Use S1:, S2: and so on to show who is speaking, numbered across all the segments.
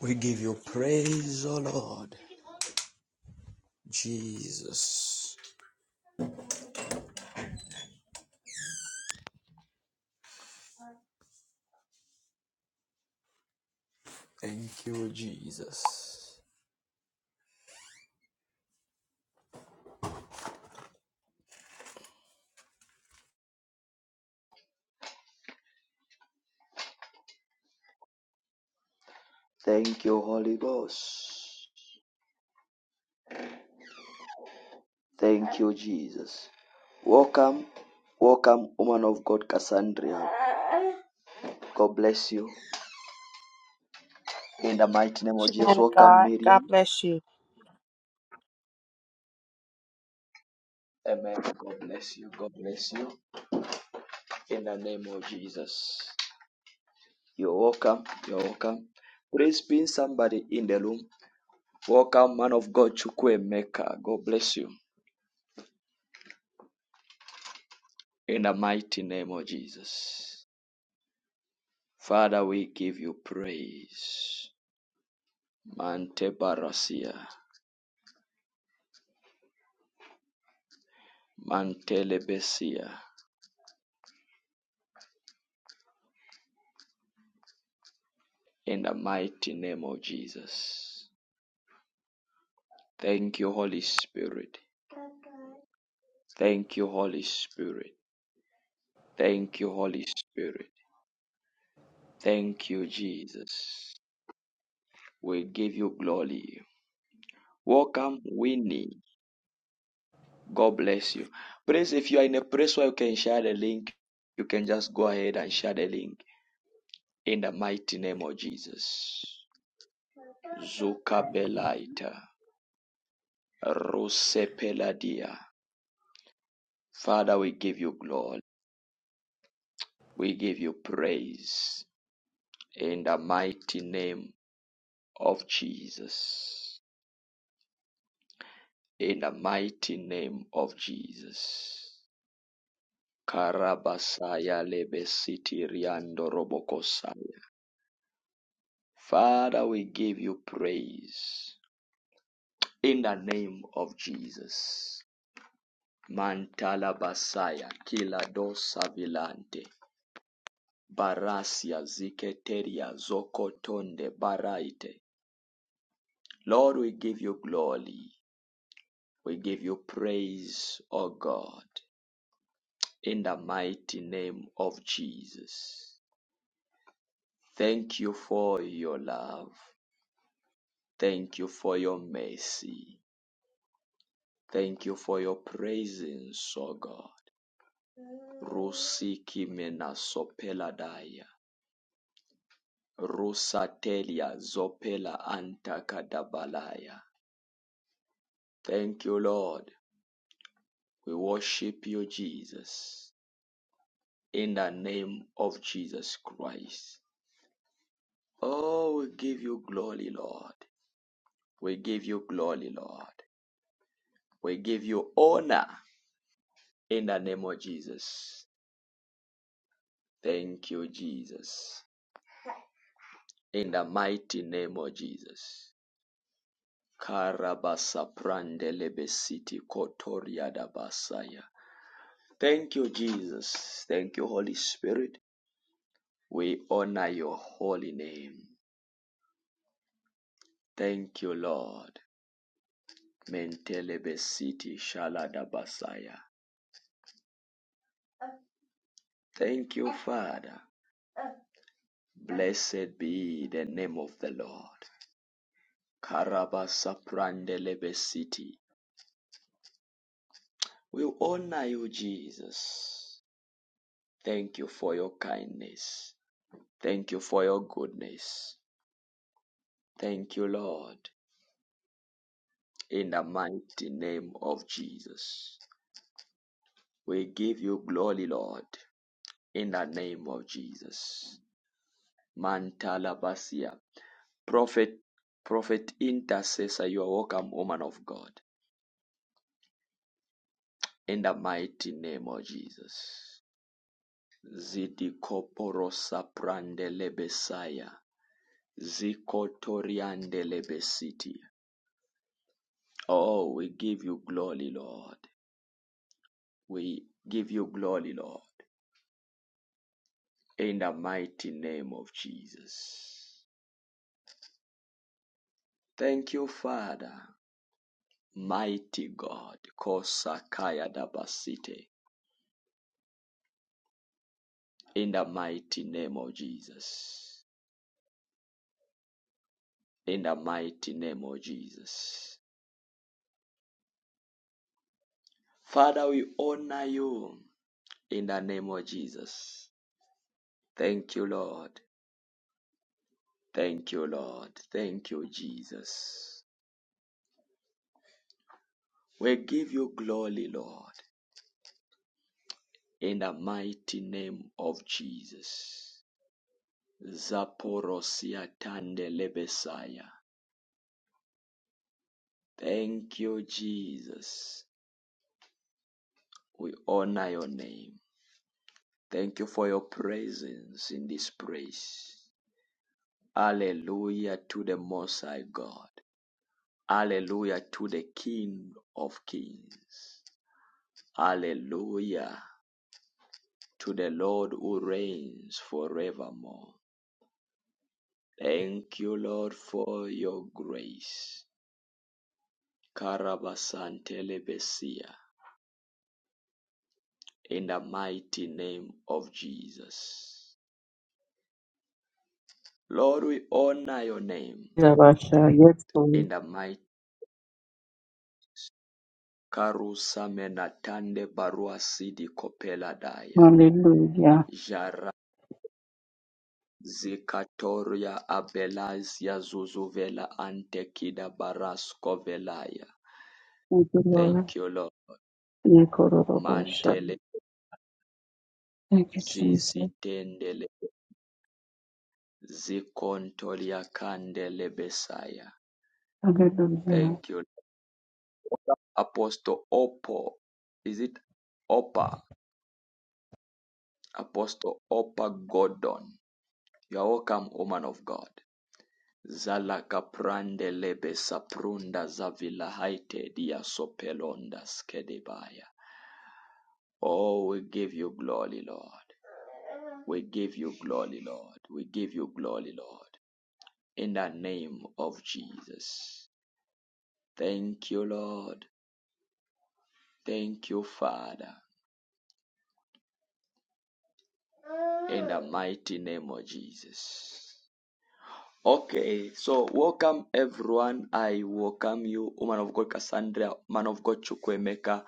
S1: We give you praise, O Lord. Jesus. Thank you, Jesus. Thank you, Holy Ghost. Thank you, Jesus. Welcome, welcome, woman of God, Cassandra. God bless you. In the mighty name of
S2: you,
S1: Jesus,
S2: man of
S1: welcome,
S2: God. God
S1: Miriam.
S2: bless you.
S1: Amen. God bless you. God bless you. In the name of Jesus. You're welcome. You're welcome. Praise be somebody in the room. Welcome, man of God, Chukwe Maker. God bless you. In the mighty name of Jesus. Father, we give you praise. Mante Barasia, Mante Lebesia, in the mighty name of Jesus. Thank you, Holy Spirit. Thank you, Holy Spirit. Thank you, Holy Spirit. Thank you, Jesus. We give you glory. Welcome, Winnie. God bless you. Please, if you are in a place where you can share the link, you can just go ahead and share the link In the mighty name of Jesus. Zukapelaita. Rusepeladia. Father, we give you glory. We give you praise. In the mighty name of Jesus. In the mighty name of Jesus. Karabasaya lebesiti riando robokosaya. Father, we give you praise. In the name of Jesus. Mantalabasaya kila dosa vilante. Barasia ziketeria zokotonde baraite. Lord, we give you glory. We give you praise, O God, in the mighty name of Jesus. Thank you for your love. Thank you for your mercy. Thank you for your presence, O God. Rusiki mena sopeladaya. Rusatelia Zopela Antakadabalaya. Thank you, Lord. We worship you, Jesus, in the name of Jesus Christ. Oh, we give you glory, Lord. We give you glory, Lord. We give you honor in the name of Jesus. Thank you, Jesus. In the mighty name of Jesus. Karabasa prandele besiti kotoria da basaya. Thank you, Jesus. Thank you, Holy Spirit. We honor your holy name. Thank you, Lord. Mentelebesiti basaya. Thank you, Father. Blessed be the name of the Lord. Karabasaprandelebesit. We honor you, Jesus. Thank you for your kindness. Thank you for your goodness. Thank you, Lord. In the mighty name of Jesus, we give you glory, Lord. In the name of Jesus. Mantala Basia. Prophet, prophet intercessor, you are welcome, woman of God. In the mighty name of Jesus. Zidikoporosa koporosa prandele besaya. Zikotoriandele besiti. Oh, we give you glory, Lord. We give you glory, Lord, in the mighty name of Jesus. Thank you, Father, mighty God, Kosakaya Dabasite, in the mighty name of Jesus. In the mighty name of Jesus. Father, we honor you in the name of Jesus. Thank you, Lord. Thank you, Lord. Thank you, Jesus. We give you glory, Lord. in the mighty name of Jesus. Zaporosia Tandelebesaya. Thank you, Jesus. We honor your name. Thank you for your presence in this place. Hallelujah to the Most High God. Hallelujah to the King of Kings. Hallelujah to the Lord who reigns forevermore. Thank you, Lord, for your grace. Karabasantelebesia, in the mighty name of Jesus. Lord, we honor your name
S3: Rabasha, yes,
S1: in
S3: Lord.
S1: the mighty Karusamenatande Barua Sidi Kopela Daya.
S3: Hallelujah.
S1: Jara Zikatoria Abelazia Zuzuvela Antekida Barasko Velaya.
S3: Thank you, Lord.
S1: Thank you, Lord.
S3: Yekorobosha.
S1: Mantele
S3: Thank you, Jesus.
S1: zizitendele zikontolia kandele besaya.
S3: Hallelujah.
S1: Thank you. Apostle Oppo. Is it Oppa? Apostle Oppa Gordon. You are welcome, woman of God. Zala kaprande lebe saprunda zavila haite dia sopelonda skedebaya. Oh, we give you glory, Lord. We give you glory, Lord. We give you glory, Lord. In the name of Jesus. Thank you, Lord. Thank you, Father. the mighty name of Jesus. Okay, so welcome everyone. I welcome you, woman of God Cassandra, man of God Chukwemeka,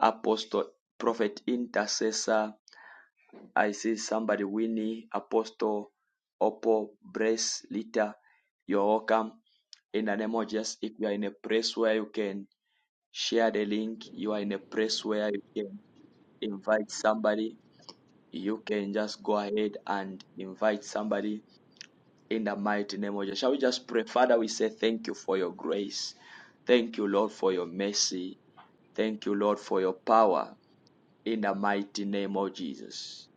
S1: apostle, prophet, intercessor. I see somebody, Winnie, apostle, Oppo, Brace, Lita. You're welcome. In the name of Jesus, if you are in a place where you can share the link, you are in a place where you can invite somebody, you can just go ahead and invite somebody in the mighty name of Jesus. Shall we just pray? Father, we say thank you for your grace. Thank you, Lord, for your mercy. Thank you, Lord, for your power in the mighty name of Jesus.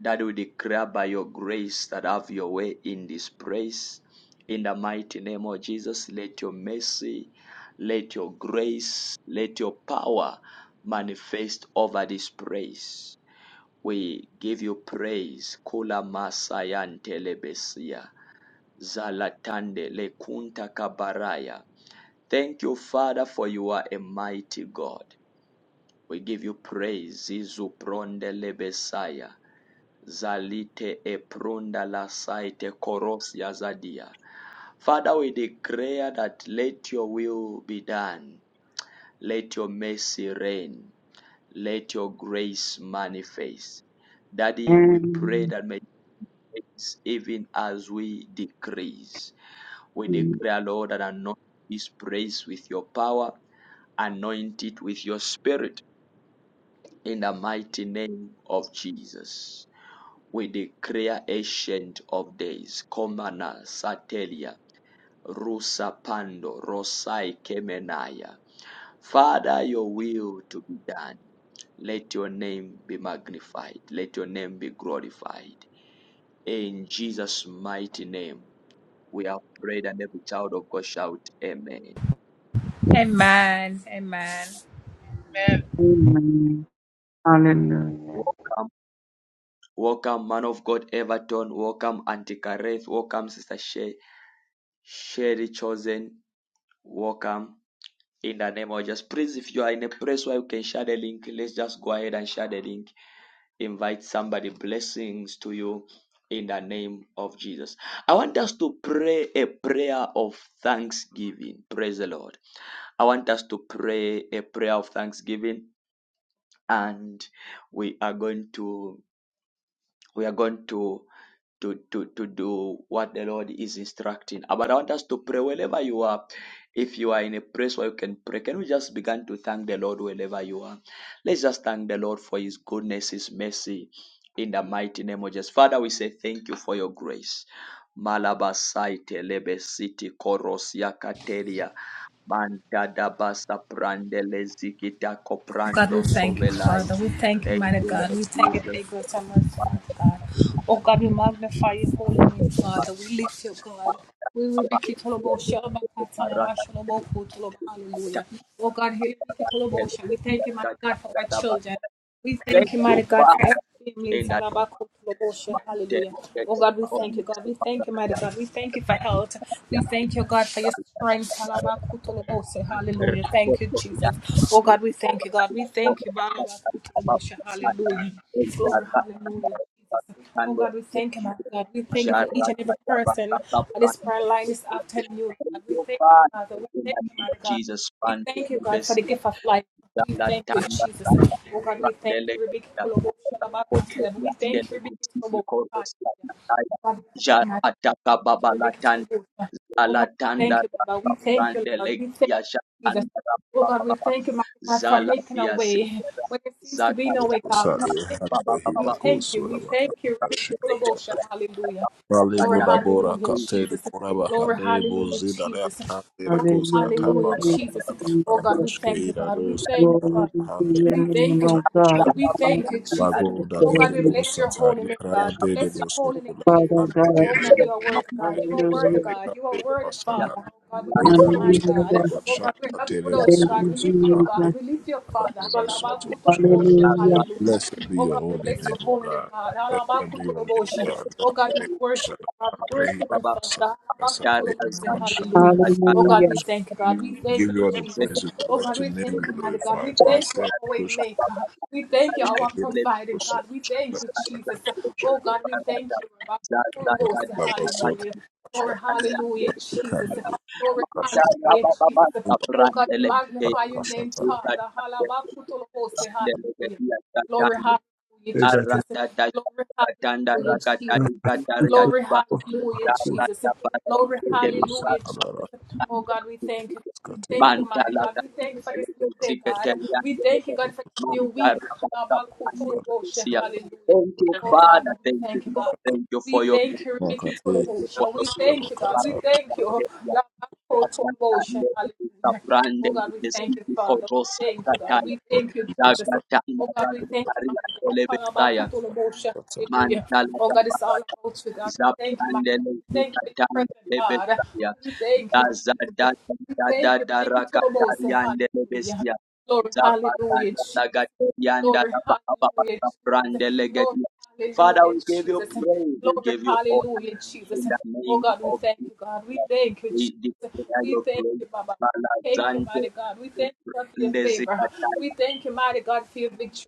S1: That we declare by your grace that have your way in this place. In the mighty name of Jesus, let your mercy, let your grace, let your power manifest over this place. We give you praise. Kula Masayan Telebesia. Zalatande lekunta kabaraya. Thank you, Father, for you are a mighty God. We give you praise. Zizu pronde lebesaya. Zalite epronda la saite koros yazadia. Father, we declare that let your will be done. Let your mercy reign. Let your grace manifest. Daddy, we pray
S3: Amen.
S1: that may grace even as we decrease. We declare, Lord, and anoint this praise with your power, anoint it with your spirit in the mighty name of Jesus. We declare ancient of days, Komana Satelia. Rusapando Rosai Kemenaya. Father, your will to be done. Let your name be magnified. Let your name be glorified. In Jesus' mighty name, we have prayed, and every child of God shout, Amen.
S4: Amen. Amen.
S5: Amen.
S3: Amen. Hallelujah.
S1: Welcome, welcome, man of God, Everton. Welcome, Auntie Kareth. Welcome, Sister She- Sherry Chosen. Welcome. In the name of Jesus, please, if you are in a place where you can share the link, let's just go ahead and share the link invite somebody blessings to you in the name of jesus i want us to pray a prayer of thanksgiving praise the lord i want us to pray a prayer of thanksgiving and we are going to we are going to to, to, to do what the Lord is instructing. Uh, But I want us to pray wherever you are. If you are in a place where you can pray, can we just begin to thank the Lord wherever you are? Let's just thank the Lord for His goodness, His mercy, in the mighty name of Jesus. Father, we say thank you for your grace. Malabasaite lebesiti korosia kateria mantada basa prandele zikita
S4: God,
S1: koprando
S4: we thank you,
S1: sovelai.
S4: Father. We thank you,
S1: Thank
S4: mighty
S1: you,
S4: God.
S1: Lord
S4: We thank you for your
S1: Jesus.
S4: grace and mercy, mighty God. Oh, God, we magnify your holy name, Father. We lift you, God. We rebuke it all about Shalabaka, Hallelujah. Oh, God, we rebuke it all about you. We thank you, mighty God, for our children. We thank
S1: Thank
S4: you,
S1: you,
S4: mighty God, for
S1: Father.
S4: every family in
S1: In that
S4: Salabako, Lobosha,
S1: mountain,
S4: hallelujah. Oh God, we thank
S1: on
S4: you, God.
S1: the
S4: We thank you, mighty
S1: Father,
S4: God. We thank you for health.
S1: yeah,
S4: We thank you, God, for your strength. Salabako, Lobosha, hallelujah. Thank you, Jesus. Oh God, we thank you, God. We thank you, Barabako, Lobosha, hallelujah. Glory, hallelujah. Jesus. Oh God, we thank you, mighty God. We thank you for each and every person on this prayer line this afternoon. God. We thank you, Father. We thank you, mighty God.
S1: Jesus,
S4: We
S1: Son,
S4: thank you,
S1: the
S4: God, for the
S1: best.
S4: gift of life. We thank you,
S1: Zangatanda
S4: Jesus. Oh God, we thank you,
S1: Randelega
S4: Rebecca. Kolobo, Shalabaka. We thank
S1: Randelega
S4: you, Rebecca. Kolobo. Hallelujah. God, we thank
S1: Jar
S4: you, Majesty.
S1: Ataka
S4: Thank you, Rebecca.
S1: Babalatan
S4: Kolobo. Oh God, we
S1: Alatanda
S4: thank you, Baba. We thank you, Lord. We thank
S1: Randelega
S4: you, Jesus.
S1: Shatanda
S4: Oh God, we
S1: Baba
S4: thank you, my God, for
S1: Zala
S4: making a way
S1: Yasera
S4: where there seems to be
S1: Zaka
S4: no way, God. We
S6: Sadi
S4: thank you,
S1: Baba
S6: Hande
S4: Father. We
S1: Baba
S6: Hidako
S4: thank you.
S6: Sura
S4: We thank you,
S6: Makakabashi
S4: Rebecca. Kolobo. Hallelujah.
S6: Maligo
S4: Glory,
S6: Nabora
S4: hallelujah,
S6: Kate
S4: Jesus.
S6: Kuraba
S4: Glory,
S6: Hade
S4: hallelujah,
S6: Bozina
S4: Jesus.
S6: Leata
S4: Glory,
S6: Rekoska
S3: Hallelujah.
S4: hallelujah,
S6: Tabaka
S3: Thank
S4: Jesus.
S3: you,
S4: Oh God,
S3: Jesus.
S4: we
S6: Barakashke
S4: thank you,
S6: Ida
S4: God. We
S6: Rose
S4: thank you,
S3: Glory
S4: Father.
S3: be to your
S4: We
S3: name,
S4: thank you,
S3: O
S4: mighty
S3: God.
S4: God. We
S3: Thank
S4: thank you,
S3: you,
S4: Jesus.
S6: Bago
S4: Oh God,
S6: Dale
S4: we
S3: Jesus.
S4: bless
S6: Busa
S4: your holy name, God.
S6: Taitra
S4: We
S6: De
S4: bless your holy name,
S6: Bosokula
S4: Jesus.
S3: Father
S6: Hande
S4: Oh
S3: God.
S6: Kede
S4: God, you are worthy. God. You are worthy.
S3: Hallelujah.
S6: Bozande
S4: God. You are
S6: Kate
S4: worthy. Father.
S6: Basaka
S4: Oh God, without you,
S6: Ida
S4: mighty
S6: Rose
S4: God.
S3: Hallelujah.
S4: Oh God, we're
S6: Abashaka
S4: nothing
S6: Tele
S4: without you,
S3: Thank
S4: God. We
S3: you,
S6: Sokuska
S4: lift you, up, God.
S3: Jesus.
S6: Hande
S4: We lift you, up, Father.
S6: Kadre Bosotoshkala
S4: Halabakutoloboshe.
S3: Hallelujah.
S4: Hallelujah.
S6: Blessed be
S4: Oh
S6: your
S4: God, we
S6: holy
S4: bless
S6: name,
S4: your
S6: O
S4: holy name,
S6: God.
S4: God.
S6: Blessed be your name, O
S4: Halabakutoloboshe.
S6: God.
S4: Oh God, we worship. God. We worship you, Father. Halabakutoloboshe. Hallelujah. Oh God,
S3: Hallelujah.
S4: we thank you, God. We
S6: We
S4: thank
S6: give you
S4: you,
S6: all the
S4: Jesus.
S6: praise. We
S4: Oh God,
S6: let your
S4: we
S6: name be
S4: thank you,
S1: Zaza
S4: mighty God. We
S6: glorified.
S4: thank you, our
S6: Blessed
S4: way
S6: push
S4: maker. We thank you, our
S6: kehede
S4: providing
S6: osu
S4: God. We thank you, Jesus.
S6: saka
S4: Oh God, we thank you, Rabbi.
S6: la baso
S4: Hallelujah. Glory, hallelujah, Jesus.
S6: kane bu
S4: Glory,
S6: kashke
S4: hallelujah, Jesus. Oh God, we
S6: para
S4: magnify your
S6: kasha
S4: name,
S6: kala
S4: Father. Halabakutolobose, Hallelujah. Glory, hallelujah,
S6: ega te
S4: Jesus. Glory,
S1: Aradadashakatanda
S4: hallelujah, Jesus.
S1: rakatari katari
S4: Glory,
S1: adba.
S4: hallelujah, Jesus. Glory,
S6: kehede
S1: Jaradabadabade
S6: bu
S4: hallelujah,
S6: saka
S4: Jesus.
S6: la
S4: Oh God, we thank you. We
S6: kaskate
S4: thank you,
S6: bu
S4: mighty God. We thank you for this new day, God. We thank you, God, for this new week. Hallelujah.
S1: Thank you,
S4: Oh
S6: saka
S4: Father,
S1: Father.
S4: we
S1: Thank you,
S4: thank you, God.
S1: Lord. Thank you
S4: We
S1: for your
S4: thank you,
S1: grace.
S4: Rebecca
S6: Makati,
S1: Thank you for
S4: Tolobosha.
S1: your
S4: We
S1: glory.
S4: thank you, God.
S1: Thank
S4: We
S6: Makata,
S4: thank you. Lamako Tolobosha. Hallelujah. Oh God, we thank you, Father. We thank you, God. We
S6: Lord
S4: thank you,
S6: Jesus
S4: Jesus.
S6: Christ,
S1: you,
S4: Oh God, we thank you, mighty God.
S1: Lord.
S4: Halabaku Tolobosha.
S6: Makata,
S4: Hallelujah.
S1: Mandala
S4: Oh God, it's all
S1: Zaparata
S4: about you, God. We thank you, mighty God.
S1: Zaprandele
S4: We thank you for your
S1: Zikatanda
S4: presence, God.
S1: Lebesia
S4: We thank you,
S1: Daza
S4: Jesus.
S1: Dada
S4: We thank
S1: Dada
S4: you, Rebecca Tolobosha.
S1: Darakatariandele
S4: Hallelujah.
S1: Besia
S4: Glory, hallelujah,
S1: Zapatanda
S4: Jesus.
S1: Lagaterianda
S4: Glory, hallelujah, Jesus.
S1: Zaprandele
S4: Glory,
S1: Gedia. Father,
S4: hallelujah,
S1: we give you
S4: Jesus.
S1: praise, we
S4: Glory,
S1: give you honor
S4: hallelujah, Jesus.
S1: in the
S4: Oh
S1: name
S4: God, we
S1: of
S4: thank
S1: Jesus.
S4: you, God. We thank you, Jesus.
S1: We declare
S4: We
S1: your
S4: thank you,
S1: grace,
S4: Baba. Thank you,
S1: Malazante,
S4: mighty God. We thank you God, for your favor. We
S1: Ndezikataya,
S4: thank you, mighty God, for your victory.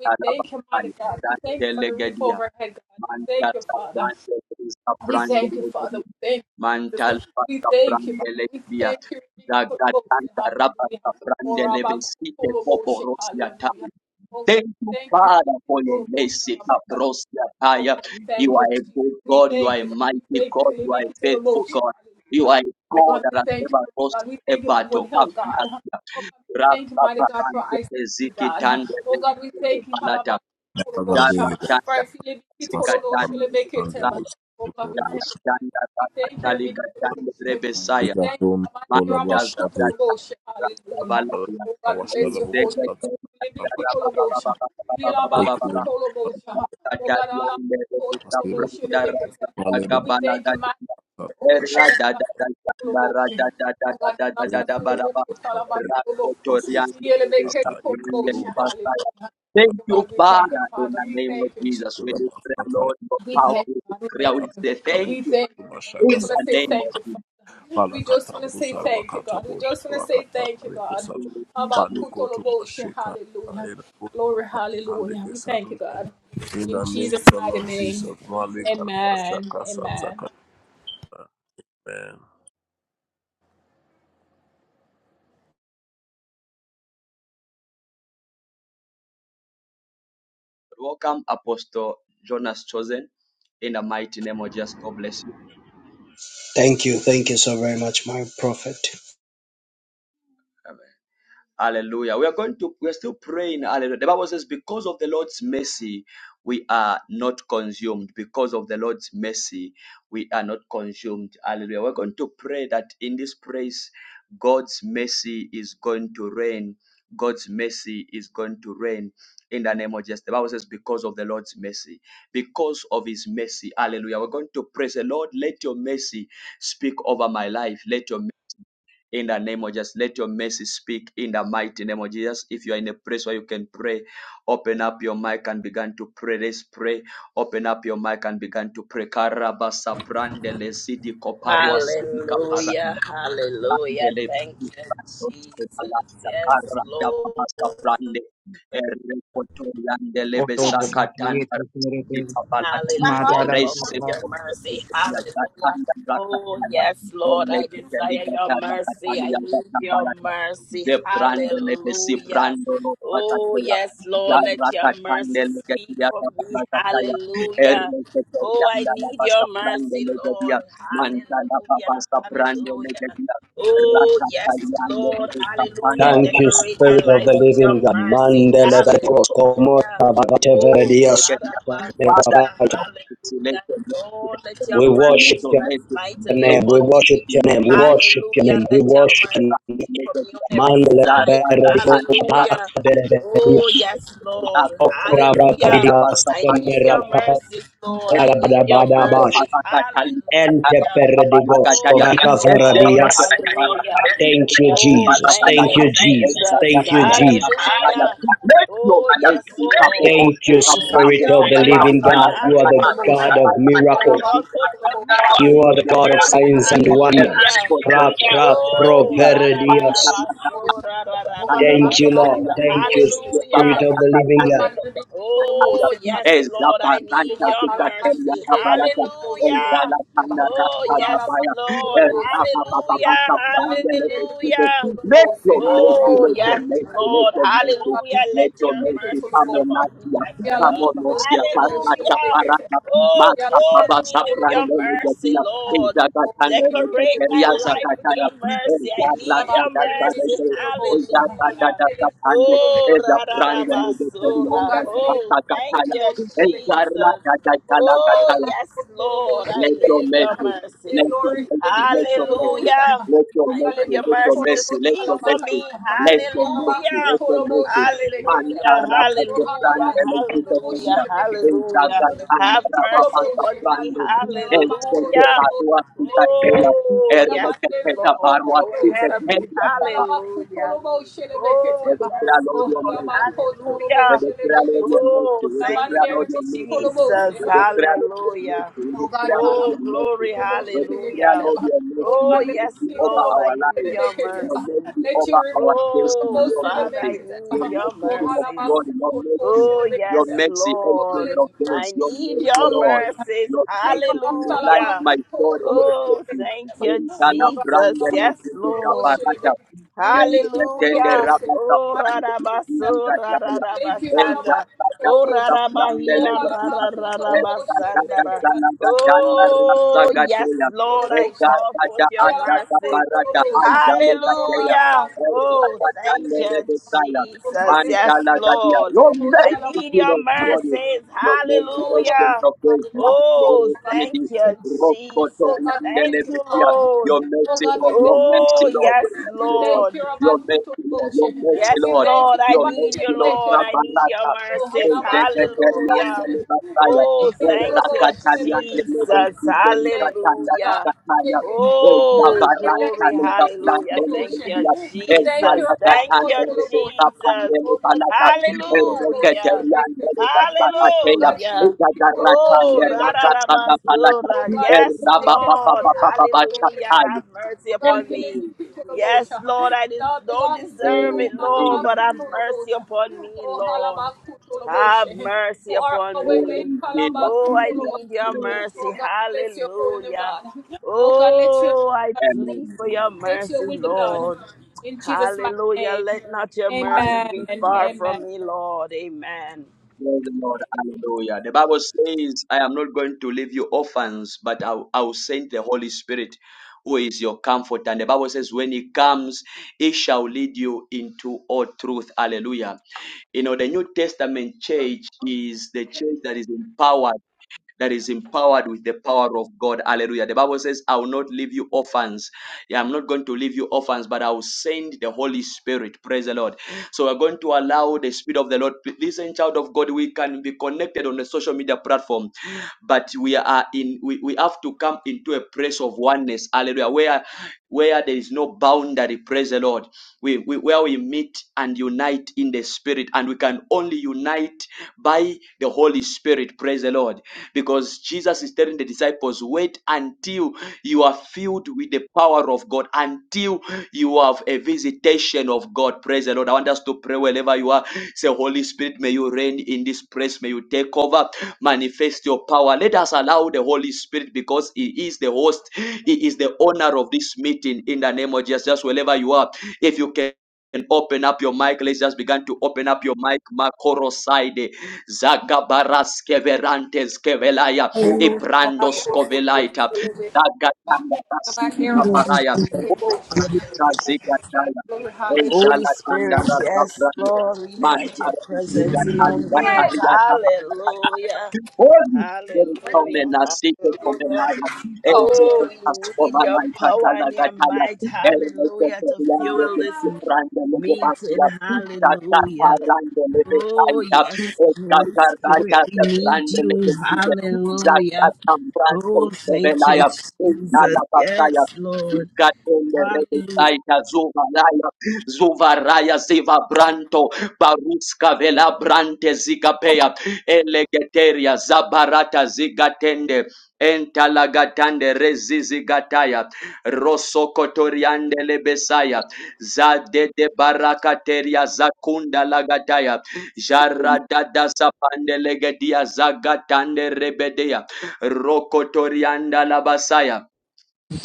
S4: We thank you, mighty God. We
S1: Bakaya,
S4: thank you for the roof
S1: Zantelegedia.
S4: overhead, God. We thank
S1: Manta
S4: you, Father.
S1: saprande
S4: We
S1: saprande
S4: thank you, Father.
S1: lebi.
S4: We thank you,
S1: Mantal
S4: Jesus. We thank you,
S1: saprande
S4: Baba. We
S1: lebia.
S4: thank you, Ricky Tolobose.
S1: Zagatanda rapa
S4: Hallelujah.
S1: saprande
S4: Or
S1: lebi
S4: Abba
S1: site
S4: Toloboshe.
S1: koborosia
S4: Hallelujah.
S1: taya.
S4: Oh, we
S1: Thank you,
S4: thank you,
S1: Father, for your
S4: Ricky
S1: mercy,
S4: Toloboshe.
S1: Kabrosia
S4: Oh,
S1: Taya.
S4: God, we
S1: You
S4: thank you,
S1: are a
S4: Jesus.
S1: good
S4: We
S1: God. You are
S4: thank
S1: a
S4: you, God. We
S1: mighty
S4: thank you,
S1: God.
S4: We
S1: You are
S4: Make
S1: a
S4: it to the
S1: faithful
S4: motion.
S1: God. You
S4: Hallelujah.
S1: are a
S4: Oh,
S1: God
S4: God,
S1: that
S4: we
S1: has
S4: thank you,
S1: never
S4: mighty
S1: lost
S4: God. We
S1: a
S4: thank you for good
S1: battle.
S4: health, God. Oh,
S1: Kabanasia.
S4: God, we thank you,
S1: Rasa
S4: mighty God, for
S1: saprande
S4: ICT,
S1: leziki
S4: God. Oh, God, we thank you, Halabah,
S1: malata. leziki
S4: for the motion.
S6: Makati,
S1: balata.
S4: For I feel it, make it,
S1: Zika
S4: Holo,
S6: Makata,
S1: Tanda
S4: Shele, make it,
S6: and they
S4: Teba.
S6: will
S1: Zala
S4: Oh,
S6: speak
S4: God,
S6: or
S4: we thank
S1: Jala
S6: was
S4: you.
S1: Tanda
S4: We
S1: Tata
S4: thank you,
S1: Tali
S4: Rebecca, for the
S1: Gatanda
S4: motion.
S1: Rebesaya.
S4: We thank you,
S6: Igatum,
S4: Almighty Rabba
S1: Manchaza
S6: Bolabashati,
S4: Kutolobosha. Hallelujah.
S1: Rastavalaya.
S4: Oh God, we bless
S6: Awashara
S4: your
S1: Thank
S4: holy name,
S6: Bokosat,
S4: God. Rebecca We Yelaba
S6: Akil,
S4: Kutolobosha. Oh God, Alaba
S6: Asibu,
S4: Kutolobosha, Rebecca.
S6: Malere,
S4: We thank you, Master. Open heaven,
S6: Ashatu,
S4: God. Kutolobosha. Oh God, Alaba Kuloboko, Talaba Kuloboko.
S6: Asu,
S4: Yelebeke
S6: Tata, Ikatum,
S4: Tolobosha. Hallelujah. Oh
S6: Tata,
S1: you,
S4: God, we
S1: Father,
S4: thank you,
S6: Tata,
S1: in
S4: Father.
S1: the
S4: We
S1: name of
S4: thank you,
S1: Jesus.
S4: Jesus.
S1: We do pray, Lord, for
S4: We
S1: power.
S4: thank
S1: We
S4: God. We thank
S1: declare, we
S4: you.
S1: say
S4: We
S1: thank you
S4: thank
S6: Makata,
S4: you, God. We just
S1: in
S4: want to
S1: the
S4: say
S6: Mashaka,
S1: name
S4: thank you,
S1: of
S4: Father. We just want to
S6: Palakatabu
S4: say thank you, God. We
S6: Sarvakatabu
S4: just want to say thank you,
S6: Sharvakatabu
S4: God.
S6: Sat
S1: Jesus.
S6: Palikotu
S4: Abakutoloboshe,
S6: Mashika
S4: Hallelujah. Glory, hallelujah. We thank you,
S6: Handikisatu.
S4: God.
S6: In
S4: In
S6: the name of
S4: Jesus'
S6: the
S4: mighty
S6: Lord
S4: name.
S6: Jesus,
S4: Amen.
S6: Malikarvashaka
S4: Amen.
S6: Satsakata. Amen.
S1: Welcome, Apostle Jonas Chosen. In the mighty name of Jesus, God bless you. Amen. Hallelujah. We are going to, we are still praying. Hallelujah. The Bible says, because of the Lord's mercy, we are not consumed. Because of the Lord's mercy, we are not consumed. Hallelujah. We're going to pray that in this place, God's mercy is going to reign. God's mercy is going to reign in the name of Jesus. The Bible says, because of the Lord's mercy, because of his mercy. Hallelujah. We're going to praise the Lord. Let your mercy speak over my life. Let your in the name of Jesus. Let your mercy speak in the mighty name of Jesus. If you are in a place where you can pray, open up your mic and begin to pray. Let's pray. Open up your mic and begin to pray. Karabasa prandele sidi koparwa sidi kaparande.
S7: Hallelujah. Hallelujah.
S1: Dele
S7: Thank you, Jesus. Yes,
S1: Karada
S7: Lord.
S1: Pamasa Prande Errekotoriandele
S8: Oto bobo
S1: Besakatan
S8: kiete kerete
S1: Di Papalata
S7: Hallelujah. I
S8: madara
S7: call for
S1: Rese
S8: papa.
S7: your mercy. Hallelujah. Oh, yes, Lord. I desire your mercy. I need your mercy.
S1: the brand lebesi
S7: Hallelujah.
S1: brando no
S7: Oh,
S1: patataya
S7: yes,
S1: ya
S7: Lord. Let your
S1: rata
S7: mercy
S1: tande
S7: speak
S1: legetia
S7: for me.
S1: patataya
S7: Hallelujah.
S1: erne
S7: Oh, I
S1: ketorianda la
S7: need
S1: pasta
S7: your
S1: brando
S7: mercy, Lord.
S1: legetia manta la
S7: Hallelujah.
S1: pasta brando le
S7: Hallelujah.
S1: gatia Father,
S7: Oh, yes, Lord. Hallelujah.
S9: Thank you,
S7: Decorate my
S9: Spirit of the
S7: life with your
S9: Living God.
S7: mercy.
S9: Mandele Berikos,
S7: Hallelujah.
S9: Komota, Bagatevere
S7: Oh,
S9: Dios,
S7: Radabasora,
S1: it's your name,
S7: hallelujah. Lord, let your
S9: We
S1: make your name,
S9: worship
S1: make
S7: mercy
S1: your name,
S9: your
S1: make your name,
S7: rest mightily
S9: name.
S1: make
S9: We
S7: upon me.
S9: worship your name. We worship your
S7: Hallelujah.
S9: name. We
S7: Let your
S9: worship
S7: mercy
S9: your name.
S7: be for me on every
S9: Mandele
S7: side.
S1: your name, make
S9: Berikos,
S1: your
S7: Hallelujah.
S1: name,
S9: Bagatevere
S7: Oh,
S1: let your
S9: Dios.
S7: yes,
S1: name be
S7: Lord.
S1: couple of
S9: Okra
S7: Hallelujah.
S9: Bratadias,
S7: I need
S9: Kemera
S7: your
S9: Kavara
S7: mercies, Lord. I need your
S9: Badabada Bash.
S7: mercies.
S9: Ente
S7: Hallelujah.
S9: Perdigos,
S7: Oh,
S9: Kobaka
S7: yes, Lord.
S9: Varadias.
S7: Hallelujah.
S9: Thank you,
S7: Oh,
S9: Jesus.
S7: thank
S9: Thank
S7: you,
S9: you, Jesus.
S7: Jesus.
S9: Thank you, Jesus.
S7: Hallelujah. Oh, yes, Lord.
S9: Thank
S1: the
S9: you,
S7: I
S4: Oh
S7: need
S9: Spirit
S1: branded,
S7: your
S9: of the
S1: but
S9: Living
S1: I
S7: mercy.
S9: God.
S1: like a
S9: You are
S1: kind
S9: the
S1: of
S9: God
S1: I
S9: of
S7: Hallelujah.
S1: have
S7: I
S1: the
S9: miracle.
S7: call for your
S9: You
S7: mercy.
S9: are the
S1: legend
S9: God
S1: of
S9: of
S1: the
S7: Glory.
S1: land.
S9: signs and
S1: Every
S9: wonders.
S7: Hallelujah.
S9: Pra,
S1: person,
S9: pra, pro,
S7: Oh,
S1: yeah,
S7: ra
S9: vere,
S7: ra
S1: but
S7: ra
S1: it's
S7: ra
S1: not
S9: dios.
S7: ba
S1: like
S7: so ra ra
S1: a
S7: ra ra
S1: and
S7: ra ba
S9: Thank you, Lord.
S7: sanda.
S1: the
S9: Thank you,
S1: let your mercy, let
S9: Spirit
S7: Hallelujah.
S9: of the Living
S1: your
S9: God.
S7: Oh,
S4: God,
S7: yes, Lord. I
S4: O
S7: need
S4: God,
S7: your
S4: Alabashi,
S7: mercy.
S4: they can call Lord Shalom.
S7: Hallelujah. Oh,
S4: O God,
S7: yes,
S4: Alabashi, Shalom,
S7: Lord.
S4: say, Hallelujah.
S7: Hallelujah.
S4: Rabbi, they can
S7: Hallelujah.
S4: call Lord, say, Alabashi,
S7: Oh,
S4: they
S7: yes,
S4: can
S1: mercy, let
S7: Lord.
S1: your
S4: call. O
S1: mercy,
S4: God,
S1: let
S7: Hallelujah. Let
S1: your
S7: your
S4: they can
S1: mercy
S7: mercy
S4: call
S7: sit
S1: come
S4: Lord.
S1: on us
S7: upon me
S1: here.
S7: like a
S1: Come
S7: dove.
S1: on
S4: Yalabako,
S1: us here.
S4: call Lord,
S1: Karata
S4: Shalom, they can call.
S1: parata,
S7: Hallelujah. Oh,
S1: mata
S4: Yalabako,
S7: clothe me
S1: babasa
S7: with
S4: call Lord,
S7: your
S4: say,
S1: prangele
S7: mercy,
S1: getia.
S7: Lord.
S4: Hallelujah.
S1: Ezagatan
S7: Decorate my
S1: eleketeria
S7: life with
S1: zakataya.
S7: your mercy. I
S4: Oh
S7: need
S4: God,
S1: Ezagatan
S7: your
S4: still
S7: mercy.
S1: eleketeria
S7: Hallelujah.
S1: zakataya.
S7: Oh,
S1: Eza
S7: ra ra ra
S1: branda lebe
S7: basura.
S1: serianda la
S4: it.
S7: Oh,
S1: pasta,
S7: thank
S4: with the
S1: kataya.
S7: you,
S4: motion to make
S1: Eza
S4: it.
S1: rada
S7: Jesus.
S1: da
S4: Oh
S1: da la
S4: God,
S7: Oh,
S1: kataya.
S7: yes,
S4: all about
S7: Lord.
S4: motion
S7: I
S4: and
S1: Let
S4: make
S1: your
S4: it
S7: need your
S4: happen.
S1: mercy,
S4: In
S7: mercy.
S1: let your
S4: glory, it be
S1: mercy, let
S4: keep
S1: your
S4: full of
S1: mercy,
S4: motion.
S7: Hallelujah.
S1: let your
S4: Oh
S7: I
S4: God,
S7: need
S4: it
S1: mercy,
S4: be
S7: your
S1: let
S4: keep
S1: your
S4: full
S7: mercy
S4: of
S7: to
S4: motion.
S7: speak for
S4: Alabaka.
S7: me.
S4: Yalaba, who
S7: Hallelujah.
S4: full a motion and make it
S1: Manta
S7: Hallelujah.
S1: rapa te
S7: Hallelujah.
S1: branda le kita
S7: Hallelujah.
S1: kenda. Eza
S7: Hallelujah.
S1: kataya
S7: Have
S1: rapa
S7: mercy
S1: basta
S7: upon me.
S1: branda. Eza te
S7: Hallelujah.
S1: barua kita kela.
S7: Oh,
S1: Erre
S7: yes,
S1: te keta
S7: Lord.
S1: barua
S7: Go
S1: kita
S7: ahead of me.
S1: kela kapa.
S7: Hallelujah. Oh,
S1: Whether
S7: yes,
S1: it's Lord your
S7: Lord.
S1: Messi. We
S7: Hallelujah.
S1: declare, Lord, your mercy.
S7: Oh,
S1: We
S7: thank
S1: declare,
S7: you,
S1: Lord, your mercy.
S7: Jesus.
S1: We
S4: Hallelujah.
S1: declare, Lord, your
S7: Hallelujah.
S1: mercy. We
S4: Oh God,
S1: declare, Lord,
S4: halama
S7: Oh,
S1: your mercy.
S7: glory,
S4: kolobo
S1: We
S4: shere
S1: declare,
S7: hallelujah.
S1: Lord,
S4: keteba.
S1: your
S4: Oh
S1: mercy.
S7: Oh,
S1: Your
S4: God, let
S7: yes,
S1: mercy
S4: me
S1: over
S7: Lord,
S4: kolobo
S7: I
S1: our
S7: need
S4: shere
S1: lives.
S7: your
S1: Your
S4: keteba.
S7: mercy.
S1: mercy
S4: Let you
S1: over
S4: remove
S1: our
S4: kolobo
S7: Oh,
S1: destiny. Your
S4: shere
S7: Father, I
S1: mercy. Your
S7: need your
S4: keteba.
S1: mercy,
S4: Oh
S1: King of
S7: mercies.
S4: halama
S1: glory. Your
S4: kolobo
S1: mercy.
S4: shere
S7: Oh,
S1: Your
S7: yes,
S4: keteba.
S1: mercy,
S4: Oh God,
S1: ancient
S7: Lord,
S4: let
S1: of
S4: you
S1: days.
S7: I
S1: Your
S4: remove
S7: need
S4: the
S1: mercy,
S7: your
S4: kolobo.
S1: Lord.
S7: mercies.
S1: Your
S4: Speak for
S1: mercy
S4: us,
S1: in
S4: halama
S1: life,
S7: Hallelujah.
S1: my God.
S4: kolobo
S1: Your
S7: Oh,
S4: shere
S1: mercy.
S7: thank
S4: keteba.
S7: you,
S1: In Ghana,
S4: Oh God,
S7: Jesus.
S1: Branda,
S4: halama
S7: Yes,
S1: Nigeria,
S4: kolobo
S7: Lord.
S4: shere
S1: Barata.
S4: keteba.
S1: Then we
S4: Really be
S1: attend the
S7: Hallelujah.
S4: kolobo
S1: Rabata,
S7: Oh,
S1: Branda,
S4: shere.
S7: Rarabaso,
S1: Nigeria,
S4: Thank you,
S7: Rarabasanda. Oh,
S4: Halabakutolobos. Oh,
S7: Rarabahira,
S4: Halabakutolobos,
S7: Rarabasanda.
S4: Shelebeketa. Oh,
S7: Oh, yes, Lord, I
S4: Halabakutolobos.
S7: call forth your mercy.
S4: Yalabakutolobos. Oh,
S7: Hallelujah. Oh,
S4: Halabakutolobos,
S7: thank you,
S4: Shelebeketa. Oh,
S7: Jesus. Yes,
S1: Mantala Gadia,
S7: Lord.
S1: your
S4: Halabakutolobos,
S7: I
S1: mercy,
S7: need
S1: King
S7: your
S1: of glory,
S7: mercies.
S1: your mercy,
S4: Shalabakutolobos.
S1: ancient
S7: Hallelujah.
S1: of days, my
S7: Oh,
S1: sorrow,
S7: thank
S1: Lady,
S4: Hallelujah.
S7: you,
S1: Rocco,
S4: Oh
S7: Jesus.
S4: God, we
S7: Thank
S1: Toriandele,
S4: thank you,
S7: you,
S1: Messiah,
S4: Father.
S7: Lord.
S1: your
S4: Oh
S1: mercy,
S4: God, we
S1: Lord,
S4: thank you.
S1: your
S7: Oh,
S1: mercy,
S4: Father.
S1: Lord,
S7: yes,
S1: your
S4: We
S1: mercy, Lord,
S4: thank
S7: Lord.
S4: you, Rabbi
S1: your mercy, Lord, your
S4: Kutoroboshe.
S1: mercy,
S7: Yes,
S4: We
S1: Lord,
S4: thank
S7: Lord,
S4: you,
S7: I
S1: your
S4: Rabbi
S7: need you,
S1: mercy, Lord,
S7: Lord.
S4: Shebeke.
S7: I need your
S1: Nabarata,
S4: Oh,
S7: mercies.
S4: Rabbi
S7: Hallelujah.
S1: Ezekariandele
S4: Kutoroboshe.
S1: Basaya,
S4: Rabbi
S7: Oh, thank you,
S4: Kutoroboshe.
S1: Rakatariandele
S7: Jesus.
S4: We
S1: Besikeli
S4: thank you,
S1: Katanda
S4: God.
S7: Hallelujah.
S1: Nakataya,
S4: Thank you, Jesus.
S7: Oh,
S4: We thank
S7: glory.
S4: you,
S1: Ezabarantale
S4: Rabbi
S7: Hallelujah.
S1: Kabrandele
S7: Thank you,
S1: Besia,
S4: Kutoroboshe. We thank
S7: Jesus.
S4: you, Rabbi
S7: Thank you,
S1: Ezalatatandele
S4: Kutoroboshe.
S7: Jesus.
S4: Oh
S1: Besapandele
S4: God, we
S1: Balata,
S4: thank you with Kutoroboshe.
S7: Hallelujah.
S4: Lebeke.
S1: Erekatariandele
S4: Oh
S1: Basakateya,
S4: God, we thank
S7: Hallelujah.
S4: you with Kutoroboshe.
S7: Oh,
S1: Ezagaratandele
S4: Lebeke.
S1: Rakatanda Balata,
S4: Oh
S7: ra-ra-ra-basura.
S4: God,
S7: Yes,
S4: make it
S7: Lord.
S4: horrible, make
S7: Hallelujah.
S4: it.
S1: Erababababababachataya.
S7: Have mercy
S4: Oh God,
S1: Thank
S7: upon
S1: you,
S4: heal
S7: me.
S1: Jesus.
S4: every Kurobosha.
S7: Yes,
S4: It horrible.
S7: Lord. I
S4: It
S7: des-
S4: all
S7: don't
S4: belongs to
S1: Thank
S7: deserve
S4: you,
S7: it,
S1: you,
S7: Lord,
S1: Jesus.
S7: but have mercy
S4: Halabakutorobosha.
S7: upon me,
S4: Oh
S7: Lord. Have
S4: Halabakutorobosha.
S7: mercy
S4: You are
S7: upon
S4: always
S7: me.
S4: made
S1: Thank you,
S7: Oh, I
S4: Halabakutorobosha.
S7: need your
S1: Jesus.
S4: Oh
S7: mercy.
S4: God, we bless your holy name,
S7: Hallelujah.
S4: God. Oh God, let your will
S7: Oh, I plead
S1: Amen.
S7: for
S4: be
S7: your
S4: done. Let your
S7: mercy,
S4: will be done.
S7: Lord.
S4: In Jesus' mighty
S7: Hallelujah.
S4: name.
S7: Let not your mercies
S4: Amen.
S7: be
S1: Hallelujah.
S7: far
S4: Amen.
S7: from me, Lord. Amen.
S1: Praise the Lord. Hallelujah. The Bible says, I am not going to leave you orphans, but I will I will send the Holy Spirit, who is your comfort. And the Bible says, when he comes, he shall lead you into all truth. Hallelujah. You know, the New Testament church is the church that is empowered that is empowered with the power of God. Hallelujah. The Bible says, I will not leave you orphans. Yeah, I'm not going to leave you orphans, but I will send the Holy Spirit. Praise the Lord. So we're going to allow the Spirit of the Lord. Listen, child of God, we can be connected on the social media platform, but we are in we, we have to come into a place of oneness. Hallelujah. Where where there is no boundary, praise the Lord. We, we where we meet and unite in the spirit, and we can only unite unite by the Holy Spirit. Praise the Lord. Because Jesus is telling the disciples, wait until you are filled with the power of God, until you have a visitation of God. Praise the Lord. I want us to pray wherever you are. Say, Holy Spirit, may you reign in this place. May you take over, manifest your power. Let us allow the Holy Spirit because He is the host, He is the owner of this meeting in the name of Jesus. Just wherever you are, if you can. And open up your mic. Let's just begin to open up your mic. Makoro side. Zagabaras keverantes kevelaya. Iprandos kovelaita. Zagatanda rasidi
S10: I
S1: kaparaya. Zagataya.
S7: Holy
S1: Ejala tanda
S7: Spirit, yes,
S1: rasapra.
S7: Lord, we invite your
S1: Mantara
S7: presence in our
S1: Zigatali
S7: midst.
S1: Gataria
S7: Hallelujah,
S1: Holy Spirit, come
S7: hallelujah,
S1: and seek it from the
S7: hallelujah.
S1: night.
S4: Oh,
S7: Oh,
S1: Execute us
S7: we
S1: for
S7: need
S1: the
S7: your
S1: night.
S7: power
S1: Katala
S7: and your
S1: Gataya.
S7: might,
S1: Ernesto
S7: hallelujah, to
S1: Ferrando,
S7: fuel this
S1: Franco,
S7: meeting,
S1: Legopatia, Tata
S7: hallelujah.
S1: Arando,
S7: Oh,
S1: Legopatia,
S7: yes, Holy
S1: Tata
S7: Spirit, we
S1: Tata
S7: need
S1: Franco,
S7: you,
S1: Legopatia, Zata
S7: hallelujah.
S1: Tambranco,
S7: Oh, thank you,
S1: Sevelaya,
S7: Jesus,
S1: Tata Pasaya,
S7: yes, Lord,
S1: Katende
S7: hallelujah.
S1: Rebesaita, Zuvaraya, Zuvaraya, Ziva Branto, Baruska Vela Brante Zigapea, Elegeteria zabarata zigatende entalagatande rezizigataya rosokotoriande lebesaya zadede barakateria zakunda lagataya jaradada sapande legedia zagatande rebedeya rokotorianda labasaya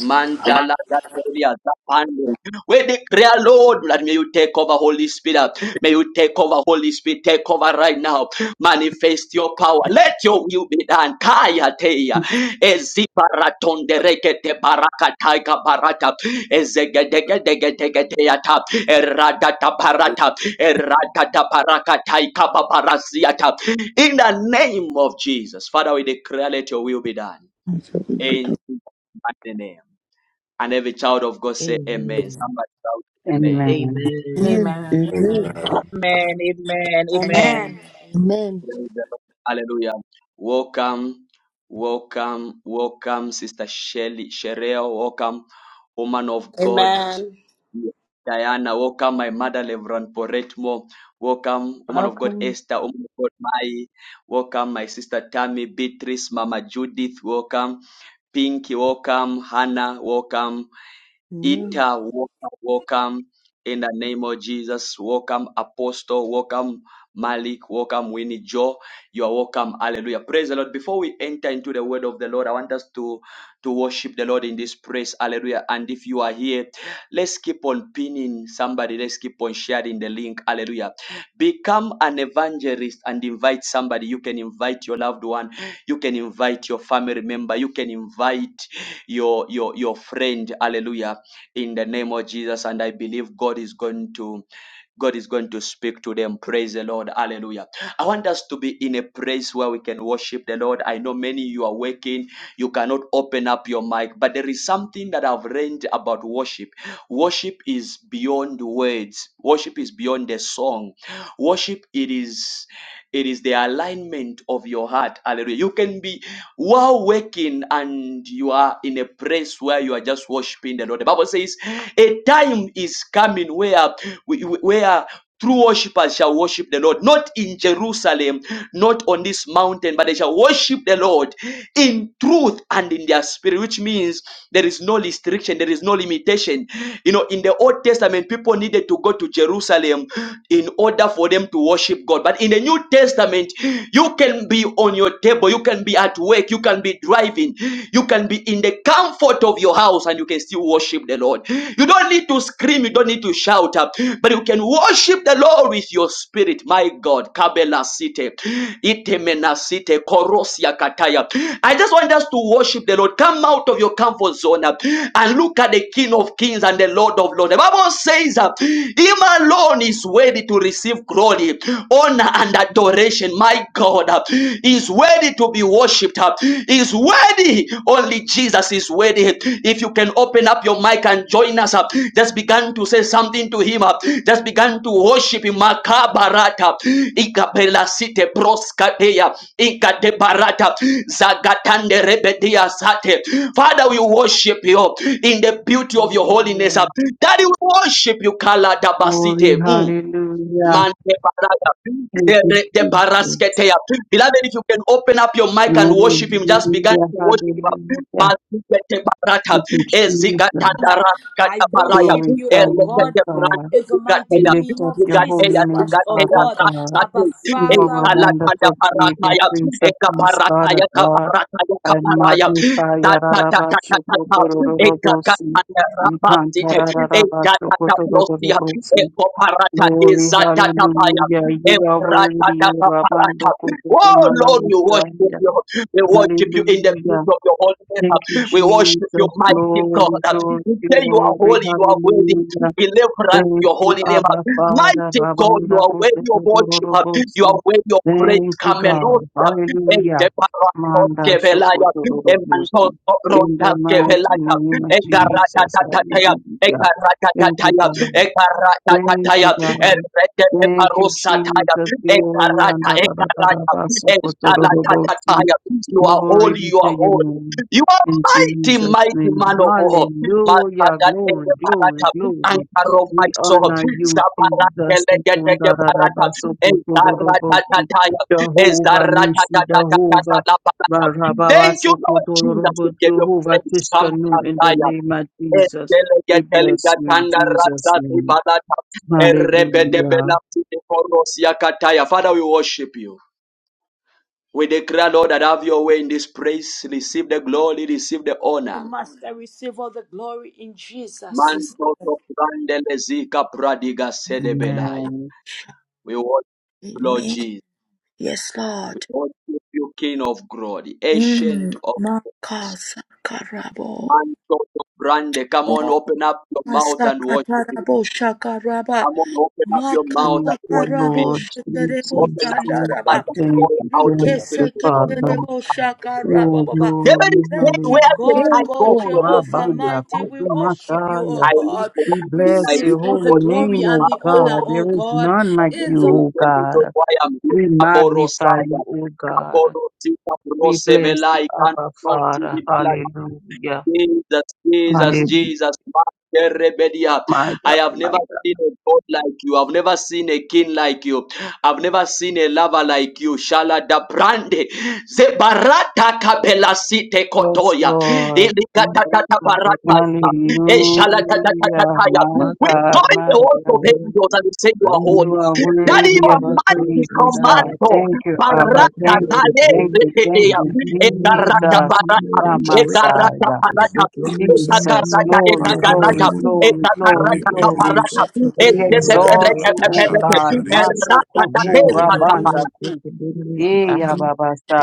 S1: Mantala Gatoria Zapande. We declare, Lord, that may you take over, Holy Spirit. May you take over, Holy Spirit. Take over right now. Manifest your power. Let your will be done. Kaya teya. Ezibaraton rekete baraka taiga barata. Ezegedegedegedegedeata. Eradata barata. Eradata baraka taika babarasiata. In the name of Jesus. Father, we declare, let your will be done.
S10: shall be
S1: In
S10: better.
S1: Jesus' mighty name. And every child of God say amen.
S11: Amen.
S1: Somebody shout amen.
S3: Amen.
S11: Amen.
S10: Amen.
S12: Amen.
S10: Amen.
S6: Amen.
S11: Amen.
S8: Amen. Amen. Amen.
S13: Amen.
S10: Amen.
S1: Praise the Lord. Hallelujah. Welcome, welcome, welcome, Sister Shelly, Sherelle, welcome, woman of God,
S7: Amen.
S1: Diana, welcome, my mother, Reverend Poretmo, welcome, woman of God,
S12: Welcome.
S1: Esther, woman of God, Mai, welcome, my sister Tammy, Beatrice, Mama Judith, welcome, Pinky, welcome, Hannah, welcome,
S10: Amen.
S1: Ita, welcome, welcome in the name of Jesus. Welcome, Apostle. Welcome, Malik. Welcome, Winnie Joe. You are welcome. Hallelujah. Praise the Lord. Before we enter into the word of the Lord, I want us to, to worship the Lord in this praise. Hallelujah. And if you are here, let's keep on pinning somebody. Let's keep on sharing the link. Hallelujah. Become an evangelist and invite somebody. You can invite your loved one. You can invite your family member. You can invite your your your friend. Hallelujah in the name of Jesus. And I believe God is going to God is going to speak to them. Praise the Lord. Hallelujah. I want us to be in a place where we can worship the Lord. I know many you are working, you cannot open up your mic, but there is something that I've learned about worship. Worship is beyond words. Worship is beyond the song. Worship it is it is the alignment of your heart. Hallelujah. You can be while working and you are in a place where you are just worshiping the Lord. The Bible says a time is coming where we, where True worshippers shall worship the Lord, not in Jerusalem, not on this mountain, but they shall worship the Lord in truth and in their spirit, which means there is no restriction, there is no limitation. You know, in the Old Testament, people needed to go to Jerusalem in order for them to worship God. But in the New Testament, you can be on your table, you can be at work, you can be driving, you can be in the comfort of your house, and and you can still worship the Lord. You don't need to scream, you don't need to shout up, but you can worship the Lord with your spirit. My God, Kabela Site, Itemena Site, Korosia Kataya. I just want us to worship the Lord. Come out of your comfort zone uh, and look at the King of Kings and the Lord of Lords. The Bible says, that Him alone is worthy to receive glory, honor, and adoration. My God uh, is worthy worthy to be worshipped. He's worthy. Only Jesus is worthy. If you can open up your mic and join us up, just began to say something to him up. Just began to worship him. Makabarata. Ikabela site broskateya. Ikadebarata. Zagatande rebedia sate. Father, we worship you in the beauty of your holiness.
S3: Hallelujah.
S1: Daddy, we worship you. Kala dabasite.
S3: Glory,
S1: Mm.
S3: hallelujah.
S1: Man, de baraka, de
S3: Thank you,
S1: re- de
S3: Jesus.
S1: barasketea. Beloved, if you can open up your mic and worship him, just begin
S3: Hallelujah,
S1: to worship him. Man,
S3: hallelujah.
S1: de baraka,
S3: Thank you,
S1: ezika
S3: Jesus.
S1: tandara,
S13: I
S1: kata baraya,
S13: worship you,
S3: Glorify
S13: O
S3: you,
S13: God.
S3: O
S1: elekete
S3: God.
S1: brante,
S13: In the mighty
S3: We
S1: zigateya,
S3: lift
S13: name
S3: up
S13: of
S3: your
S1: zigateya,
S3: holy
S13: Jesus
S3: name,
S13: Christ, O
S1: zigateya,
S3: Father
S13: God,
S3: God.
S1: rasate,
S13: Abba
S3: You are
S13: Father,
S3: a
S13: we
S1: ezala kanda
S3: wonderful Savior,
S1: barakaya,
S3: Prince of
S1: eka
S3: Peace, God
S1: barakaya,
S3: of God.
S1: kabarakaya,
S3: I
S1: kabaraya.
S3: magnify
S1: Oh Lord,
S3: Yarabashokotororobosi. We can't Yarabashokotororobosi. Glory, hallelujah. You are worthy, O Rabando Kotokonana
S1: we worship
S3: Messiah.
S1: you. We worship you in the beauty
S3: Hallelujah.
S1: of your holiness.
S3: Thank you,
S1: We worship you,
S3: Jesus.
S1: mighty God.
S3: Glory, glory,
S1: We say you are
S3: glory,
S1: holy, you are worthy.
S3: hallelujah.
S1: We live us
S3: Thank
S1: your
S3: you,
S1: holy name.
S3: Abba Father.
S1: Mighty God, you
S3: Rabanda
S1: are worthy of worship. You are
S3: Kotokororobosi.
S1: worthy of praise.
S3: Thank you,
S1: Come
S3: God. Hallelujah.
S1: and
S3: Manda
S1: Kevelaya, Emanto,
S3: Shokotororobosi. In
S1: Ronta,
S3: the mighty
S1: Kevelaya,
S3: name of Jesus.
S1: Egaratataya,
S3: Hallelujah. Thank you,
S1: Egaratataya,
S3: God. Thank
S1: Egaratataya,
S3: you, God.
S1: Erete,
S3: Thank you,
S1: Eparosataya,
S3: Jesus. Glory and
S1: Egarata,
S3: da- da- da- da- da-
S1: Egarata,
S3: ba- so- ko- to- do- do- bo- si.
S1: Ezalatataya. You are
S3: glory
S1: holy,
S3: be
S1: you are
S3: to your
S1: holy.
S3: name.
S1: You are
S3: In
S1: mighty,
S3: Jesus'
S1: mighty
S3: name.
S1: man of war.
S3: Hallelujah.
S1: Makadate
S3: Glory, glory,
S1: parata,
S3: glory.
S1: ankaro
S3: We
S1: maiso,
S3: honor you, Jesus.
S1: zabarakele gede
S3: Ikon
S1: ge
S3: da- da- da-
S1: parata,
S3: ba- so- ko- to- do- do- bo- si.
S1: ezaratataya,
S3: Jehovah Nishi,
S1: ezaratatatatatata
S3: Jehovah.
S1: la parata.
S3: Barababa,
S1: Thank you,
S3: so- ko-
S1: Lord
S3: to- do- do-
S1: Jesus. We
S3: bo-
S1: give you
S3: Jehovah
S1: praise.
S3: Tiskanu, in the
S1: Kamakataya.
S3: name of Jesus. We bless you in Jesus' name. Hallelujah.
S1: Father, we worship you. We declare, Lord, that have your way in this place. Receive the glory, receive the honor.
S13: must receive all the glory in Jesus.
S1: Manto to brandele zika pradiga sedebelaya.
S3: Amen.
S1: We worship
S13: name.
S1: you, Lord
S13: Amen.
S1: Jesus.
S13: Yes,
S1: We
S13: Lord.
S1: worship you, King of Glory,
S13: Mm.
S1: Ancient of
S13: Ma- Kasakarabo.
S1: Manto to brande. Come on,
S13: oh,
S1: open up your mouth and worship Him.
S13: Masakatarabo shakaraba.
S1: Come on, open up your mouth
S3: Thank
S1: and
S3: you,
S1: worship
S13: Makasakarabo
S3: Lord
S1: Him.
S13: sheterebo
S1: Open
S3: Jesus.
S1: up your
S3: Thank
S1: heart
S13: sandaraba.
S3: you,
S1: and
S3: thank
S1: pour
S3: you,
S1: out your
S3: thank
S1: spirit
S3: you,
S1: before the
S3: Father.
S1: Lord.
S13: ikeseketerebo
S3: Oh,
S1: David
S3: glory,
S1: is
S13: Thank
S1: saying,
S3: hallelujah.
S13: you,
S1: Where can
S13: God,
S1: I
S3: Eh,
S13: God,
S1: go
S3: oh,
S1: from your
S13: Jehovah
S1: presence?
S3: Rabanda,
S13: Almighty. We
S3: kutu
S13: worship you, O
S3: masaya.
S1: I live
S13: God.
S1: for
S3: We
S1: one thing. I
S3: bless
S13: Receive
S3: your
S1: live
S13: all
S1: to
S13: the
S3: holy
S1: worship
S13: glory
S3: name,
S13: and
S3: O
S13: the
S1: you.
S13: honor,
S3: God.
S13: O
S3: There is
S13: God,
S3: none like
S13: in
S3: you,
S13: the
S3: O
S1: Ndiwe ndilo
S3: God.
S1: kwaya mbili
S3: We magnify
S1: kaborosaya
S3: you, O God.
S1: kaborosika
S3: We bless you,
S1: brosevelai
S3: Abba Father.
S1: kanosibala
S3: Hallelujah.
S1: Jesus, Jesus,
S3: Hallelujah.
S1: Jesus. Makerebedia.
S3: My
S1: I
S3: God,
S1: have
S3: my
S1: never
S3: God.
S1: seen a God like you. I've never seen a king like you. I've never seen a lover like you. Shala da brande. Zebarata kabela site
S3: Yes,
S1: kotoya.
S3: Lord.
S1: Ilikata da da barata. Eh, shala da da da da
S3: Hallelujah.
S1: da ya.
S3: My
S1: We
S3: God,
S1: join
S3: my
S1: the host of
S3: God.
S1: angels and we say you are
S3: You
S1: holy.
S3: are
S1: Daddy, you
S3: worthy
S1: are
S3: of the
S1: mighty
S3: praises, God.
S1: commando.
S3: Thank you,
S11: Lord, I
S3: Abba.
S11: give
S1: Barata
S11: you
S3: Thank
S11: all the
S3: you,
S1: taye.
S3: thank
S11: glory,
S3: you, thank
S1: Zekedea.
S11: and
S3: you,
S11: give you
S1: Eh,
S11: all the honor, and
S3: Jesus.
S11: give
S1: barata
S3: You
S11: you all the
S3: come,
S1: Worship
S6: Shake
S1: you,
S11: adoration,
S1: Lord.
S3: Messiah.
S11: and
S6: it, my
S11: say glory
S6: people,
S11: and
S6: sir.
S11: honor be
S3: Jesus,
S11: unto
S3: glory,
S11: your holy
S3: glory,
S11: name.
S3: glory,
S11: Lord,
S3: glory,
S11: we are not
S3: glory.
S11: so
S6: sita.
S11: good
S3: We
S11: about our land,
S6: Regato
S11: but
S3: exalt
S6: la
S3: you,
S11: we are
S3: O
S11: the
S6: pashande
S11: most
S3: God.
S6: karisa,
S11: sinful.
S3: Maso
S6: baba.
S11: Lord,
S3: koto
S11: we are the
S3: rabanda
S11: worst, we can
S3: Eh,
S11: do this,
S6: magada,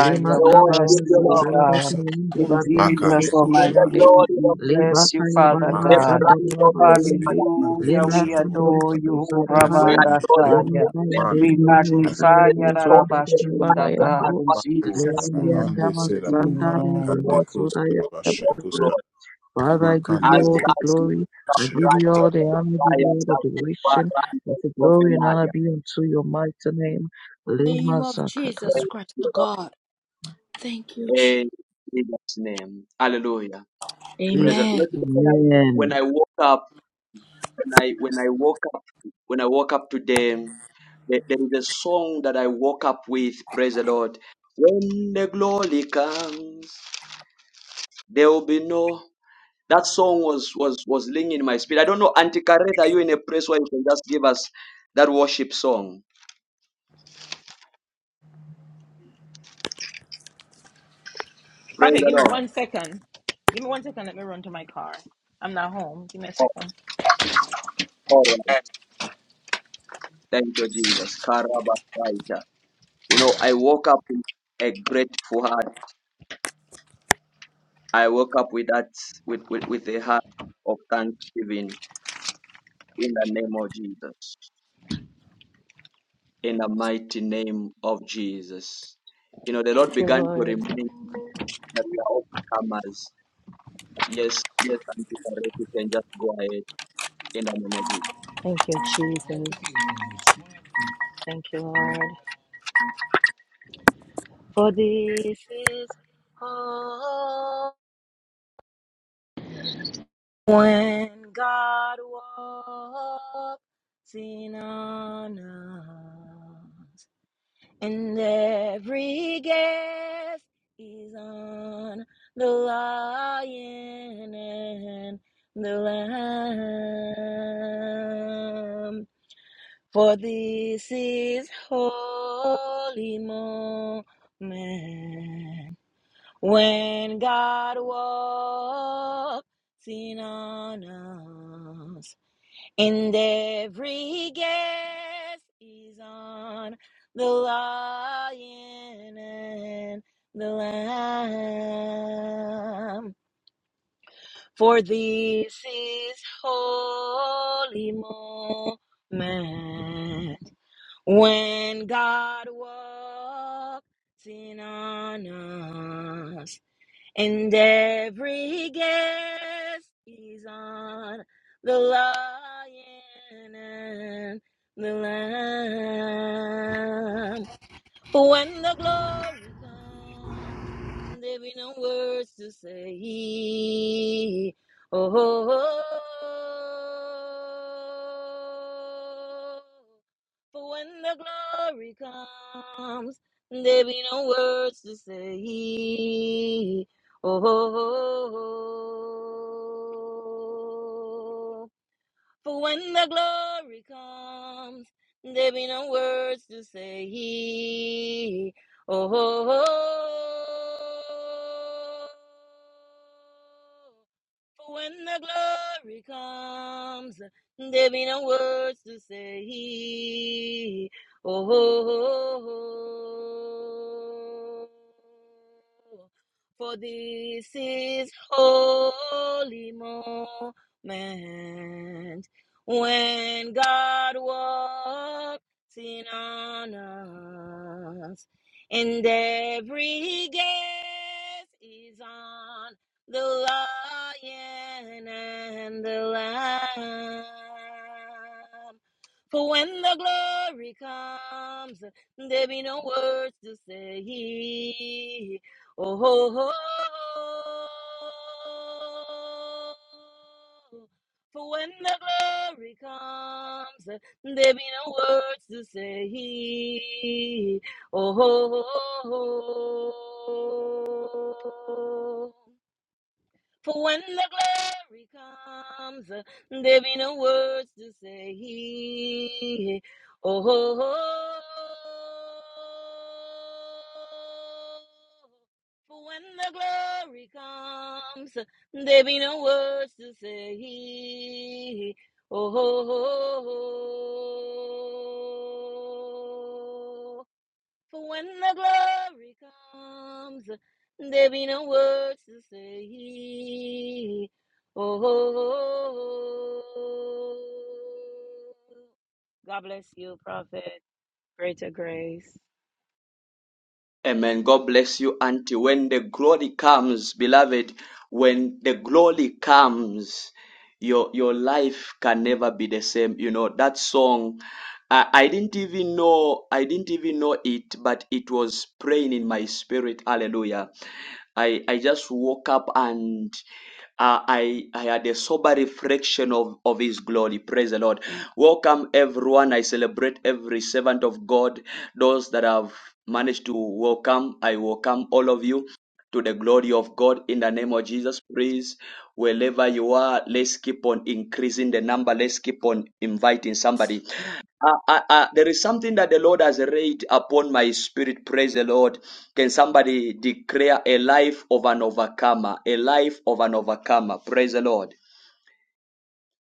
S6: shora,
S3: we
S11: Kababa
S3: bless you, O
S6: shora,
S11: Zandarada
S3: God.
S6: sir.
S11: Kayandi
S3: In
S6: Maka
S11: Bariandi
S3: Jesus
S1: Give
S3: Almighty
S1: the
S11: Busukiandi
S3: name,
S1: glory
S3: we
S1: of
S11: Lima
S3: bless you, Father
S11: Kayabara
S1: the
S3: God.
S1: brand of
S11: Zandarada
S6: on
S1: the
S6: sin.
S11: Bayandi
S1: Father.
S6: And they
S3: Hallelujah,
S11: Lima
S3: we
S11: Sandori
S3: adore you, O
S1: We
S6: Blessed
S11: Kibusaraya
S6: be
S1: adore
S6: your
S1: your
S6: name,
S11: Lima
S3: Ravandasaya.
S6: O
S1: good
S11: Kaya
S6: God.
S1: name.
S6: Man, they
S3: We
S11: Devi
S6: could shut
S3: magnify
S1: Let's
S11: Yandarada
S1: talk to
S11: Zondari
S1: the
S11: Baba
S3: Yarabashunda, God,
S11: Yandu
S3: in
S1: Lord.
S3: Jesus' name.
S6: hande
S11: Liliandama
S6: sera karaba,
S11: Sandari
S1: We
S3: Amen.
S6: hande
S11: Baba
S6: kos
S1: worship
S11: Sudaya
S1: you,
S6: karaba,
S1: King of
S6: shekos karaba,
S1: glory.
S11: Father, I
S6: maka
S11: give you
S1: As
S6: lebo
S11: all the
S6: rara,
S1: does the
S11: glory. I give
S6: shirika.
S1: brand
S11: you all
S1: of the
S11: the honor, I give
S1: fire,
S11: you all the
S1: sanctify
S11: adoration.
S1: us
S11: Let the
S1: from the
S11: glory and honor
S1: liar.
S11: be unto your mighty name. Lima
S13: name of
S11: Zakata
S13: Jesus Christ, O God. Thank you, Jesus.
S1: in Jesus' name. Hallelujah. Praise the
S13: Amen.
S1: Lord.
S11: Amen.
S1: When I woke up, when I when I woke up, when I woke up today, there, there is a song that I woke up with. Praise the Lord. When the glory comes, there will be no. That song was was was ringing in my spirit. I don't know, Auntie Kareth, are you in a place where you can just give us that worship song? Praise
S14: Prophet,
S1: the
S14: give me
S1: Lord.
S14: one second. Give me one second. Let me run to my car. I'm not home. Give me a
S1: Oh,
S14: second.
S1: all right. Thank you, Jesus. Karabasaita. You know, I woke up with a grateful heart. I woke up with that with, with, with a heart of thanksgiving in the name of Jesus. In the mighty name of Jesus. You know, the
S14: Thank
S1: Lord
S14: you,
S1: began to
S14: Lord.
S1: remind me that we are overcomers. Yes, yes, Auntie you can just go ahead in the name of Jesus.
S14: Thank you, Jesus. Thank you, Lord. For this is hope when God walks in on us. And every guest is on the lion and the lamb. For this is holy moment when God walks in on us. And every guest is on the lion and the lamb. For this is holy moment when God walks in on us and every guest is on the lion and the lamb. For when the glory comes, there be no words to say. Oh, oh, oh. for when the glory comes, there be no words to say. Oh, oh, oh, for when the glory comes, there be no words to say. Oh, oh, oh. For when the glory comes, there be no words to say. Oh, oh, oh. for this is holy moment when God walks in on us, and every guest is on the lion and the lamb. For when the glory comes, there be no words to say. Oh, ho, ho. For when the glory comes, there be no words to say. Oh, ho, ho. ho. For when the glory comes, uh, there be no words to say. Oh, oh, oh. for when the glory comes, uh, there be no words to say. Oh, oh, oh, oh. For when the glory comes, there be no words to say. Oh, oh, oh. God bless you, Prophet. Greater grace.
S1: Amen. God bless you, Auntie. When the glory comes, beloved, when the glory comes, your your life can never be the same you know that song I, I didn't even know i didn't even know it but it was praying in my spirit hallelujah i i just woke up and uh, I I had a sober reflection of, of His glory. Praise the Lord. Welcome everyone. I celebrate every servant of God. Those that have managed to welcome, I welcome all of you to the glory of God in the name of Jesus. Praise wherever you are let's keep on increasing the number let's keep on inviting somebody Uh, uh, uh, there is something that the lord has laid upon my spirit praise the lord can somebody declare a life of an overcomer a life of an overcomer praise the lord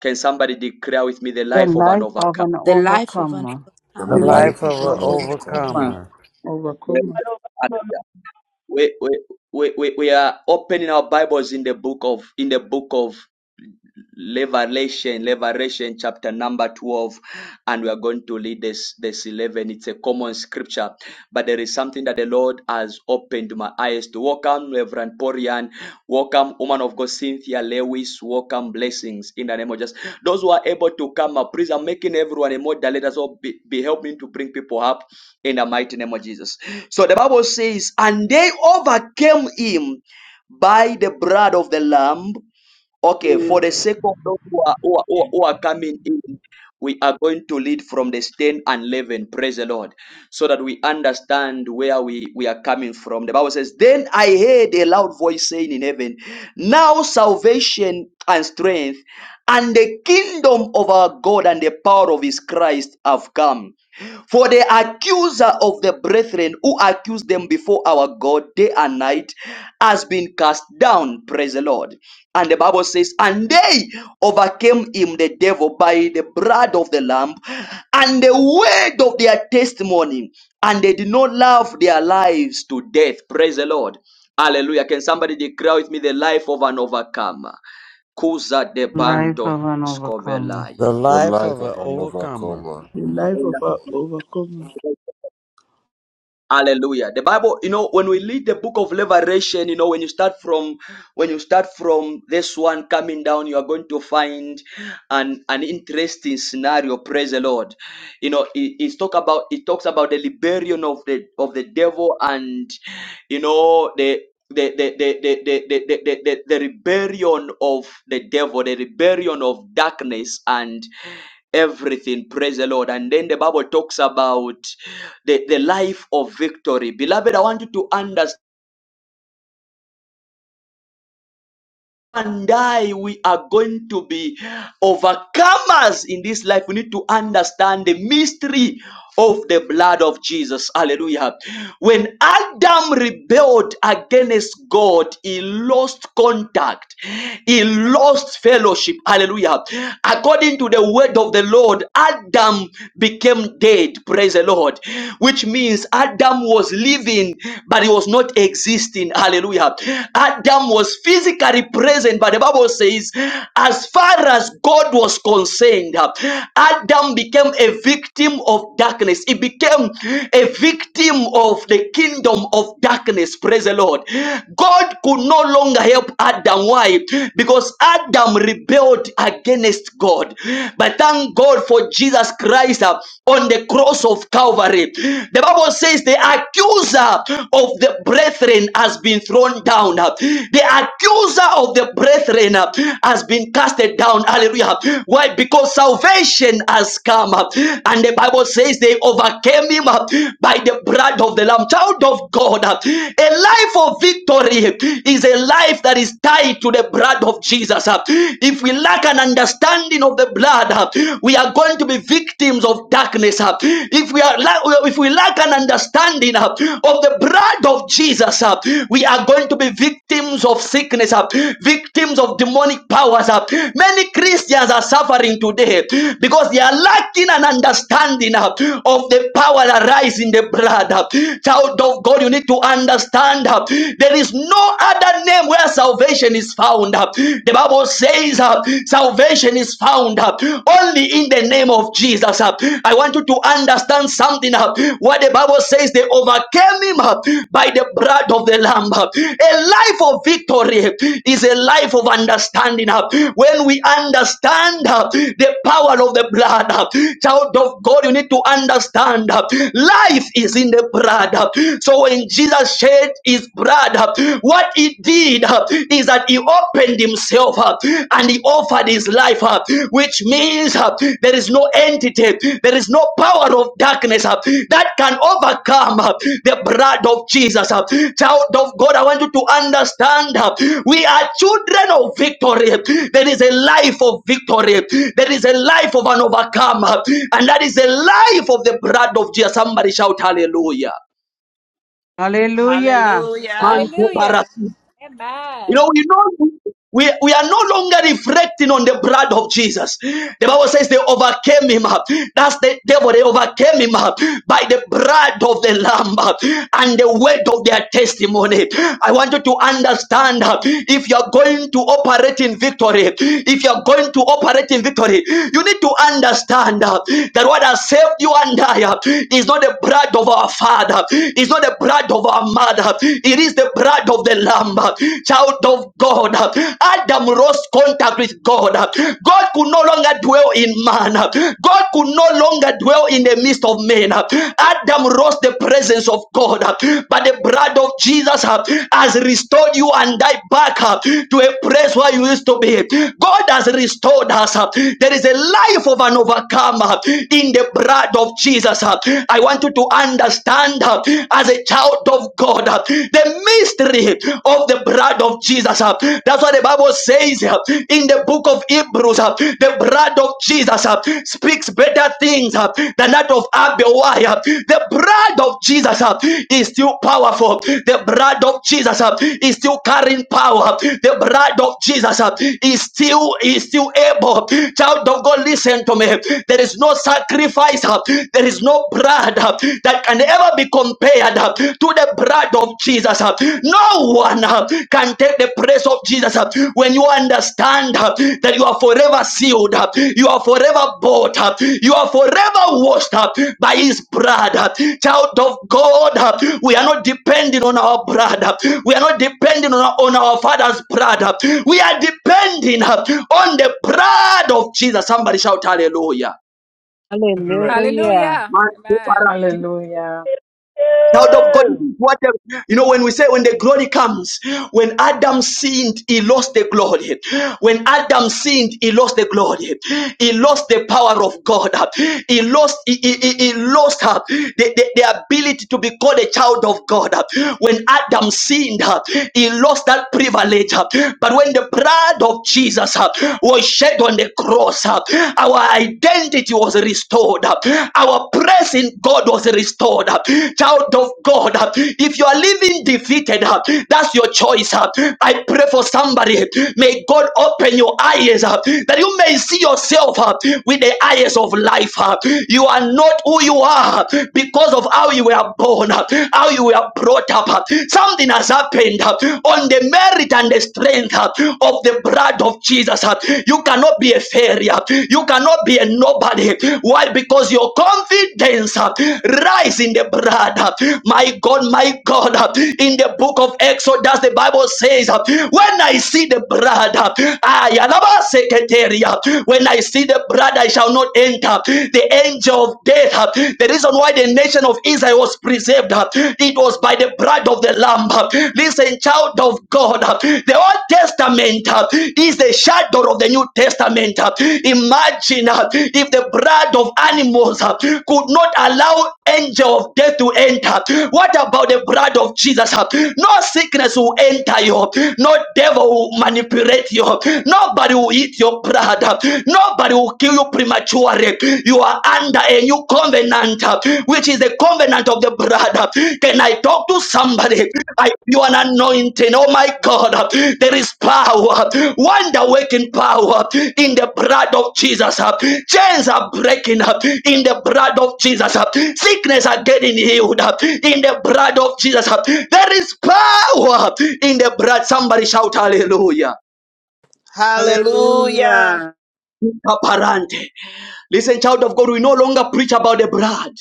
S1: can somebody declare with me the
S3: The
S1: life of an
S3: life of
S1: overcomer
S3: an
S13: The life of an
S3: overcomer.
S6: The
S15: The
S10: The
S13: overcomer.
S15: life
S10: life
S6: life
S10: of
S15: of
S6: of
S10: our
S15: an
S6: an
S10: overcomer.
S6: overcomer.
S15: overcomer.
S1: Praise
S10: Overcomer.
S1: the- Hallelujah. we, we, we, we we are opening our bibles in the book of in the book of Revelation, Revelation chapter number 12, and we are going to read this, this 11. It's a common scripture, but there is something that the Lord has opened my eyes to. Welcome, Reverend Porian. Welcome, woman of God, Cynthia Lewis. Welcome, blessings in the name of Jesus. Those who are able to come up, please, I'm making everyone a moderator, so be, be helping to bring people up in the mighty name of Jesus. So the Bible says, and they overcame him by the blood of the Lamb Okay,
S16: Mm.
S1: for the sake of those who are, who, are, who are who are coming in, we are going to lead from the ten and eleven. Praise the Lord. So that we understand where we, we are coming from. The Bible says, Then I heard a loud voice saying in heaven, 'Now salvation and strength and the kingdom of our God and the power of his Christ have come. For the accuser of the brethren who accused them before our God day and night has been cast down. Praise the Lord. And the Bible says, and they overcame him, the devil, by the blood of the Lamb and the word of their testimony. And they did not love their lives to death. Praise the Lord. Hallelujah. Can somebody declare with me the life of an overcomer? Kuza de
S3: Life
S1: bandos
S3: of an overcomer.
S15: The
S1: kovelaya.
S6: The
S15: life
S6: life
S15: of
S6: of
S15: an
S6: an
S15: overcomer.
S6: overcomer.
S10: The life of our overcomer.
S1: Hallelujah. The Bible, you know, when we read the book of Revelation, you know, when you start from when you start from this one coming down, you are going to find an an interesting scenario. Praise the Lord. You know, it, it's talk about it talks about the liberation of the of the devil and you know the the the the the the the, the, the, the the rebellion of the devil, the rebellion of darkness and everything. Praise the Lord. And then the Bible talks about the, the life of victory. Beloved, I want you to understand. And I, we are going to be overcomers in this life. We need to understand the mystery of the blood of Jesus. Hallelujah. When Adam rebelled against God, he lost contact, he lost fellowship. Hallelujah. According to the word of the Lord, Adam became dead. Praise the Lord. Which means Adam was living, but he was not existing. Hallelujah. Adam was physically present, but the Bible says, as far as as God was concerned, Adam became a victim of darkness. He became a victim of the kingdom of darkness. Praise the Lord. God could no longer help Adam. Why? Because Adam rebelled against God. But thank God for Jesus Christ uh, on the cross of Calvary. The Bible says the accuser of the brethren has been thrown down down. The accuser of the brethren has been casted down. Hallelujah. Why? Because salvation has come. up, And the Bible says they overcame him by the blood of the Lamb. Child of God. A life of victory is a life that is tied to the blood of Jesus. If we lack an understanding of the blood, we are going to be victims of darkness. If we are, if we if we lack an understanding uh, of the blood of Jesus, uh, we are going to be victims of sickness, uh, victims of demonic powers. uh. Many Christians are suffering today because they are lacking an understanding uh, of the power that lies in the blood. uh. Child of God, you need to understand uh, there is no other name where salvation is found. uh. The Bible says uh, salvation is found. uh, uh, only in the name of Jesus. uh. I want you to understand something uh, what the Bible says they overcame him uh, by the blood of the Lamb. uh. A life of victory is a life of understanding. uh. When we understand uh, the power of the blood, uh, child of God, you need to understand uh, life is in the blood. uh. So when Jesus shed his blood, uh, what he did, is that he opened himself up and he offered his life up, which means uh, there is no entity, there is no power of darkness uh, that can overcome uh, the blood of Jesus. uh. Child of God, I want you to understand uh, we are children of victory. There is a life of victory, there is a life of an overcomer, and that is the life of the blood of Jesus. Somebody shout hallelujah.
S3: Hallelujah.
S7: Hallelujah.
S4: hallelujah.
S1: You
S4: Amen.
S1: know, we know we, we are no longer reflecting on the blood of Jesus. The Bible says they overcame him. That's the devil. They overcame him by the blood of the Lamb and the word of their testimony. I want you to understand if you're going to operate in victory, if you're going to operate in victory, you need to understand that what has saved you and I is not the blood of our father, it's not the blood of our mother, it is the blood of of the Lamb, uh, child of God. uh, Adam lost contact with God. uh, God could no longer dwell in man. uh, God could no longer dwell in the midst of men. uh, Adam lost the presence of God. uh, But the blood of Jesus uh, has restored you and I back uh, to a place where you used to be. God has restored us. uh, There is a life of an overcomer in the blood of Jesus. uh. I want you to understand uh, as a a child of God. uh, The mystery of the blood of Jesus. uh, That's what the Bible says uh, in the book of Hebrews. uh, The blood of Jesus uh, speaks better things uh, than that of Abel. Why? uh, The blood of Jesus uh, is still powerful. The blood of Jesus uh, is still carrying power. The blood of Jesus uh, is still is still able. Child of God, listen to me. There is no sacrifice. uh, There is no blood uh, that can ever be compared uh, to the blood of Jesus. uh. No one uh, can take the place of Jesus uh, when you understand uh, that you are forever sealed, uh, you are forever bought, uh, you are forever washed by His blood. uh. Child of God, uh, we are not depending on our blood, uh, we are not depending on our, on our Father's blood, uh, we are depending uh, on the blood of Jesus. Somebody shout hallelujah.
S3: Hallelujah.
S4: Hallelujah. Amen.
S12: Hallelujah.
S1: Child of God, this is what the- you know when we say when the glory comes, when Adam sinned, he lost the glory. When Adam sinned, he lost the glory. He lost the power of God. He lost, he, he, he he lost uh, the, the, the ability to be called a child of God. When Adam sinned, uh, he lost that privilege. uh, But when the blood of Jesus uh, was shed on the cross, uh, our identity identity was restored. Our praise in God was restored. Child of God, if you are living defeated, that's your choice. I pray for somebody. May God open your eyes that you may see yourself with the eyes of life. You are not who you are because of how you were born, how you were brought up. Something has happened on the merit and the strength uh, of the blood of Jesus. uh, You cannot be a failure. You cannot be a nobody. Why? Because your confidence uh, rise in the blood. uh, My God, my God. uh, In the book of Exodus, the Bible says, uh, when I see the blood, uh, I Yalaba Seketeria. When I see the blood, I shall not enter. The angel of death, uh, the reason why the nation of Israel was preserved, uh, it was by the blood of the Lamb. Listen, child of God, the Old Testament is the shadow of the New Testament. Imagine if the blood of animals could not allow angel of death to enter. What about the blood of Jesus? No sickness will enter you. No devil will manipulate you. Nobody will eat your blood. Nobody will kill you prematurely. You are under a new covenant, uh, which is the covenant of the blood. uh. Can I talk to somebody? I you an anointing. Oh my God, uh, there is power, wonder working power in the blood of Jesus. uh. Chains are breaking up in the blood of Jesus. uh. Sickness are getting healed up in the blood of Jesus. uh. There is power in the blood. Somebody shout hallelujah.
S7: Hallelujah.
S3: Hallelujah.
S1: Kaparante. Listen, child of God, we no longer preach about the blood.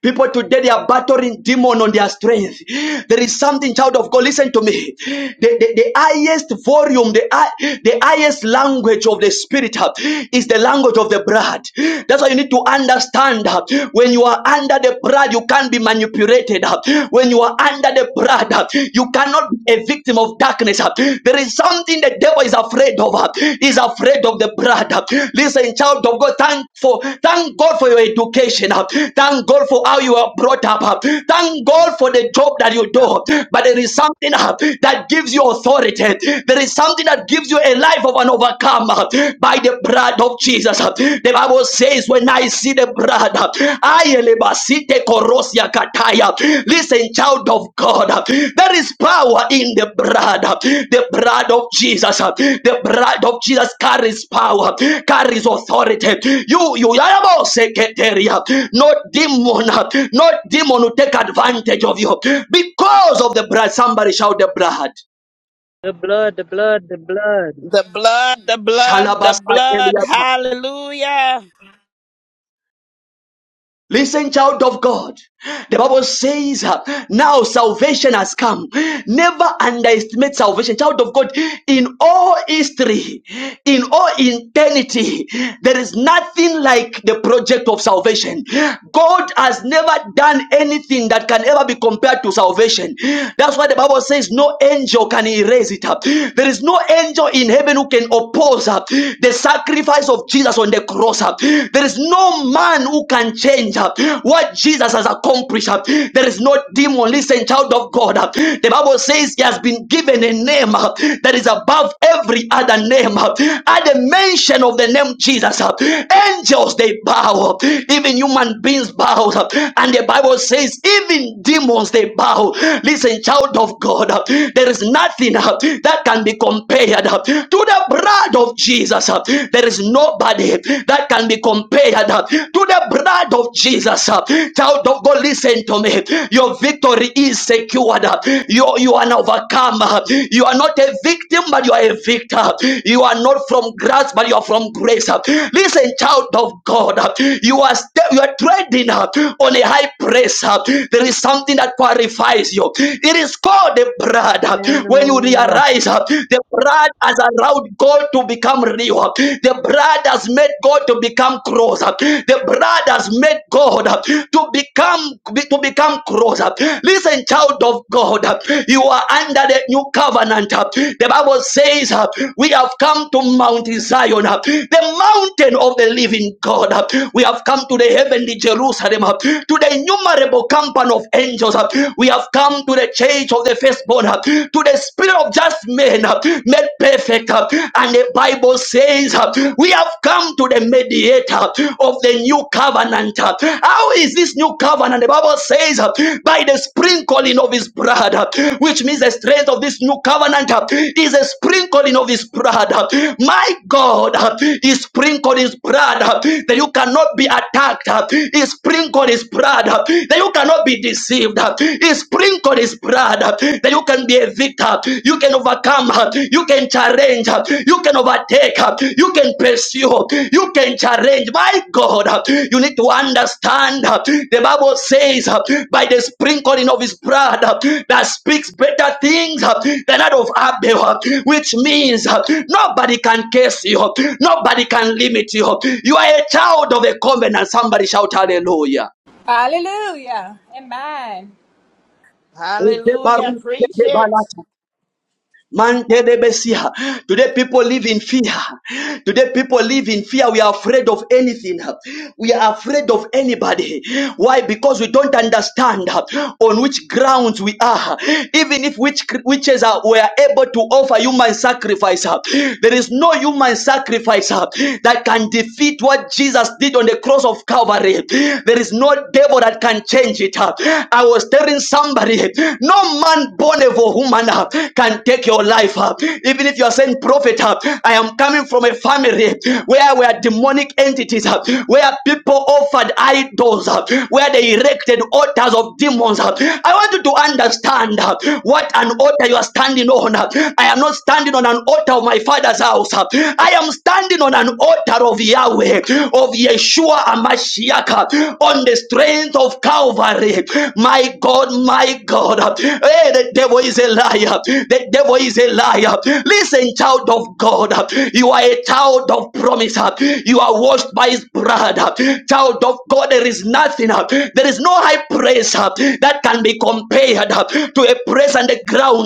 S1: People today they are battling demon on their strength. There is something, child of God. Listen to me. The, the, the highest volume, the, hi- the highest language of the spirit uh, is the language of the blood. That's why you need to understand uh, when you are under the blood, you can't be manipulated. uh. When you are under the blood, uh, you cannot be a victim of darkness. uh. There is something Something the devil is afraid of. uh, Is afraid of the blood. uh. Listen, child of God, thank for thank God for your education. uh. Thank God for how you are brought up. uh. Thank God for the job that you do. But there is something uh, that gives you authority. There is something that gives you a life of an overcomer by the blood of Jesus. The Bible says, When I see the blood, Ayelebasite korosia kataya. Listen, child of God, there is power in the blood. The blood of Jesus, the blood of Jesus carries power, carries authority. You, you, Yaboseketeria. no demon, no demon will take advantage of you because of the blood. Somebody shout the blood.
S3: The blood, the blood, the blood.
S7: The blood, the blood, the blood. Hallelujah.
S1: Listen, child of God. The Bible says, uh, now salvation has come. Never underestimate salvation. Child of God, in all history, in all eternity, there is nothing like the project of salvation. God has never done anything that can ever be compared to salvation. That's why the Bible says no angel can erase it up. There is no angel in heaven who can oppose uh, the sacrifice of Jesus on the cross. uh uh, There is no man who can change uh, what Jesus has accomplished. uh, There is no demon. Listen, child of God. uh, The Bible says he has been given a name uh, that is above every other name. uh, At the mention of the name Jesus, uh, angels they bow. uh, Even human beings bow. uh, And the Bible says even demons they bow. Listen, child of God. uh, There is nothing uh, that can be compared uh, to the blood of Jesus. Jesus. uh, There is nobody that can be compared uh, to the blood of Jesus. uh. Child of God, listen to me. Your victory is secured. uh. You, you are an overcomer. You are not a victim, but you are a victor. You are not from grass, but you are from grace. uh. Listen, child of God, uh, you are you are treading uh, on a high place. uh. There is something that qualifies you. It is called the blood. uh. When you
S3: Hallelujah.
S1: realize uh, the blood has allowed God to become real. The blood has made God to become closer. The blood has made God to become to become closer. Listen, child of God, you are under the new covenant. The Bible says we have come to Mount Zion, the mountain of the living God. We have come to the heavenly Jerusalem, to the innumerable company of angels. We have come to the church of the firstborn first born uh, to the spirit of just men uh, made perfect. uh, And the Bible says, uh, We have come to the mediator of the new covenant. uh. How is this new covenant? The Bible says, uh, By the sprinkling of his blood, uh, which means the strength of this new covenant uh, is a sprinkling of his blood. uh. My God, uh, he sprinkled his blood uh, that you cannot be attacked. uh. He sprinkled his blood uh, that you cannot be deceived victor. He sprinkled his blood that you can be a victor, you can overcome, you can challenge, you can overtake, you can pursue, you can challenge. My God, you need to understand. The Bible says, by the sprinkling of his blood, that speaks better things than that of Abel, which means nobody can curse you, nobody can limit you. You are a child of a covenant. Somebody shout hallelujah.
S4: Hallelujah. Amen.
S7: Hallelujah. Preach it.
S1: Mantelebesia. Today people live in fear. Today people live in fear. We are afraid of anything. We are afraid of anybody. Why? Because we don't understand on which grounds we are. Even if witch, witches are, were able to offer human sacrifice, there is no human sacrifice that can defeat what Jesus did on the cross of Calvary. There is no devil that can change it. I was telling somebody spirit. No man born of a woman uh, can take your life. uh. Even if you are saying, Prophet, uh, I am coming from a family where were demonic entities, uh, where people offered idols, uh, where they erected altars of demons. uh. I want you to understand uh, what an altar you are standing on. uh. I am not standing on an altar of my father's house. uh. I am standing on an altar of Yahweh, of Yeshua Amashiach, uh, on the strength strength of Calvary. My God, my God. Hey, the devil is a liar. The devil is a liar. Listen, child of God. You are a child of promise. You are washed by his blood. Child of God, there is nothing. There is no high praise that can be compared to a praise on the ground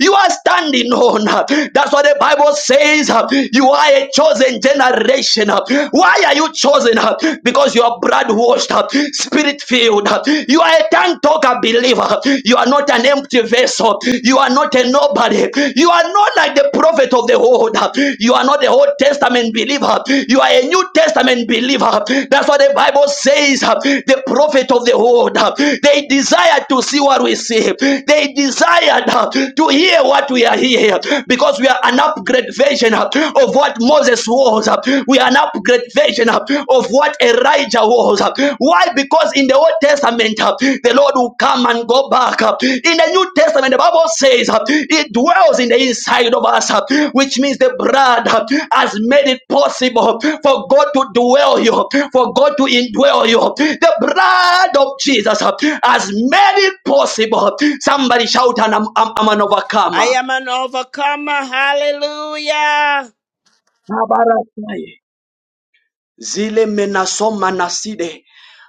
S1: you are standing on. That's what the Bible says. You are a chosen generation. Why are you? you chosen uh, because you are blood washed, uh, spirit filled. uh, You are a tongue talker believer. You are not an empty vessel. You are not a nobody. You are not like the prophet of the old. uh, You are not the Old Testament believer. You are a New Testament believer. That's what the Bible says. uh, The prophet of the old, uh, they desired to see what we see. They desired uh, to hear what we are hearing because we are an upgrade version of what Moses was. We are an upgrade version of what Elijah was. Why? Because in the Old Testament, the Lord will come and go back. In the New Testament, the Bible says it dwells in the inside of us, which means the blood has made it possible for God to dwell you, for God to indwell you. The blood of Jesus has made it possible. Somebody shout, and I'm, I'm, I'm an
S7: I
S1: overcomer.
S7: am an overcomer. Hallelujah.
S1: Zile menasoma naside.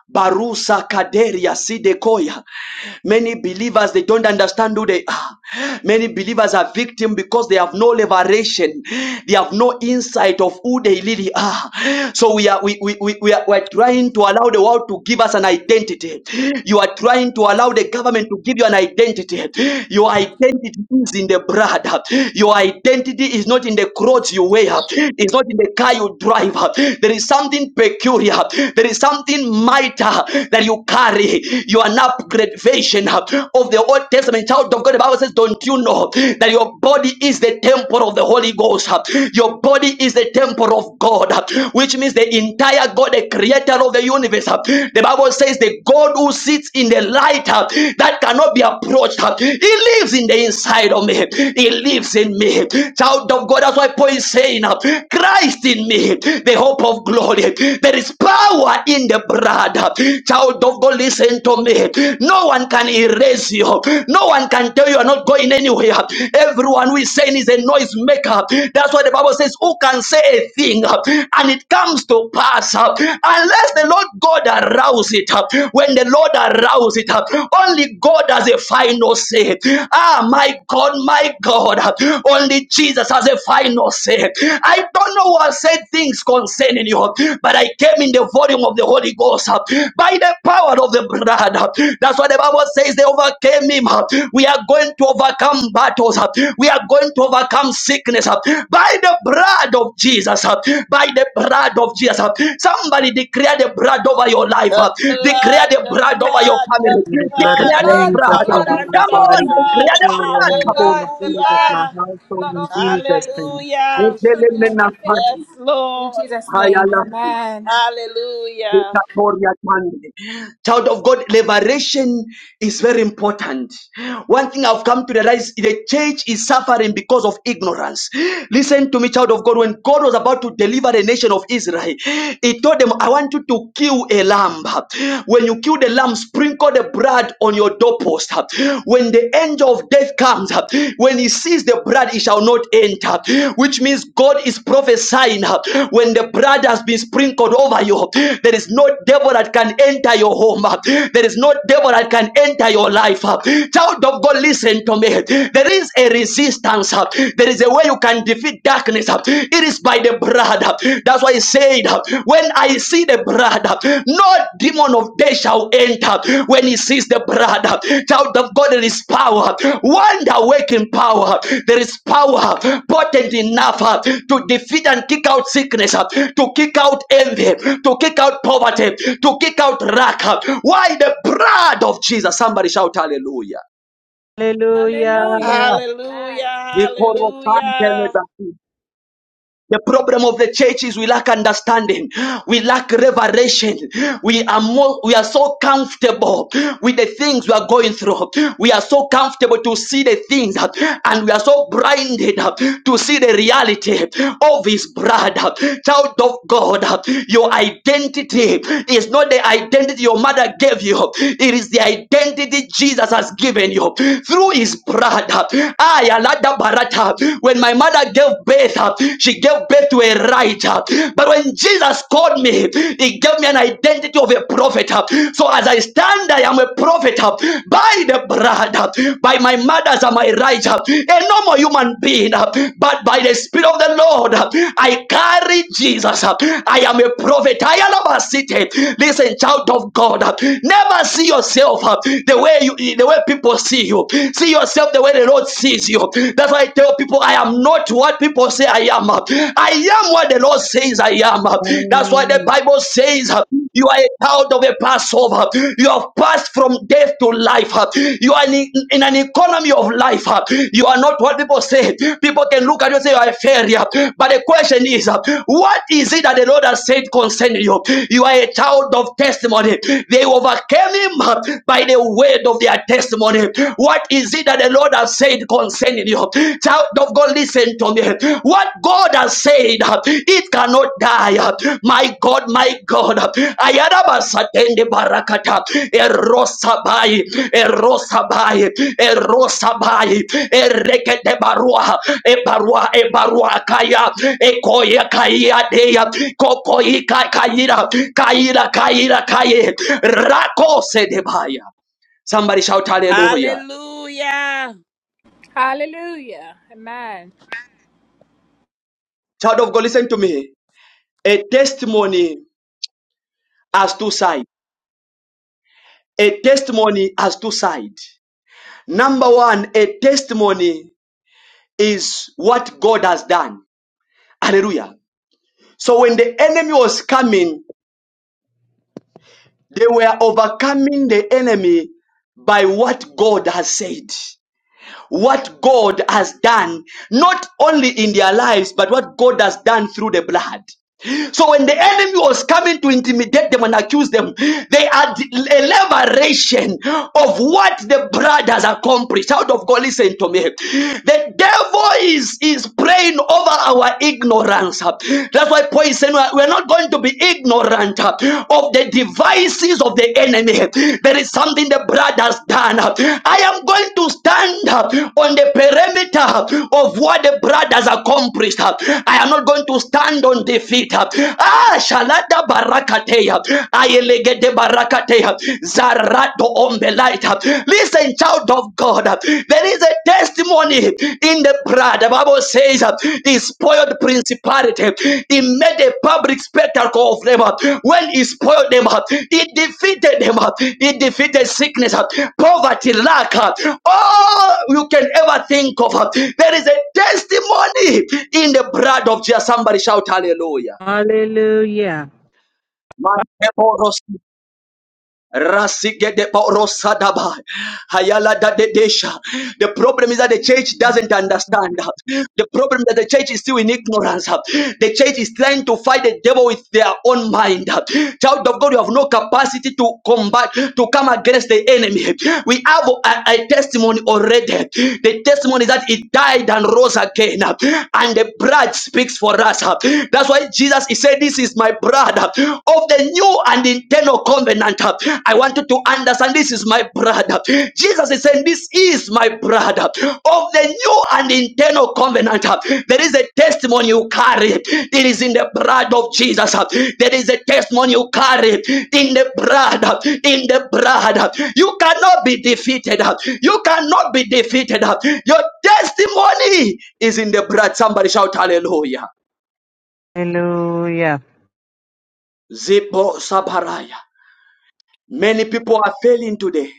S1: Barusa kaderia side koya. Many believers they don't understand who they are. Many believers are victim because they have no liberation, they have no insight of who they really are. So we are we, we, we, we are, we are trying to allow the world to give us an identity. You are trying to allow the government to give you an identity. Your identity is in the blood. Your identity is not in the clothes you wear. It's not in the car you drive. There is something peculiar. There is something mighty character that you carry. You are an upgradation of the Old Testament child of God. The Bible says, Don't you know that your body is the temple of the Holy Ghost? Your body is the temple of God, which means the entire God, the creator of the universe. The Bible says, The God who sits in the light that cannot be approached, He lives in the inside of me. He lives in me. Child of God, that's why Paul is saying, Christ in me, the hope of of glory. There is power in the blood. Child of God, listen to me. No one can erase you. No one can tell you are not going anywhere. Everyone who is saying is a noise maker. That's why the Bible says, Who can say a thing and it comes to pass unless the Lord God arouse it? When the Lord arouses it, only God has a final say. Ah, my God, my God. Only Jesus has a final say say. I don't know who has said things concerning you, but I came in the volume of the Holy Ghost uh, by the power of the blood. uh. That's what the Bible says. They overcame him. uh. We are going to overcome battles. uh. We are going to overcome sickness uh, by the blood of Jesus. uh, By the blood of Jesus. uh. Somebody declare the blood over your life.
S7: The
S1: uh. Declare
S7: blood,
S1: the
S7: the
S1: blood over your
S7: blood, the
S1: family.
S3: Be the blood
S4: The
S3: of
S7: blood.
S1: Declare
S7: I
S1: the
S7: am
S4: blood, the
S3: Jesus
S1: blood. uh.
S7: covered
S4: blood
S3: over
S4: of
S3: my
S7: under
S1: Come
S7: the
S3: body
S1: on,
S4: Jesus.
S3: and my
S1: declare
S7: blood.
S1: the
S3: children
S1: blood.
S4: The
S3: in the
S1: Come
S3: name
S4: blood,
S3: of
S4: the
S3: Jesus,
S4: blood,
S3: my
S7: Hallelujah.
S3: household
S4: blood
S3: in
S4: over my
S3: Jesus'
S4: life,
S3: name.
S4: my
S7: Hallelujah.
S4: children, my
S7: Yes,
S4: family. In
S7: Lord.
S4: Jesus' name.
S1: on.
S4: Amen.
S7: Hallelujah.
S1: Victoria Kande. Child of God, liberation is very important. One thing I've come to realize the church is suffering because of ignorance. Listen to me, child of God. When God was about to deliver the nation of Israel, He told them, I want you to kill a lamb. When you kill the lamb, sprinkle the blood on your doorpost. When the angel of death comes, when he sees eats the blood, it shall not enter. Which means God is prophesying uh, when the blood has been sprinkled over you, huh, there is no devil that can enter your home. uh, There is no devil that can enter your life. uh. Child of God, listen to me. There is a resistance. uh, There is a way you can defeat darkness. uh. It is by the blood. uh. That's why he said, uh, When I see the blood. No demon of death shall enter when he sees the blood. Child of God, there is power. Wonder waking power. There is power potent enough uh, to defeat and kick out sickness, uh, to kick out envy, to kick out poverty, to kick out lack. uh. Why the blood of Jesus? Somebody shout hallelujah.
S3: Hallelujah.
S4: Hallelujah. Amen.
S7: Hallelujah. Hallelujah.
S1: The problem of the church is we lack understanding. We lack revelation. We are more, we are so comfortable with the things we are going through. We are so comfortable to see the things uh, and we are so blinded uh, to see the reality of his blood. uh, Child of God, uh, your identity is not the identity your mother gave you. It is the identity Jesus has given you through his blood. Uh, I, Alada Barata, when my my mother gave birth, uh, she gave birth to a writer. But when Jesus called me, he gave me an identity of a prophet. uh, So as I stand, I am a prophet uh, by the blood, uh, by my mother's and my writer, a normal human being, uh, but by the Spirit of the Lord, uh, I carry Jesus. uh, I am a prophet. I am a city. Listen, child of God, uh, never see yourself uh, the way you, the way people see you. See yourself the way the Lord sees sees you. That's why I tell people, I am not what people say I am. I am what the Lord says I am. That's why the
S3: Amen.
S1: Bible says you are a child of a Passover. You have passed from death to life. You are in, in an economy of life. You are not what people say. People can look at you and say you are a failure. But the question is, what is it that the Lord has said concerning you? You are a child of testimony. They overcame him by the word of their testimony. What is it that the Lord has said concerning you? Child of God, listen to me. What God has said, it cannot die. My God, my God. Ayarabasatende barakata. Erosabai. Erosabai. Erosabai. Erekete barua. Ebarua. Ebarua kaya. Ekoya kaya deya. Kokoika kaira. Kaira kaira kaye. Rako sedebaya. Somebody shout hallelujah.
S7: Hallelujah.
S4: Hallelujah. Amen.
S1: Child of God, listen to me. A testimony has two sides. A testimony has two sides. Number one, a testimony is what God has done. Hallelujah. So when the enemy was coming, they were overcoming the enemy by what God has said. what God has done, not only in their lives, but what God has done through the blood. So when the enemy was coming to intimidate them and accuse them, they had a liberation of what the blood has accomplished. Out of God, listen to me. The devil is, is praying over our ignorance. That's why Paul is saying we're not going to to be ignorant uh, of the devices of the enemy. There is something the blood has done. I am going to stand uh, on the perimeter of what the brothers has accomplished. Uh, I am not going to stand on defeat. Uh, Ah, shalada barakateya. Ayelegede barakateya. Zarado ombelaita. Listen, child of God. God. There is a testimony in the blood. The Bible says uh, he spoiled principality. He made a public spectacle of them. uh, When he spoiled them, uh, he defeated them. uh, He defeated sickness, uh, poverty, lack, uh, all you can ever think of. uh, There is a testimony in the blood of Jesus. Somebody shout hallelujah.
S3: Hallelujah.
S1: Rasigedeporosadaba. Hayaladadedesha. The problem is that the church doesn't understand. The problem is that the church is still in ignorance. The church is trying to fight the devil with their own mind. Child of God, you have no capacity to combat, to come against the enemy. We have a, a testimony already. The testimony is that it died and rose again. And the blood speaks for us. That's why Jesus he said, This is my blood of the new and internal covenant. I want you to understand this is my brother. Jesus is saying, This is my brother of the new and internal covenant. There is a testimony you carry, it is in the blood of Jesus. There is a testimony you carry in the blood, in the blood. You cannot be defeated, you cannot be defeated. Your testimony is in the blood. Somebody shout hallelujah.
S3: Hallelujah.
S1: Zibo Sabaraya. Many people are failing today.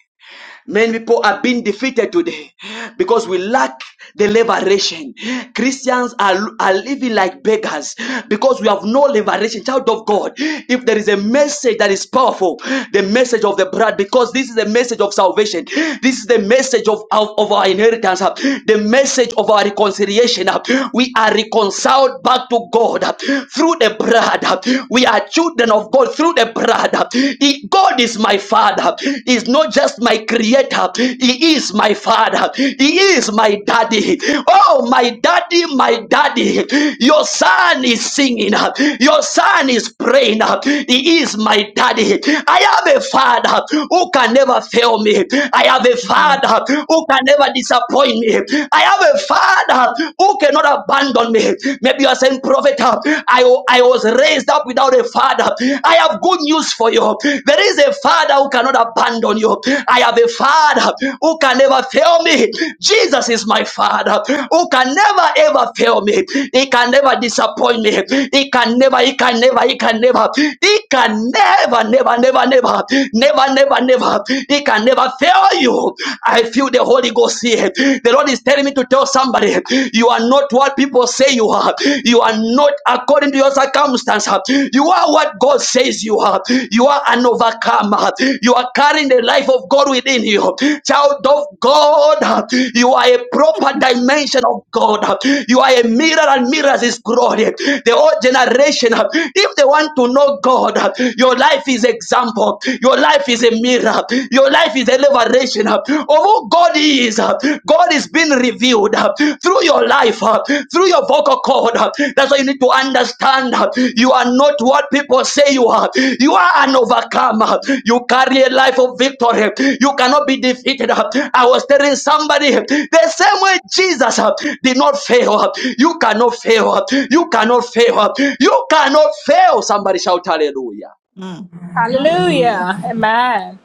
S1: Many people are being defeated today because we lack the liberation. Christians are, are living like beggars because we have no liberation. Child of God, if there is a message that is powerful, the message of the blood, because this is the message of salvation, this is the message of, of, of our inheritance, uh, the message of our reconciliation. uh, We are reconciled back to God uh, through the blood. uh, We are children of God through the blood brother. He- God is my father. He's not just my creator. He is my father. He is my daddy. Oh, my daddy, my daddy. Your son is singing. Your son is praying. He is my daddy. I have a father who can never fail me. I have a
S17: Mm,
S1: father who can never disappoint me. I have a father who cannot abandon me. Maybe you are saying, Prophet prophet, uh, I, I was raised up without a father. I have good news for you. There is a father who cannot abandon you. I have a father who can never fail me. Jesus is my father who can never ever fail me. He can never disappoint me. He can never, he can never, he can never, he can never, never, never, never, never, never, never. He can never fail you. I feel the Holy Ghost here. The Lord is telling me to tell somebody you are not what people say you are. You are not according to your circumstance. You are what God says you are. You are an overcomer. You are carrying the life of God within you. Child of God, you are a proper dimension of God. You are a mirror and mirrors is glory. The old generation, if they want to know God, your life is example. Your life is a mirror. Your life is deliberation uh, of who God is. uh, God is being revealed uh, through your life, uh, through your vocal cord. uh, That's why you need to understand uh, you are not what people say you are. You are an overcomer. You carry a life of victory. You cannot be defeated. uh. I was telling somebody uh, the same way Jesus uh, did not fail. uh, You cannot fail. uh, You cannot fail. uh, You cannot fail. Somebody shout hallelujah.
S17: Mm. Hallelujah.
S4: Hallelujah. Amen.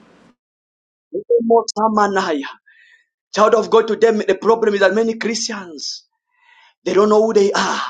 S1: Child of God, today the problem is that many Christians they don't know who they are.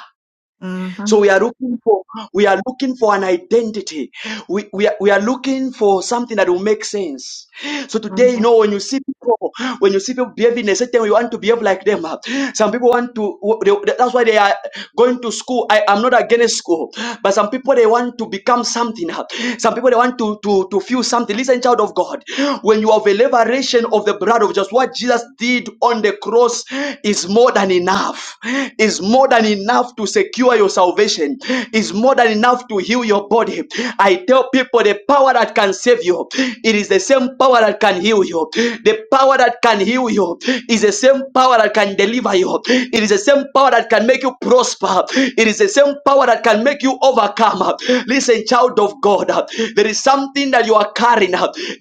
S17: hmm
S1: So we are looking for we are looking for an identity. We we are, we are looking for something that will make sense. So today, you
S17: mhm.
S1: know, when you see people, when you see people behaving a certain way, you want to behave like them. Some people want to. they- that's why they are going to school. I am not against school, but some people they want to become something. Some people they want to to to feel something. Listen, child of God, when you have a liberation of the blood of just what Jesus did on on the cross is more than enough. Is more than enough to secure your salvation. Is more than enough to heal your body. I tell people the power that can save you, it is the same power that can heal you. The power that can heal you is the same power that can deliver you. It is the same power that can make you prosper. It is the same power that can make you overcome. Listen, child of God, there is something that you are carrying carrying.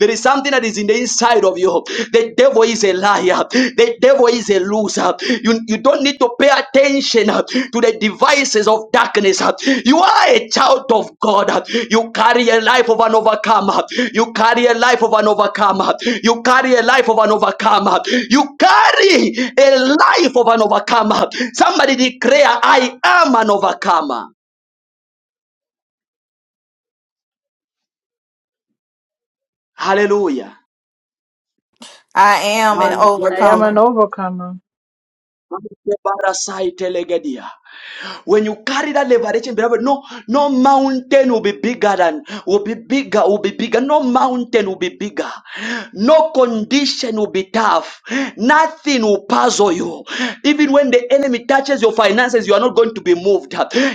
S1: There is something that is in the inside of you. The devil is a liar. The devil is a loser. You, you don't need to pay attention uh, to the devices of darkness. uh. You are a child of God. uh. You carry a life of an overcomer. You carry a life of an overcomer. You carry a life of an overcomer. You carry a life of an overcomer. Somebody declare, I am an overcomer. Hallelujah.
S17: I am an
S12: I am
S1: Mangelege-
S12: an
S17: overcomer.
S12: overcomer.
S1: mangebarasai telegedia. When you carry that liberation, beloved, no, no mountain will be bigger than will be bigger, will be bigger. No mountain will be bigger. No condition will be tough. Nothing will puzzle you. Even when the enemy touches your finances, you are not going to be moved.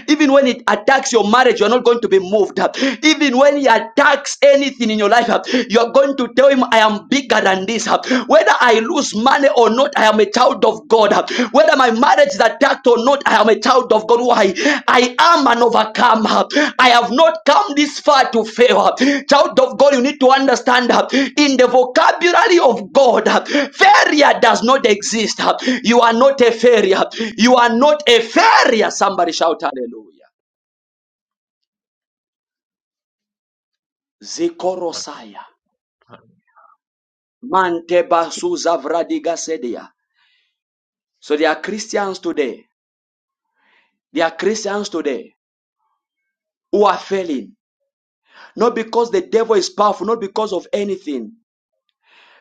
S1: Even when it attacks your marriage, you are not going to be moved. Even when he attacks anything in your life, you are going to tell him, I am bigger bigger than this. Whether I lose money or not, I am a child of God. Whether my marriage is attacked or not, I am a child of God. Why? I am an overcomer. I have not come this far to fail. Child of God, you need to understand in the vocabulary of God, failure does not exist. You are not a failure. You are not a failure. Somebody shout hallelujah. Zikorosaya. Mante basuza vradiga sedia. So there are Christians today. There are Christians today who are failing, not because the devil is powerful, not because of anything,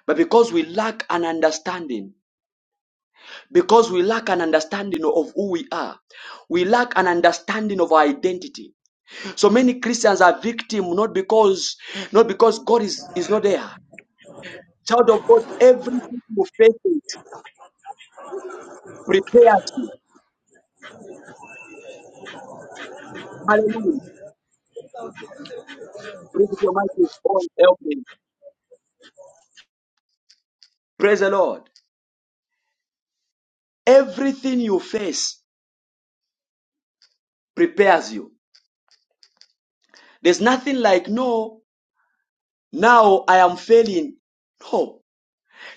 S1: but because we lack an understanding. Because we lack an understanding of who we are. We lack an understanding of our identity. So many Christians are victims not because not because God is, is not there. Child of God, everything you face it prepares you. Hallelujah. Praise the Almighty God, help me. Praise the Lord. Everything you face prepares you. There's nothing like no. Now I am failing. No.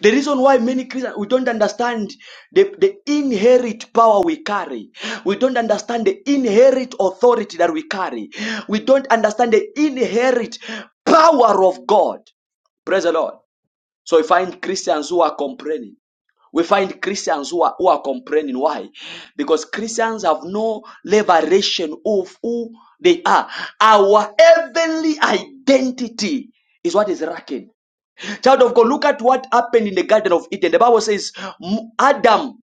S1: The reason why many Christians we don't understand the, the inherent power we carry. We don't understand the inherent authority that we carry. We don't understand the inherent power of God. Praise the Lord. So we find Christians who are complaining. We find Christians who are, who are complaining. Why? Because Christians have no liberation of who they are. Our heavenly identity is what is lacking. Child of God, look at what happened in the Garden of Eden. The Bible says, Adam,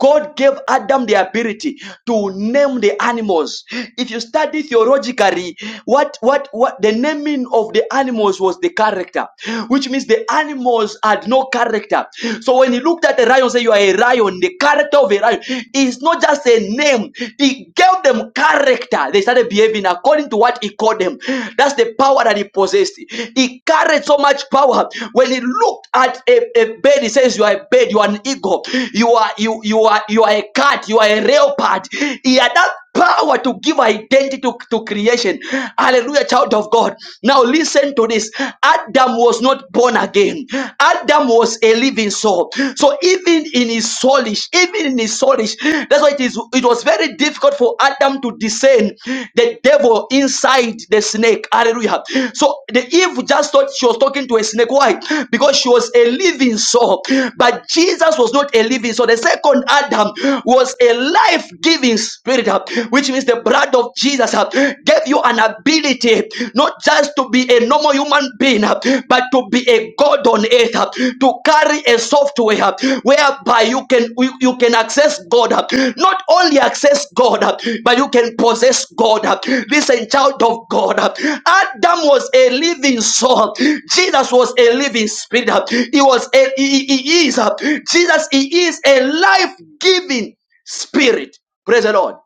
S1: God gave Adam the ability to name the animals. If you study theologically, what, what, what the naming of the animals was the character, which means the animals had no character. So when he looked at a lion, say you are a lion, the character of a lion is not just a name. He gave them character. They started behaving according to what he called them. That's the power that he be possessed. He carried so much power. When he looked at a, a bird, he says, You are a bird, you are an eagle, you are you you are you are a cat, you are a leopard. He had that power to give identity to, to creation. Hallelujah, child of God. Now listen to this. Adam was not born again. Adam was a living soul. So even in his soulish, even in his his soulish. That's why it is. It was very difficult for Adam to discern the devil inside the snake. Hallelujah. So the Eve just thought she was talking to a snake. Why? Because she was a living soul. But Jesus was not a living soul. The second Adam was a life-giving spirit, huh, which means the blood of Jesus huh, gave you an ability not just to be a normal normal human being, uh, but to be a God on earth, uh, to carry a software uh, whereby you can you, you can access God, uh, not only access God, uh, but you can possess God. uh. Listen, child of God, uh, Adam was a living soul. Jesus was a living spirit. uh. He was a, he, he he is uh, Jesus. He is a life-giving spirit. Praise the Lord.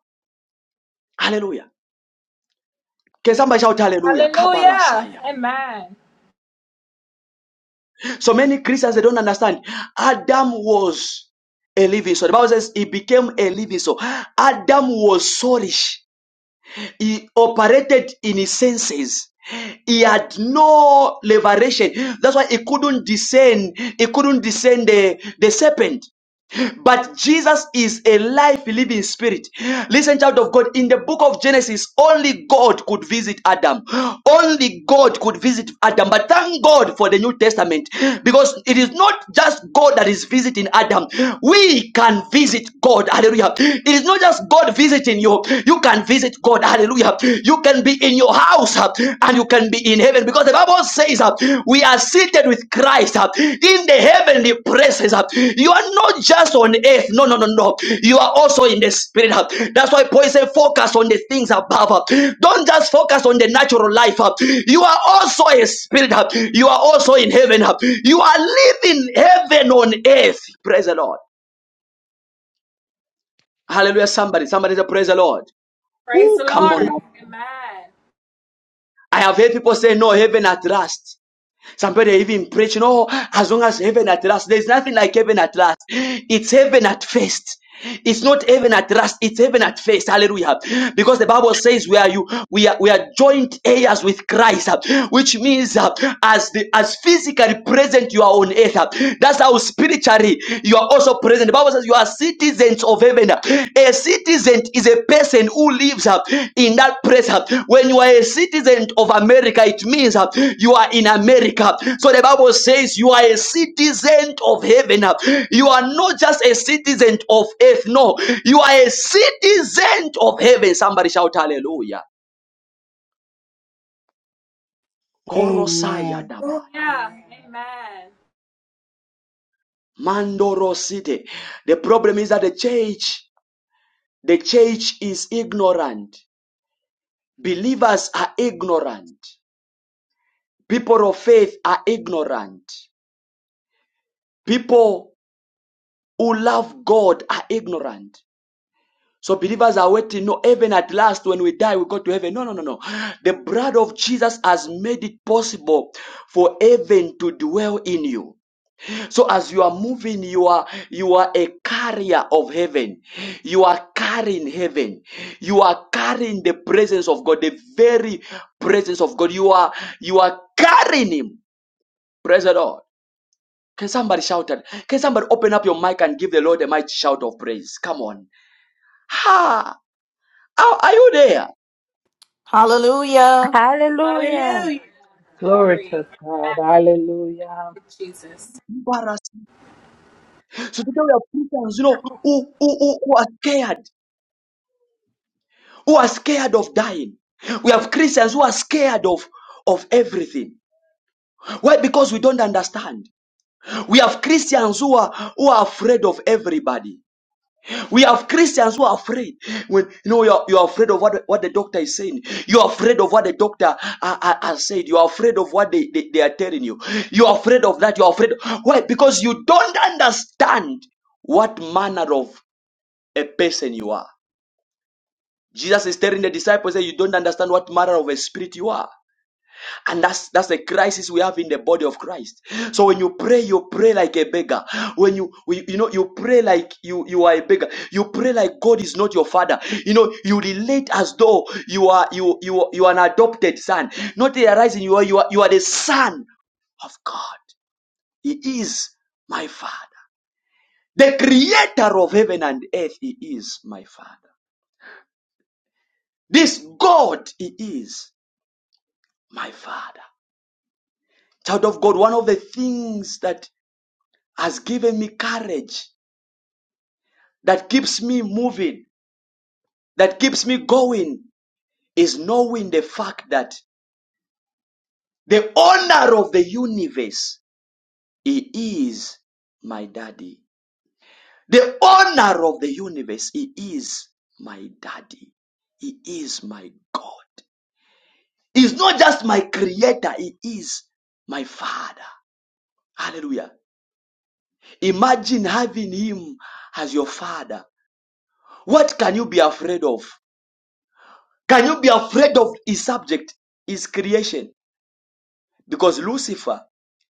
S1: Hallelujah. Can somebody shout hallelujah?
S4: Hallelujah.
S1: Kabarasaya.
S4: Amen.
S1: So many Christians they don't understand. Adam was a living soul. The Bible says he became a living soul. Adam was soulish. He operated in his senses. He had no liberation. That's why he couldn't discern. He couldn't discern the, the serpent. But Jesus is a life living spirit. Listen, child of God, in the book of Genesis, only God could visit Adam. Only God could visit Adam. But thank God for the New Testament because it is not just God that is visiting Adam. We can visit God. Hallelujah. It is not just God visiting you. You can visit God. Hallelujah. You can be in your house and you can be in heaven because the Bible says uh, we are seated with Christ uh, in the heavenly places. uh. you are not just on earth, no, no, no, no. You are also in the spirit. uh. that's why Paul said, Focus on the things above. uh. don't just focus on the natural life. uh. you are also a spirit. uh. you are also in heaven. uh. you are living heaven on earth. Praise the Lord. Hallelujah. Somebody, somebody say, Praise the Lord.
S4: Praise the
S1: Who
S3: We
S1: come on
S3: thank
S4: Lord.
S1: now.
S3: you
S4: Amen.
S1: I have heard people say, No, heaven at last. Somebody even preach, no, as long as heaven at last, there's nothing like heaven at last. It's heaven at first. It's not heaven at last, it's heaven at first. Hallelujah. Because the Bible says we are you we are we are joint heirs with Christ, uh, which means uh, as the as physically present you are on earth. uh, That's how spiritually you are also present. The Bible says you you are citizens of heaven. A citizen is a person who lives uh, in that place. uh. When you are a citizen of America, it means uh, you are in America. So the Bible says you are a citizen of heaven. uh. You are not just a citizen of earth. No, you are a citizen of heaven. Somebody shout hallelujah. Korosaya
S2: Amen.
S1: daba.
S4: Hallelujah. Amen.
S1: Mandoro city. The problem is that the church, the church is ignorant. Believers are ignorant. People of faith are ignorant. People who love God are ignorant. So believers are waiting. No, heaven at last, when we die, we go to heaven. No, no, no, no. The blood of Jesus has made it possible for heaven to dwell in you. So as you are moving, you are you are a carrier of heaven. You are carrying heaven. You are carrying the presence of God, the very presence of God. You are you are carrying Him. Praise the Lord. Can somebody shout at? Can somebody open up your mic and give the Lord a mighty shout of praise? Come on. Ha! Are, are you there?
S17: Hallelujah.
S13: Hallelujah.
S4: Hallelujah.
S12: Glory
S4: Glory.
S12: to God.
S4: Amen.
S12: Hallelujah.
S4: Jesus.
S1: Embarrassed. So today we have Christians, you know, who, who, who, who are scared, who are scared of dying. We have Christians who are scared of of everything. Why? Because we don't understand. We have Christians who are who are afraid of everybody. We have Christians who are afraid. When you know you're, you're afraid of what, the- what the doctor is saying, you're afraid of what the doctor uh, uh, has said, you're afraid of what they, they, they are telling you, you're afraid of that, you're afraid. Why? Because you don't understand what manner of a person you are. Jesus is telling the disciples that you don't understand what manner of a spirit you are. And that's that's the crisis we have in the body of Christ. So when you pray, you pray like a beggar. When you we- you know you pray like you you are a beggar. You pray like God is not your father. You know you relate as though you are you you you are an adopted son. Not realizing you are you are you are the son of God. He is my father. The creator of heaven and earth. He is my father. This God. He is my father. Child of God. One of the things that has given me courage that keeps me moving, that keeps me going, is knowing the fact that the owner of the universe, he is my daddy. The owner of the universe, he is my daddy. He is my God. He's not just my creator, he is my father. Hallelujah. Imagine having him as your father. What can you be afraid of? Can you be afraid of his subject, his creation? Because Lucifer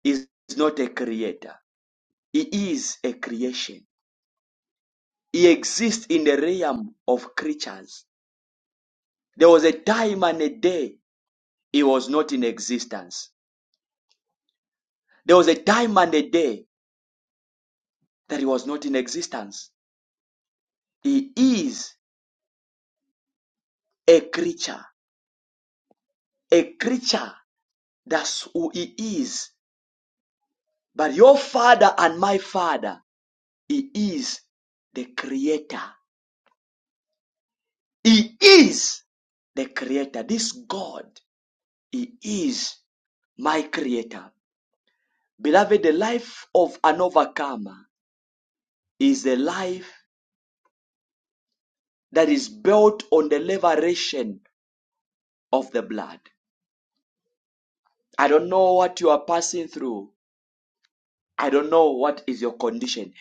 S1: is not a creator, he is a creation. He exists in the realm of creatures. There was a time and a day he was not in existence. There was a time and a day that he was not in existence. He is a creature, a creature. That's who he is. But your father and my father, he is the creator. He is the creator. This God, He is my creator. Beloved, the life of an overcomer is a life that is built on the liberation of the blood. I don't know what you are passing through. I don't know what is your condition.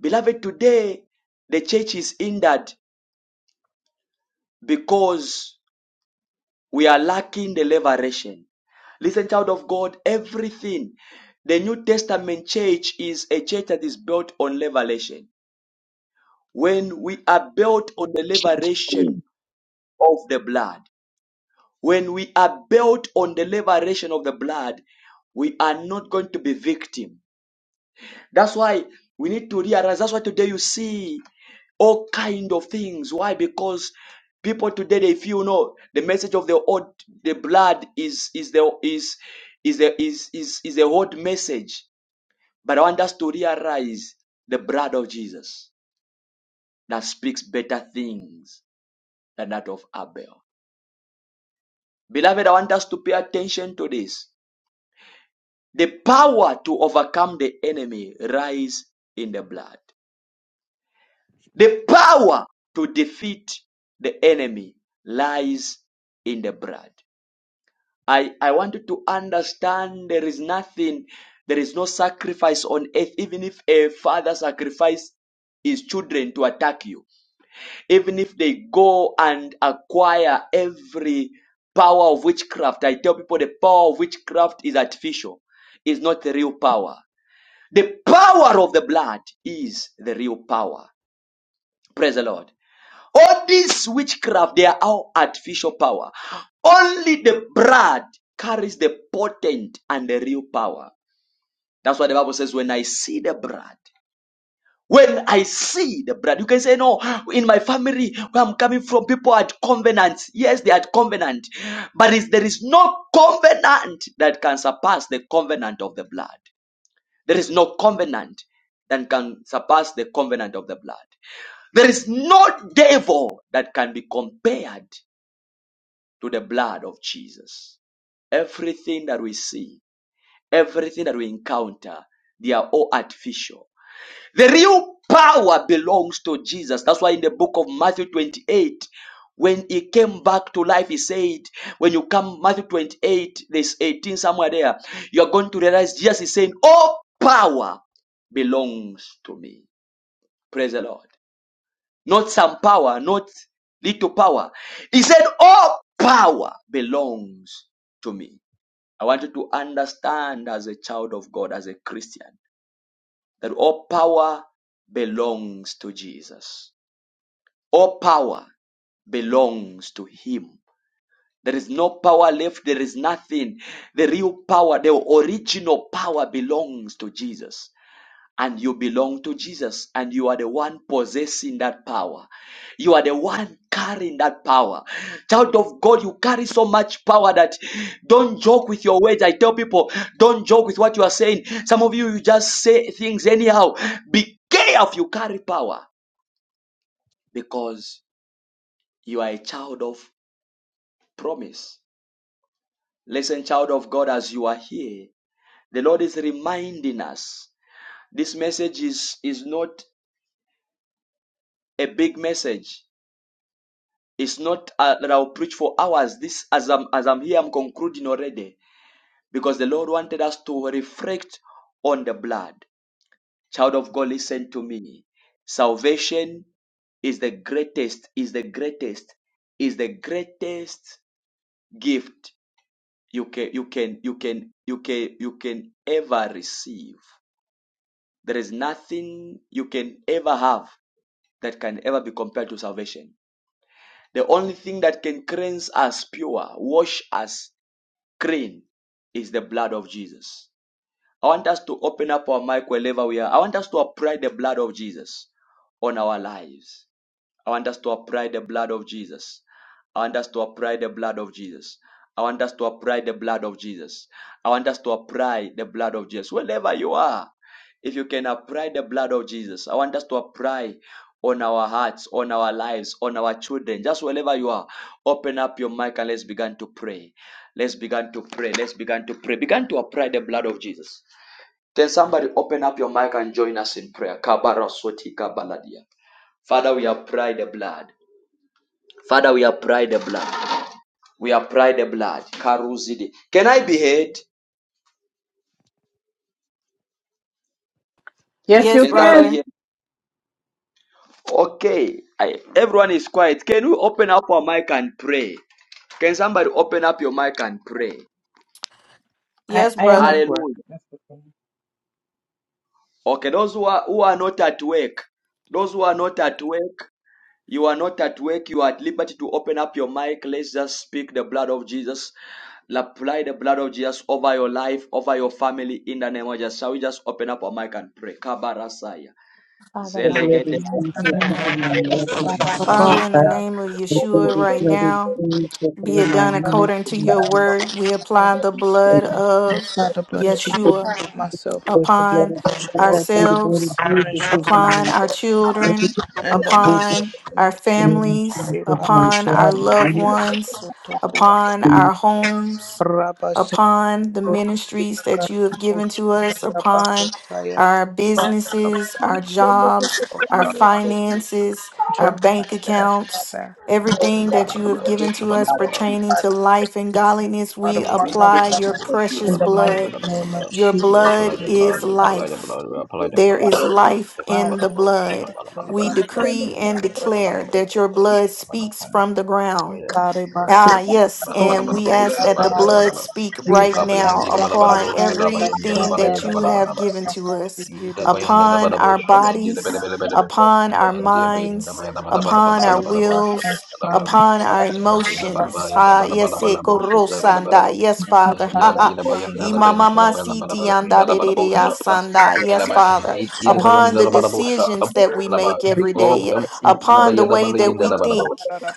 S1: Beloved, today the church is hindered because We are lacking the liberation. Listen, child of God, everything. The New Testament church is a church that is built on revelation. When we are built on the liberation
S18: Mm.
S1: of the blood, when we are built on the liberation of the blood, we are not going to be victim. That's why we need to realize. That's why today you see all kind of things. Why? Because people today they feel no the message of the old the blood is is the is is the is is, is the old message. But I want us to realize the blood of Jesus that speaks better things than that of Abel. Beloved, I want us to pay attention to this. The power to overcome the enemy lies in the blood. The power to defeat the enemy lies in the blood. I, I want you to understand there is nothing, there is no sacrifice on earth, even if a father sacrifice his children to attack you, even if they go and acquire every power of witchcraft. I tell people the power of witchcraft is artificial, is not the real power. The power of the blood is the real power. Praise the Lord. All this witchcraft, they are all artificial power. Only the blood carries the potent and the real power. That's why the Bible says, when I see the blood, when I see the blood, you can say, No, in my family where I'm coming from, people had covenants. Yes, they had covenant, but is- there is no covenant that can surpass the covenant of the blood. There is no covenant that can surpass the covenant of the blood. There is no devil that can be compared to the blood of Jesus. Everything that we see, everything that we encounter, they are all artificial. The real power belongs to Jesus. That's why in the book of Matthew 28, when he came back to life, he said, When you come, Matthew 28, there's 18, somewhere there, you are going to realize Jesus is saying, All power belongs to me. Praise the Lord not some power, not little power. He said, All power belongs to me. I want you to understand as a child of God, as a Christian, that all power belongs to Jesus. All power belongs to Him. There is no power left. There is nothing. The real power, the original power belongs to Jesus. and you belong to Jesus and you are the one possessing that power. You are the one carrying that power. Child of God, you carry so much power that don't joke with your words. I tell people, don't joke with what you are saying. Some of you, you just say things anyhow. Be careful, you carry power because you are a child of promise. Listen, child of God, as you are here, the Lord is reminding us this message is, is not a big message It's not uh, that I'll preach for hours. This, as I'm as I'm here, I'm concluding already because the Lord wanted us to reflect on the blood. Child of God, listen to me. Salvation is the greatest. Is the greatest. Is the greatest gift you can you can you can you can you can ever receive. There is nothing you can ever have that can ever be compared to salvation. The only thing that can cleanse us pure, wash us Clean is the blood of Jesus. I want us to open up our mic wherever we are. I want us to apply the blood of Jesus on our lives. I want us to apply the blood of Jesus. I want us to apply the blood of Jesus. I want us to apply the blood of Jesus. I want us to apply the blood of Jesus. Wherever you are, if you can apply the blood of Jesus, I want us to apply on our hearts, on our lives, on our children. Just wherever you are, open up your mic and let's begin to pray. Let's begin to pray. Let's begin to pray. Begin to apply the blood of Jesus. Then somebody open up your mic and join us in prayer. Kabarasoti kabaladia. Father, we apply the blood. Father, we apply the blood. We apply the blood. Karuzidi. Can I be heard?
S12: Yes,
S17: Yes,
S12: you
S1: Can somebody
S12: can.
S17: brother.
S1: hear? Okay. I, everyone is quiet. Can we open up our mic and pray? Can somebody open up your mic and pray?
S12: I,
S17: Yes,
S12: I am at
S17: brother.
S12: work.
S1: Hallelujah.
S12: That's the thing.
S1: Okay, those who are, who are not at work, those who are not at work, you are not at work, you are at liberty to open up your mic. Let's just speak the blood of Jesus. Apply the blood of Jesus over your life, over your family in the name of Jesus. Shall we just open up our mic and pray? Kabarasaya.
S13: Father,
S3: for The
S13: Lord,
S3: blood of
S13: in the mighty
S3: Jesus
S13: name of
S3: over my
S13: Jesus
S3: life
S13: Christ,
S3: and
S13: O
S17: Father,
S13: God.
S17: in the
S3: back.
S17: name of
S3: We thank
S17: Yeshua,
S3: you
S17: right
S3: for the blood
S17: now,
S3: of Jesus
S17: be
S3: over
S17: it
S3: my
S17: done
S3: ministry.
S17: according to
S3: and my
S17: your
S3: life.
S17: word. We apply the
S3: We
S17: blood of
S3: thank you
S17: Yeshua.
S3: for The
S17: upon
S3: blood of Jesus, I thank you for the blood
S17: ourselves, upon
S3: of
S17: our
S3: Jesus
S17: children,
S3: over my life.
S17: upon our
S3: name of
S17: families,
S3: Jesus, my
S17: upon our
S3: job is not
S17: loved ones, upon
S3: to
S17: our
S3: be
S17: homes, upon the ministries that you have given to us, upon our businesses, our jobs, our finances, our bank accounts.
S19: We apply
S17: Everything
S19: the blood,
S17: that
S19: apply
S17: you have given to us
S19: the blood,
S17: pertaining to life and godliness, we apply your precious blood your
S19: we
S17: blood
S19: apply the
S17: is life. There is life in the blood. We decree and declare that your blood speaks from the ground. Ah, yes, and we ask that the blood
S19: blood.
S17: speak right
S19: Nikapa yang
S17: now
S19: di bala bala
S17: upon
S19: bosha daba yang di
S17: everything
S19: bala
S17: that
S19: yeda
S17: you
S19: bala
S17: have
S19: bala
S17: given to us,
S19: Yida bayanda da
S17: upon
S19: bada bo
S17: our
S19: shaba indi da bada
S17: bodies,
S19: bada bada bada.
S17: upon our
S19: Indi ya bayanda da
S17: minds,
S19: bayanda bada bada bada
S17: upon our
S19: bada bada bo shaba
S17: wills,
S19: da ba.
S17: upon our
S19: Yanda bayanda bada bada
S17: emotions.
S19: yanda
S17: Ah,
S19: bada bada
S17: yes, eh,
S19: bada bo shaba da bada
S17: korosanda.
S19: bada.
S17: yes, Father.
S19: Indi ya
S17: Ha
S19: indi
S17: ha.
S19: da bayanda da bayanda da bada bada
S17: Imamamasiti
S19: bada inda
S17: anda
S19: da
S17: de
S19: bada
S17: de
S19: bo
S17: de
S19: shaba.
S17: asanda.
S19: Ela
S17: Yes,
S19: ba
S17: Father.
S19: indi da
S17: Upon
S19: bayanda
S17: the
S19: da bada bo shaba
S17: decisions that we
S19: da ba.
S17: make every
S19: O
S17: day,
S19: indi
S17: upon the
S19: bayanda
S17: way
S19: bada
S17: that
S19: yanda
S17: we
S19: da bada ba.
S17: think.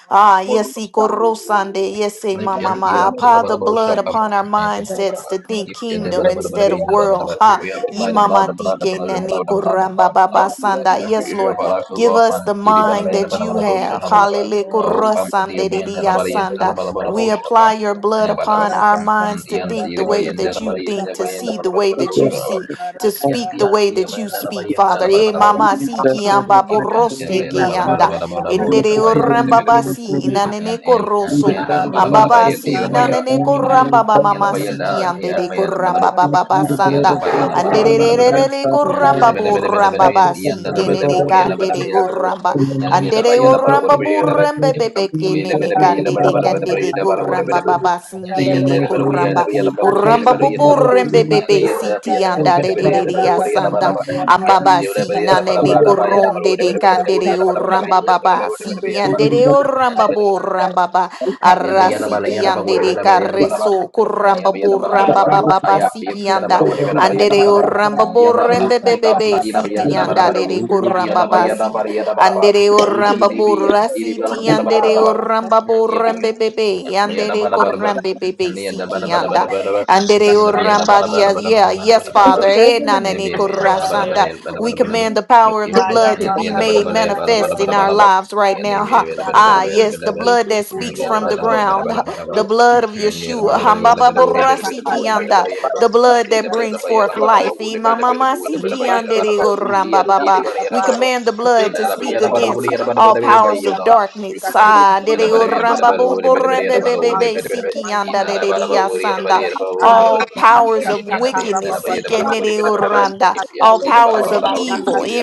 S17: Ah, yes, e korosande, yes, e
S19: Nip
S17: mama,
S19: yan
S17: ma.
S19: yap da
S17: Apply
S19: ba
S17: the
S19: da ba
S17: blood
S19: shop am
S17: upon our
S19: and ba da ba da
S17: mindsets
S19: ba
S17: to think
S19: yip yan ba
S17: kingdom
S19: da ba da ba
S17: instead of
S19: in da ba da
S17: world.
S19: ba
S17: Ha,
S19: we have
S17: e
S19: applied the blood
S17: mama
S19: the blood the
S17: tike
S19: blood the blood
S17: nene
S19: the blood the
S17: koramba
S19: blood the
S17: baba sanda.
S19: blood every
S17: Yes,
S19: area of
S17: Lord,
S19: our lives will
S17: give
S19: go up
S17: us
S19: and
S17: the
S19: di di ba da ba
S17: mind
S19: da ba
S17: that
S19: da ba
S17: you
S19: da ba shop
S17: have.
S19: da ba da ba
S17: Hallelujah,
S19: oh pam di yo
S17: korosande de
S19: bien da
S17: dia
S19: ba yin da
S17: sanda.
S19: ba da ba da ba
S17: We
S19: shop
S17: apply
S19: am
S17: your blood
S19: and ba da ba
S17: upon our
S19: and
S17: minds to
S19: yan
S17: think
S19: di
S17: the
S19: ba
S17: way
S19: yin da
S17: that you
S19: ba yin
S17: think,
S19: da ba
S17: to
S19: yin da
S17: see
S19: ba
S17: the
S19: da ba da
S17: way
S3: the
S19: ba
S17: that you
S19: shop
S17: see, to
S3: Father,
S19: yan
S17: speak the
S3: not
S19: yan
S17: way
S19: di
S17: that
S19: ba
S17: you
S19: yin da ba
S17: speak,
S19: yin da
S17: Father.
S19: ba da
S17: E
S19: ba da ba
S3: to
S17: mama
S19: shop
S3: be
S19: yan ba da ba
S17: siki
S19: da ba
S3: careful
S17: amba
S3: with
S19: yip
S3: my children,
S17: borose
S19: yan
S3: not
S19: ba
S17: ke
S19: da ba da ba da
S17: anda.
S3: reading.
S19: ba da ba
S3: We have
S17: Endere
S3: to put in
S19: shop
S3: the
S17: orambabasi
S3: training,
S19: and
S17: inanene
S19: and uh,
S3: we have
S19: my uh,
S17: koroso.
S19: bala
S3: to
S19: bala
S3: do
S19: bala ya
S3: the
S19: di la
S17: Ambabasi
S19: ba ya
S17: inanene
S3: and I will
S17: korambaba
S3: tell
S19: ya la
S17: mama
S19: ba ya da
S17: siki
S3: them,
S19: ya
S17: andere
S19: ba ya bala ba
S3: and by
S17: korambababa
S3: the
S19: ya
S3: blood
S19: la
S17: sanda.
S3: of
S19: ba ya la
S3: Jesus, the
S19: bala bala
S3: one
S19: bala
S3: who
S19: bala ba
S3: lies,
S17: Andererererere
S3: Father,
S19: ya na me da
S17: koramba
S3: God,
S19: ba da ba
S3: and
S19: da ba da ba da
S3: that
S19: ya
S3: is the
S19: ya da
S17: borambabasi
S3: purpose
S19: da ba
S3: of
S19: da ba
S17: tenene
S3: all
S19: wuri ya la ba da
S3: this.
S19: ba
S17: kandere
S19: ya la ba da ba
S17: koramba.
S3: In the
S19: ya la ba
S3: name
S19: ya da
S3: of
S19: ba
S17: Andere
S19: ya la ba la
S3: Jesus,
S17: oramba
S19: wuri ba
S3: that
S19: ya
S3: you
S19: la ba
S3: be
S17: burembe
S3: good
S19: ya
S3: and to
S17: bebe
S19: ba
S3: be the
S19: ya la ba
S3: blood of
S19: da ba
S17: kenene
S19: ya
S3: Jesus,
S19: la
S3: even
S19: ba da
S17: kandere
S3: that
S19: ba
S3: I
S19: da ba da ba
S3: am,
S19: ya
S17: kandere
S19: da
S3: not
S19: ba la
S3: that I
S19: wuri ba da ba ya
S3: am.
S17: korambababa
S19: la
S3: In
S19: ya
S3: the
S17: singere
S19: da ba
S3: mighty
S19: da wuri ya la
S3: name
S17: koramba.
S19: ba ya
S3: of
S19: la ba
S3: Jesus,
S19: wuri ya la
S17: Oramba
S19: ba da
S3: the
S19: ya la ba
S3: blood
S19: da
S3: of
S19: ba
S17: boborembe
S3: Jesus
S19: ya la
S17: bebe
S19: ya da ba ya la
S17: siti
S3: Thank
S19: ba
S17: andare
S19: da ba da ba ya la
S3: you,
S19: ba da
S3: Jesus.
S19: wuri ya la ba da ba ya la ba ya la ba la
S17: sanda. Ambaba si
S19: ba
S17: nanene
S19: da ba ya la ba
S17: koronde
S19: wuri ba
S17: de
S19: da ba da ba da wuri ya
S17: candere
S19: la ba
S17: o
S19: da ba da ba ya la ba da ba
S17: rambababa
S19: wuri ba da ba
S17: si
S19: ya
S17: andere o
S19: la ba da ba
S17: rambabo rambaba
S19: Yada yada bada
S17: arrasiki
S19: yada ba whatever
S17: andere
S19: yada bada yada bada ba.
S17: carreso
S19: Yada yada
S17: corrambabo
S19: bada bada ba root I
S17: rambababa
S19: up
S17: siki
S19: yada
S17: anda
S19: bada whatever yada bada yada
S17: andere
S19: bada
S17: o
S19: ba.
S17: rambabo
S19: Yada um ika na
S17: rembebebebe
S19: yada ba yada
S17: siti
S19: bada
S17: anda
S19: bada
S17: de
S19: root wood yada ba
S17: corrambaba
S19: yada
S17: si
S19: bada yada bada ba.
S17: Andere
S19: Root di
S17: oramba
S19: di bi yan
S17: borra
S19: di di bi yan
S17: siti
S19: yada bada
S17: andere
S19: bada ba.
S17: oramba
S19: Yada ba
S17: borra
S19: yun
S17: bebebe
S19: ba yada
S17: andere
S19: bada bada ba.
S17: korrambe bebe
S19: Yada bada
S17: siki
S19: bada bada
S17: anda
S19: bada ba.
S17: andere
S19: Yada ba yada
S17: oramba
S19: bada bada
S17: dia dia.
S19: bada
S17: Yes,
S19: bada bada bada
S17: Father. Eh, nanane
S19: Yellow,
S17: korrasanda. We
S1: Thank
S17: command the power of the blood to be made manifest in our lives right now. Ha. Ah, yes, the blood that speaks from the ground, the blood of blood of Yeshua, Hambababurasikiyanda, the blood that brings forth life. Imamamasikiyanderorambababa. We command the blood to speak against all powers of darkness. Ah, dedeorambaboborembebebebe, sikiyanda, dedediyasanda all powers of
S19: Thank
S17: wickedness, Ikenere-oranda, all powers of evil,
S1: you.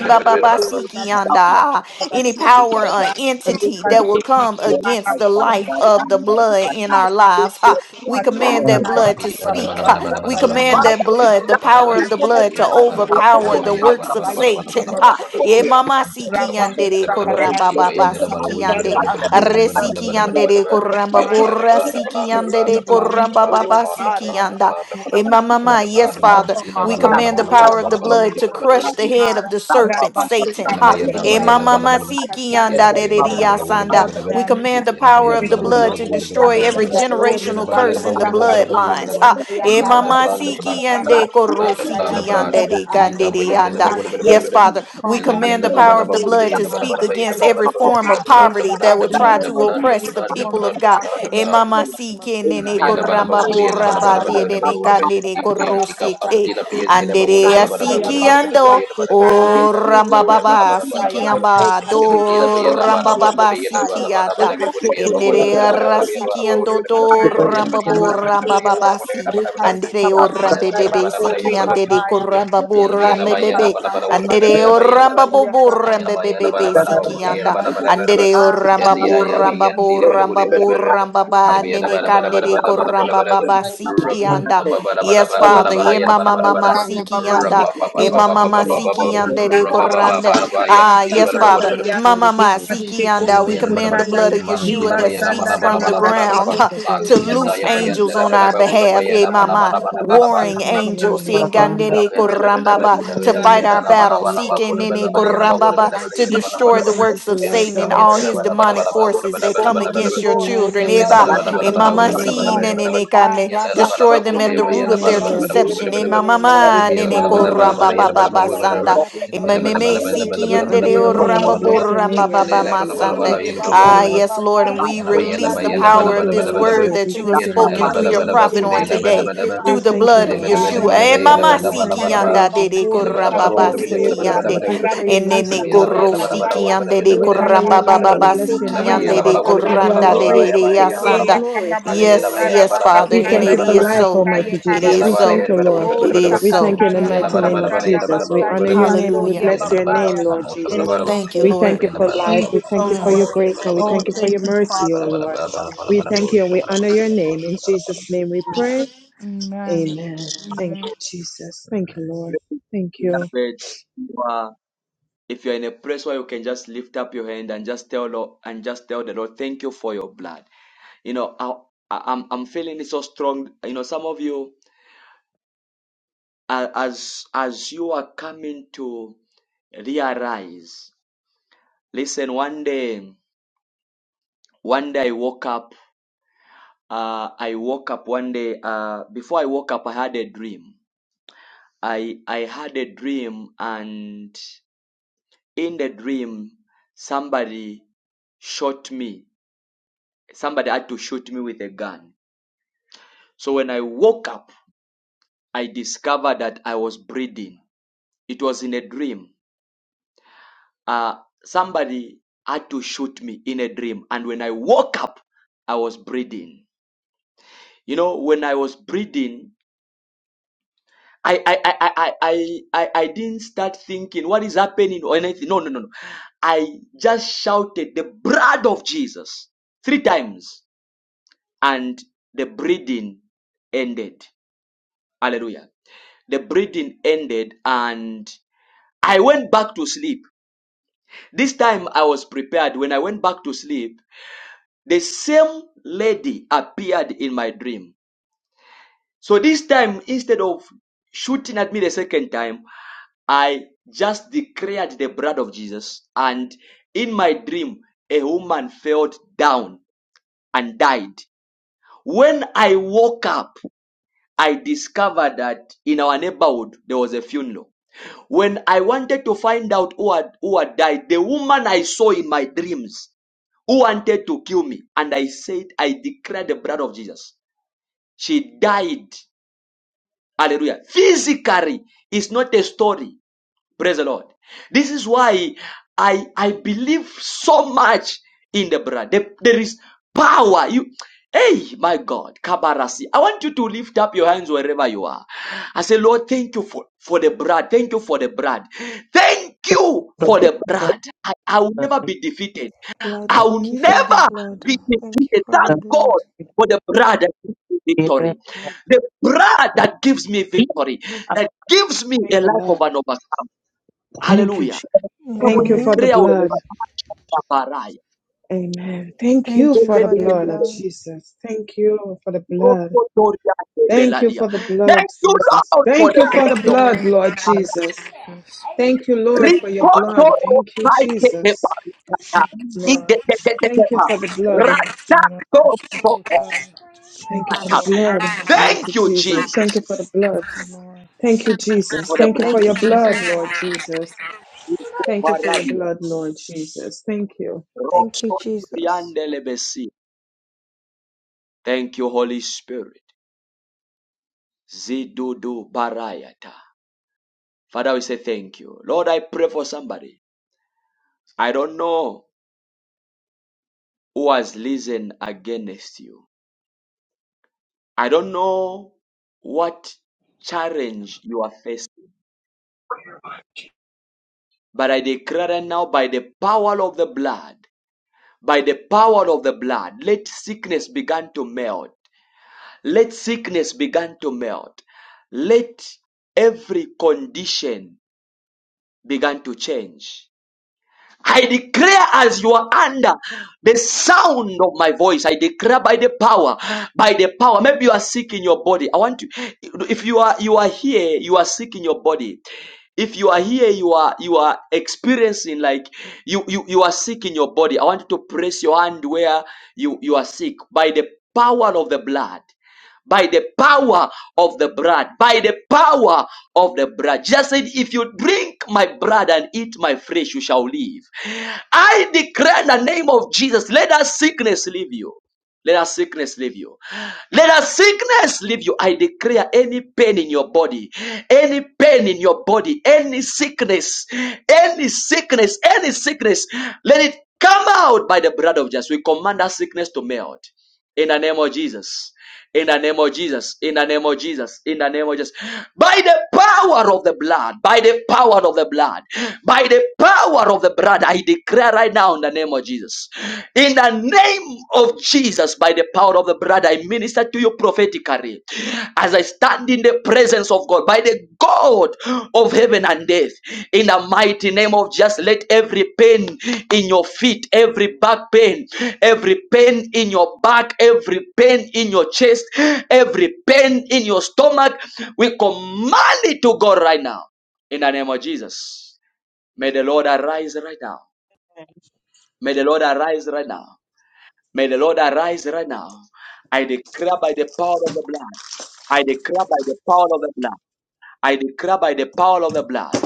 S1: Father,
S17: ah, any power or entity that will come against the life of the blood in our lives. Ha, We command that blood to speak. Ha, We command that blood, the power of the blood, to overpower the works of Satan. Ha, Emamasikiandere-korambababasikiande. Resiki yandere koramba borra siki yandere koramba baba siki yanda. Hey, my mama, yes, Father, we command the power of the blood to
S19: you.
S17: crush the head of the serpent, Satan.
S19: The blood,
S17: Ha.
S19: the
S17: Hey,
S19: blood,
S17: my
S19: the blood, the
S17: mama,
S19: blood,
S17: siki
S19: the
S17: yanda
S19: blood,
S17: de de de
S19: the blood,
S17: ya sanda.
S19: the
S17: We command the power of the blood to destroy every generational curse in the bloodlines. Ha. Hey, mama, siki yande koro siki yande de kande de yanda. Yes, Father. Father. We
S1: Thank
S17: command the power of the blood to speak against every form of poverty that will try to
S19: blood, the
S17: oppress the
S19: blood, the
S17: people of God. Eh,
S19: blood.
S17: mama, si, ke, ne,
S19: Yellow,
S17: ne, ko, de, de, ne, ka, ne, ne,
S1: you.
S17: si, ke. Ande, a, si, ki, ando. O, ramba, ba, si, ki, amba, do, ramba, ba, si, ki, ata. Ende, a, ra, si, ki, ando, do, ramba, bo, ramba, ba, si. Andere o rambe bebe siki andere ko bo rambe bebe Andere oramba
S19: يا
S17: boburamba
S19: ما يا
S17: bebe
S19: نبى
S17: be
S19: نبى نبى كوري يا
S17: sikianda.
S19: نبى نبى نبى نبى
S17: Andere
S19: يا
S17: oramba
S19: دي يا ما
S17: buramba
S19: يا دي نبى كوري
S17: buramba
S19: نبى
S20: Just thank
S19: نبى
S20: you for your
S17: buramba
S20: grace
S17: ba
S20: and
S19: نبى يا نبى
S17: nene
S20: mercy,
S19: نبى نبى
S20: Almighty
S19: نبى
S17: kanere
S20: God.
S19: نبى
S20: We
S19: نبى
S20: thank
S19: نبى
S17: koramba
S20: you for
S19: نبى
S20: your
S17: baba
S20: blood,
S19: رب
S20: Almighty
S19: يا
S20: Jesus.
S17: sikianda.
S19: نبى نبى
S17: Yes,
S19: نبى
S20: We give
S17: Father.
S19: نبى
S20: you
S19: نبى
S20: all
S19: يا
S20: the
S17: Ema
S19: نبى
S17: mama
S20: praise,
S19: نبى نبى
S20: we
S17: mama
S20: give
S19: نبى
S20: you all the grace,
S19: رب
S17: sikianda.
S20: Almighty
S19: بابا
S20: Jesus.
S17: Ema
S19: بابا
S20: We
S19: بابا
S17: mama
S20: thank you
S19: بابا
S20: for life,
S17: sikianda de
S19: رب
S20: Almighty
S19: بابا
S20: Jesus.
S17: koranda.
S19: بابا يا
S17: Ah,
S19: دي
S20: We
S19: نبى
S17: yes,
S19: نبى
S20: thank you
S19: كوري
S17: Father.
S20: for
S19: نبى
S20: life, Holy
S17: Mama mama
S20: Spirit. Thank you,
S19: Yalla
S17: sikianda. We
S20: Jesus.
S17: command the
S20: Thank you,
S17: blood
S20: Holy
S17: of
S20: Spirit.
S17: Yeshua that speaks
S20: The
S17: from the
S20: blood of
S17: ground
S20: Jesus
S17: to
S20: against
S17: loose
S20: Almighty God.
S17: angels on our behalf.
S20: Yes,
S17: Eh,
S20: Lord.
S17: mama.
S20: Thank you, Holy Spirit.
S17: Warring
S20: Thank you in the
S17: angels
S20: name of Jesus.
S17: yandere
S20: We
S1: Thank you.
S17: korambaba,
S20: honor
S17: to
S20: you,
S17: fight
S20: Almighty
S17: our
S20: Jesus. We
S17: battles,
S20: lift up your
S17: sikenene
S20: name, O Lord
S17: korambaba,
S20: Jesus.
S17: to
S20: We
S17: destroy the
S20: thank you
S17: works
S20: for
S17: of
S20: life,
S17: Satan and
S20: Almighty
S17: all his
S20: God.
S17: demonic forces that come
S20: We thank
S17: against
S20: you
S17: your
S20: for life,
S17: children.
S20: Holy
S17: Eba,
S20: Spirit. We thank you in the
S17: emama
S20: mighty
S17: si
S20: name of
S17: nenene
S20: Jesus.
S17: kane, destroy
S20: We
S17: them at the
S20: honor
S17: root
S20: your
S17: of their
S20: name, Lord. We lift
S17: conception.
S20: up your name, Lord. We
S17: Emamama
S20: give
S19: Yalla
S20: you
S17: nene
S20: all the glory. We give you
S17: korambaba
S20: all the
S17: baba
S20: praise,
S17: sanda,
S20: Almighty Jesus.
S17: emameme siki
S20: We honor
S17: yandere
S20: your name. We
S17: orambabo
S20: bless your name, O
S17: rambaba
S20: Lord Jesus.
S17: masande.
S20: We thank you for
S17: Ah,
S20: life.
S17: yes, Lord, and we release the
S20: We
S17: power
S20: thank
S17: of
S20: you,
S17: this
S20: Holy
S17: word
S20: Spirit. We
S17: that you have
S20: thank you in the
S17: spoken
S20: mighty
S17: through your
S20: name of
S17: prophet on
S20: Jesus.
S17: today
S20: We
S17: through the
S20: thank you,
S19: and
S17: blood of
S19: the
S20: Lord.
S19: bella
S20: We
S19: bella
S17: Yeshua.
S20: thank
S19: bella
S20: you
S17: Eh,
S20: for
S19: bay
S20: the
S19: and the
S20: word.
S17: mama
S19: bada
S20: We
S19: bada
S20: thank
S17: siki
S20: you
S19: bada ba
S20: for your
S17: yanda de
S20: blood.
S17: de
S19: and the bada
S20: We
S19: bada
S17: koramba ba
S19: would
S20: thank
S19: have
S20: you
S19: been
S20: for
S19: the
S20: your
S19: bada
S17: siki
S19: bada
S20: grace and
S19: bada
S20: we
S17: yande.
S19: bada would
S20: thank you
S19: have
S20: for your mercy,
S17: Enene
S19: been and the
S20: Almighty
S17: korro
S19: bada bada bada
S20: Jesus.
S19: bada
S17: siki
S19: would have
S17: yande
S19: been the
S17: de
S19: bada
S20: We honor
S19: bada bada
S20: your
S19: would
S17: koramba ba
S19: have
S20: name
S17: ba
S20: and
S19: been
S20: we
S17: ba
S20: bless your
S19: and
S17: siki
S19: the
S20: name,
S19: bay and the
S17: yande
S20: Lord.
S17: de
S19: bada
S20: And
S19: would
S20: we
S19: have been
S20: give
S19: the
S20: you all
S19: bada
S20: the
S17: koranda de
S19: bada
S17: de
S20: praise and
S17: de
S20: we give you all the
S19: bada
S17: asanda.
S20: glory.
S19: and
S17: Yes,
S20: Hallelujah.
S17: yes, Father,
S20: We
S17: and
S20: thank
S17: it
S20: you for
S17: is
S20: life,
S17: so.
S20: Almighty
S17: It
S19: the
S20: Jesus.
S19: bada
S17: is
S20: We
S19: bada
S20: thank
S17: so.
S20: you,
S19: and the bada
S20: Lord.
S17: It
S19: bay
S17: is
S20: We thank
S17: so.
S20: you in the
S19: and the
S20: mighty
S19: bada
S17: Mm.
S20: name
S19: bada would have been the bada bada and the bada bada
S20: of
S19: and the
S20: Jesus.
S19: bada
S20: We
S19: would have
S20: honor your name and we
S17: Hallelujah.
S19: been the
S20: bless your
S19: bada bada
S20: name, Lord
S19: and the bada bada
S20: Jesus.
S19: bada
S17: Thank you,
S20: We
S19: bada and the bada bada would have been the bada bada bada I'm also the bada and the
S17: Lord.
S20: thank you
S19: bada
S20: for
S19: bada
S20: life.
S19: bada
S20: We thank you for
S19: I'm
S17: Mm.
S20: your
S19: also the
S20: grace and
S19: bada
S20: we
S19: bada
S20: thank you for your mercy, O Lord.
S19: bada bada bada bada bada bada
S20: We thank you and we honor
S19: bada bada bada
S20: your name. In
S19: bada bada
S20: Jesus' name we pray. Amen. Thank you, Jesus. Thank you, Lord. Thank you.
S1: You if you're in a place where you can just lift up your hand and just tell Lord, and just tell the Lord, thank you for your blood. You know, I, I- I'm I'm feeling it so strong. You know, some of you uh, as as you are coming to realize listen one day one day i woke up uh, i woke up one day uh, before i woke up i had a dream i i had a dream and in the dream somebody shot me somebody had to shoot me with a gun so when i woke up i discovered that i was bleeding it was in a dream uh, somebody had to shoot me in a dream. And when I woke up, I was breathing. You know, when I was breathing, I I I I I I, I didn't start thinking what is happening or anything. No, no, no, no. I just shouted the blood of Jesus three times, and the breathing ended. Hallelujah. The breathing ended, and I went back to sleep. This time I was prepared. When I went back to sleep, The same lady appeared in my dream. So this time, instead of shooting at me the second time, I just declared the blood of Jesus. And in my dream, a woman fell down and died. When I woke up, I discovered that in our neighborhood, there was a funeral. When I wanted to find out who had, who had died, the woman I saw in my dreams who wanted to kill me, and I said, I declared the blood of Jesus. She died. Hallelujah. Physically it's not a story. Praise the Lord. This is why I, I believe so much in the blood. There, there is power. You, hey, my God, Kabarasi. I want you to lift up your hands wherever you are. I say, Lord, thank you for, for the blood. Thank you for the blood. Thank you for the blood. I, I will never be defeated.
S21: Lord,
S1: I will
S21: thank you for the
S1: never
S21: blood.
S1: be
S21: Thank you
S1: defeated.
S21: for
S1: Thank
S21: the
S1: God
S21: blood.
S1: for the blood that gives me victory. The blood that gives me victory, that gives me
S20: Thank
S1: a
S20: you,
S1: life of
S20: Lord.
S1: an overcome. Hallelujah. Come on,
S20: Thank
S3: Hallelujah.
S20: you for the
S21: Amen.
S1: declare
S20: blood.
S1: whenever you are barren.
S20: Amen. Thank
S1: Thank
S20: you
S21: Thank
S1: you,
S21: you
S20: for the
S21: for the
S20: blood of
S21: blood.
S20: Jesus. Thank you for the
S1: Lord,
S20: blood. Thank you for the blood, Jesus.
S1: for
S20: Thank
S1: the
S20: you for the
S21: Thank
S1: blood
S21: you,
S1: of
S20: blood,
S21: God.
S20: Lord Jesus. Thank you, Lord, for your
S1: Rikoto
S20: blood. Thank you,
S1: Saikekepa.
S20: Jesus. Thank you
S1: Igeteketekepa.
S20: for the blood.
S1: Ratato.
S20: Thank you for the blood, Almighty
S1: Thank you,
S20: Jesus. Thank
S1: Jesus,
S20: you for the blood. Thank you, Jesus.
S1: for the
S20: Thank you
S1: blood.
S20: for
S21: Thank
S20: your
S21: you,
S20: blood,
S21: Jesus.
S20: Lord Jesus. Thank you for your
S1: Baradia.
S20: blood, Lord Jesus. Thank you.
S21: Thank you, Jesus.
S1: Roxoturiandelebesi. Thank you, Holy Spirit. Zidudu barayata. Father, we say thank you. Lord, I pray for somebody. I don't know who has risen against you. I don't know what challenge you are facing. But I declare right now by the power of the blood, by the power of the blood, let sickness begin to melt. Let sickness begin to melt. Let every condition begin to change. I declare as you are under the sound of my voice, I declare by the power, by the power. Maybe you are sick in your body. I want to, if you are, you are here, you are sick in your body. If you are here, you are, you are experiencing like you, you, you are sick in your body. I want you to press your hand where you, you are sick by the power of the blood by the power of the blood, by the power of the blood. Jesus said, If you drink my blood and eat my flesh, you shall live. I declare in the name of Jesus, let that sickness leave you. Let that sickness leave you. Let that sickness leave you. I declare any pain in your body, any pain in your body, any sickness, any sickness, any sickness, let it come out by the blood of Jesus. We command that sickness to melt. In the name of Jesus. In the name of Jesus. In the name of Jesus. In the name of Jesus. By the power of the blood. By the power of the blood. By the power of the blood. I declare right now in the name of Jesus. In the name of Jesus. By the power of the blood. I minister to you prophetically. As as I stand in the presence of God, by the God of heaven and earth, in the mighty name of just let every pain in your feet, every back pain, every pain in your back, every pain in your chest, every pain in your stomach, we command it to go right now. In the name of Jesus, may the Lord arise right now. May the Lord arise right now. May the Lord arise right now. I declare by the power of the blood. I declare by the power of the blood. I declare by the power of the blood.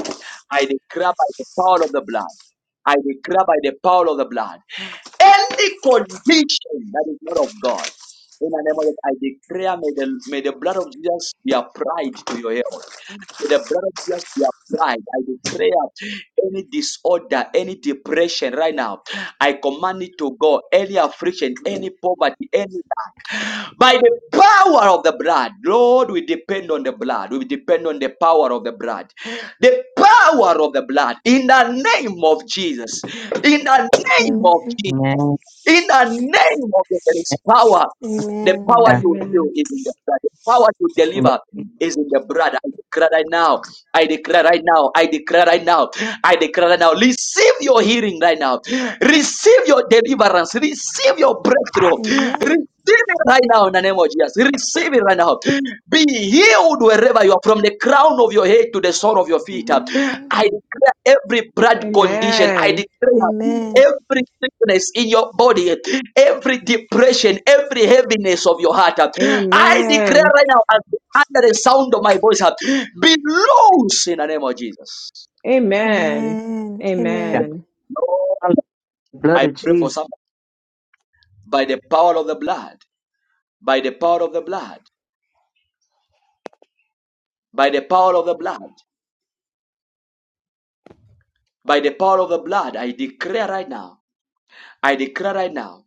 S1: I declare by the power of the blood. I declare by the power of the blood. Any condition that is not of God, in the name of God, I declare may the, may the blood of Jesus be applied to your health. May the blood of Jesus be applied. I declare any disorder, any depression right now. I command it to go. Any affliction, any poverty, any by the power of the blood, Lord, we depend on the blood. We depend on the power of the blood. The power of the blood in the name of Jesus. In the name of
S21: Amen.
S1: Jesus.
S3: Amen.
S1: In the name of the there is power. The
S21: Amen.
S1: power
S3: Yeah.
S1: to heal
S20: Amen.
S1: is in the blood. The power to deliver is in the blood. I declare right now. I declare right now. I declare right now. I declare right now. Receive your healing right now. Receive your deliverance. Receive your breakthrough.
S21: Amen.
S1: Receive it right now in the name of Jesus. Receive it right now. Be healed wherever you are, from the crown of your head to the sole of your feet.
S21: Amen.
S1: I declare every blood condition, I
S20: Amen.
S1: declare
S21: Amen.
S1: every sickness in your body, every depression, every heaviness of your heart. I declare
S20: Amen.
S1: right now, as under the sound of my voice, be loose in the name of Jesus.
S20: Amen.
S3: Yeah.
S21: Amen.
S20: Amen.
S3: Hallelujah. Blood
S1: I
S3: of
S1: pray for
S3: Jesus.
S1: some by the power of the blood, by the power of the blood, by the power of the blood, by the power of the blood. I declare right now. I declare right now.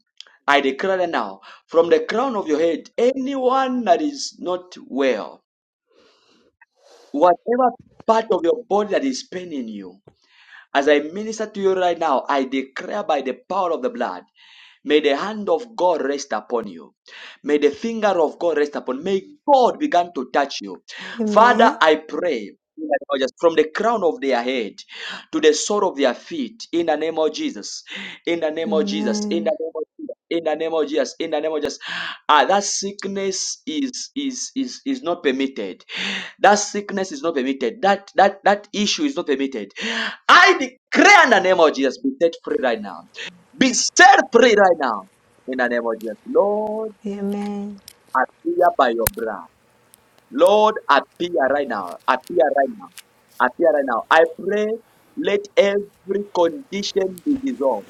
S1: I declare right now. From the crown of your head, anyone that is not well, whatever part of your body that is paining you, as I minister to you right now, I declare by the power of the blood. May the hand of God rest upon you. May the finger of God rest upon. you. May God begin to touch you.
S21: Amen.
S1: Father,
S21: Amen.
S1: I pray in the name of Jesus, from the crown of their head to the sole of their feet in the name of Jesus. In the name of Jesus. In the
S21: Amen.
S1: name of Jesus. In the name of Jesus, in the name of Jesus, ah, that sickness is is is is not permitted. That sickness is not permitted. That that that issue is not permitted. I declare in the name of Jesus, be set free right now. Be set free right now. In the name of Jesus. Lord,
S21: Amen.
S1: appear by your blood. Lord, appear right now. Appear right now. Appear right now. I pray, let every condition be dissolved.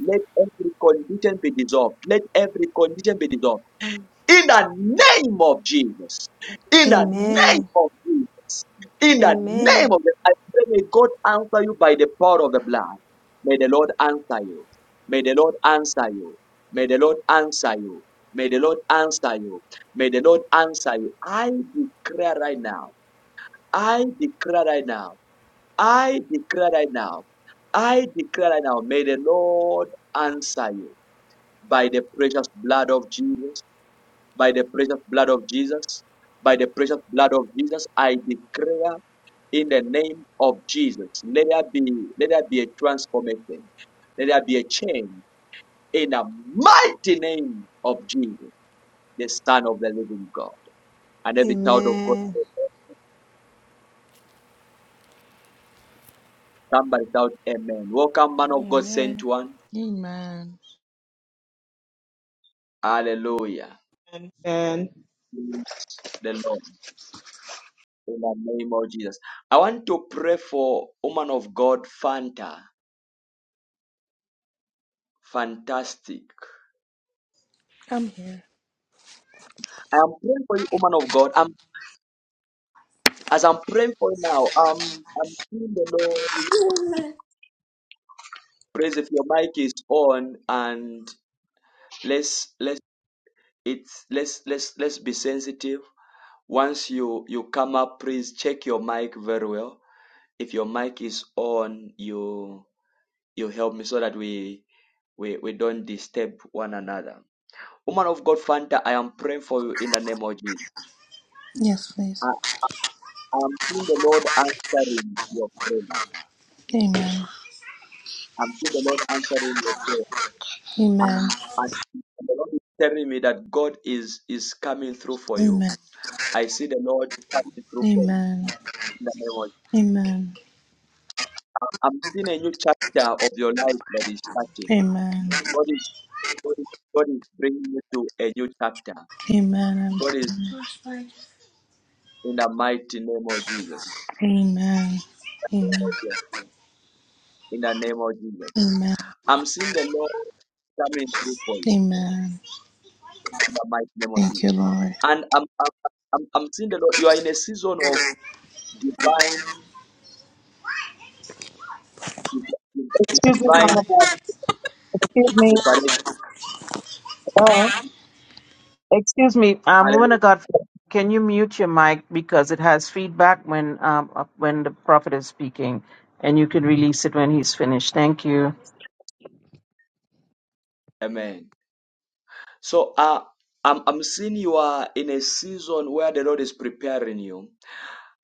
S1: Let every condition be dissolved. Let every condition be dissolved in the name of Jesus. In the name
S21: Amen.
S1: of Jesus. In the name
S21: Amen.
S1: of the I pray may God answer you by the power of the blood. May the Lord answer you. May the Lord answer you. May the Lord answer you. May the Lord answer you. May the Lord answer you. I declare right now. I declare right now. I declare right now. I declare right now. May the Lord answer you by the precious blood of Jesus by the precious blood of Jesus. By the precious blood of Jesus, I declare in the name of Jesus, let there be, let there be a transformation, let there be a change in the mighty name of Jesus, the Son of the Living God. And every child of God,
S21: Amen.
S1: somebody shout, Amen. Welcome, man of God,
S22: Amen.
S1: sent one.
S23: Amen.
S1: Hallelujah.
S20: Amen. Amen.
S1: Praise The Lord, in the name of Jesus. I want to pray for woman of God, Fanta. Fantastic.
S23: I'm here.
S1: I am praying for you, woman of God. I'm As I'm praying for you now, um, I'm seeing the Lord. Praise if your mic is on, and let's let's it's let's let's let's be sensitive. Once you you come up, please check your mic very well. If your mic is on, you you help me so that we we we don't disturb one another. Woman of God, Fanta, I am praying for you in the name of Jesus.
S23: Yes, please.
S1: I am seeing the Lord answering your prayer.
S23: Amen.
S1: I'm seeing the Lord answering your prayer.
S23: Amen.
S1: And, and the Lord is telling me that God is is coming through for you.
S23: Amen.
S1: I see the Lord coming through for you.
S23: Amen.
S1: In the name of-
S23: Amen.
S1: I'm seeing a new chapter of your life that is starting.
S23: Amen.
S1: God is, God is God is bringing you to a new chapter.
S23: Amen.
S1: God is in the mighty name of Jesus.
S23: I receive- Amen. Amen.
S1: In the name of Jesus.
S23: Amen.
S1: I'm seeing the Lord coming through for you.
S23: Amen.
S1: In the mighty name of
S23: Thank you,
S1: Jesus.
S23: Lord.
S1: And I'm, I'm, I'm, I'm seeing the Lord. You are in a season of divine, divine,
S3: Excuse me,
S1: divine
S3: Mama. Excuse me.
S1: preparation.
S3: Uh, Excuse me, um, woman
S1: Hallelujah.
S3: of God, can you mute your mic because it has feedback when um uh, when the prophet is speaking, and you can release it when he's finished. Thank you.
S1: Amen. So uh, I'm, I'm seeing you are in a season where the Lord is preparing you.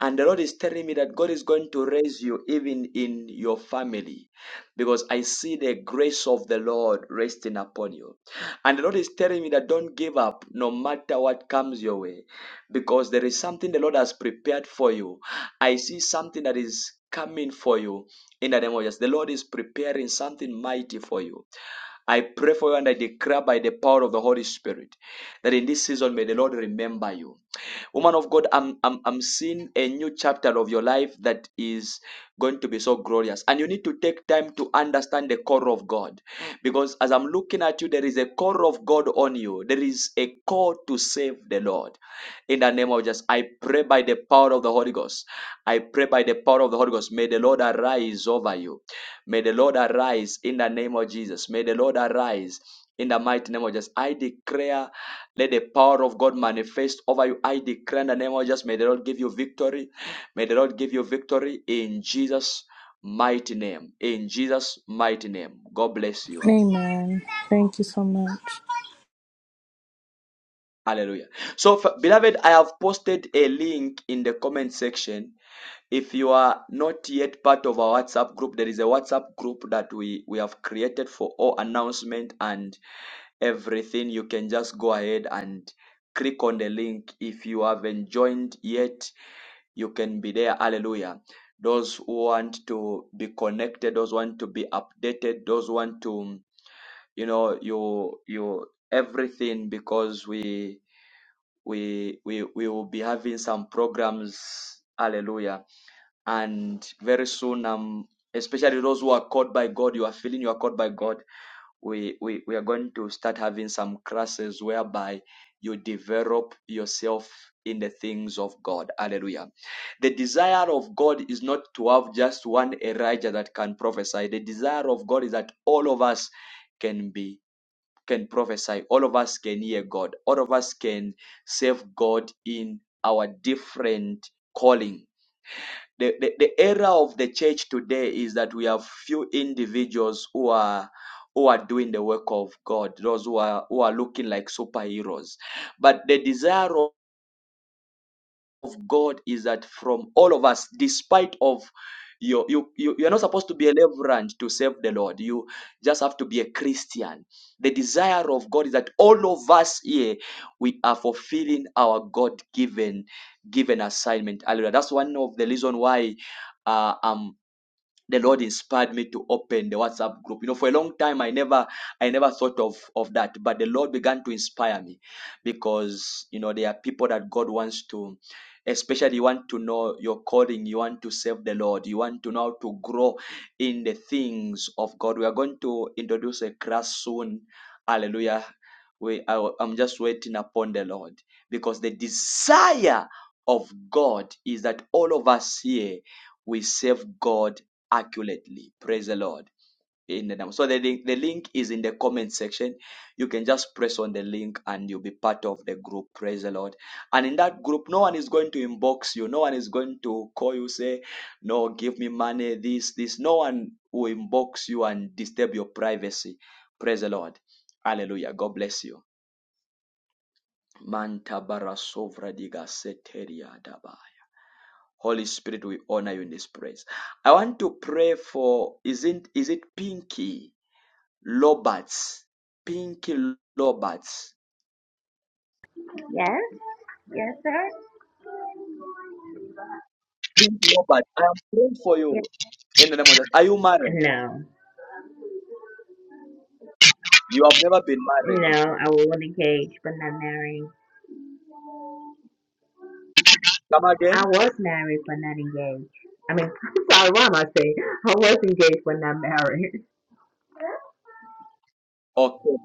S1: And the Lord is telling me that God is going to raise you even in your family. Because I see the grace of the Lord resting upon you. And the Lord is telling me that don't give up no matter what comes your way. Because there is something the Lord has prepared for you. I see something that is coming for you in the name of Jesus. The Lord is preparing something mighty for you. I pray for you and I declare by the power of the Holy Spirit that in this season may the Lord remember you. Woman of God, I'm, I'm, I'm seeing a new chapter of your life that is going to be so glorious. And you need to take time to understand the core of God. Because as I'm looking at you, there is a core of God on you, there is a call to save the Lord. In the name of Jesus, I pray by the power of the Holy Ghost. I pray by the power of the Holy Ghost. May the Lord arise over you. May the Lord arise in the name of Jesus. May the Lord arise in the mighty name of Jesus. I declare, let the power of God manifest over you. I declare in the name of Jesus, may the Lord give you victory. May the Lord give you victory in Jesus' mighty name. In Jesus' mighty name. God bless you.
S23: Amen. Thank you so much.
S1: Hallelujah. So, beloved, I have posted a link in the comment section if you are not yet part of our whatsapp group there is a whatsapp group that we we have created for all announcement and everything. You can just go ahead and click on the link. If you haven't joined yet, you can be there. Hallelujah. Those who want to be connected, those who want to be updated, those who want to, you know, you you everything because we we we we will be having some programs. Hallelujah. And very soon um especially those who are called by God, you are feeling you are called by God we, we, we are going to start having some classes whereby you develop yourself in the things of God. Hallelujah. The desire of God is not to have just one Elijah that can prophesy. The desire of God is that all of us can be can prophesy. All of us can hear God. All of us can serve God in our different calling the, the, the era of the church today is that we have few individuals who are who are doing the work of God, those who are who are looking like superheroes. But the desire of of God is that from all of us, despite of you, you, you you're not supposed to be a reverend to serve the Lord. You just have to be a Christian. The desire of God is that all of us here we are fulfilling our God given given assignment. Hallelujah. That's one of the reason why uh, I'm the Lord inspired me to open the WhatsApp group. You know, for a long time I never I never thought of of that, but the Lord began to inspire me because you know there are people that God wants to especially you want to know your calling you want to serve the lord you want to know how to grow in the things of god we are going to introduce a class soon hallelujah we I, i'm just waiting upon the lord because the desire of god is that all of us here we serve God accurately. Praise the Lord. In the name. So the link, the link is in the comment section. You can just press on the link and you'll be part of the group. Praise the Lord. And in that group, no one is going to inbox you. No one is going to call you, say, no, give me money, this, this. No one will inbox you and disturb your privacy. Praise the Lord. Hallelujah. God bless you. Manta bara sovra diga seteria daba. Holy Spirit, we honor you in this praise. I want to pray for isn't is it Pinky Roberts? Pinky Roberts.
S24: Yes, yes, sir.
S1: Pinky Roberts, I am praying for
S24: Yes.
S1: you. In the name of Jesus. Are you married?
S24: No,
S1: You have never been married
S24: no,
S1: before.
S24: I was engaged but not married.
S1: Come
S24: I
S1: again?
S24: was married but not engaged. I mean, I'm sorry, why am I saying? I was engaged but not married.
S1: Okay.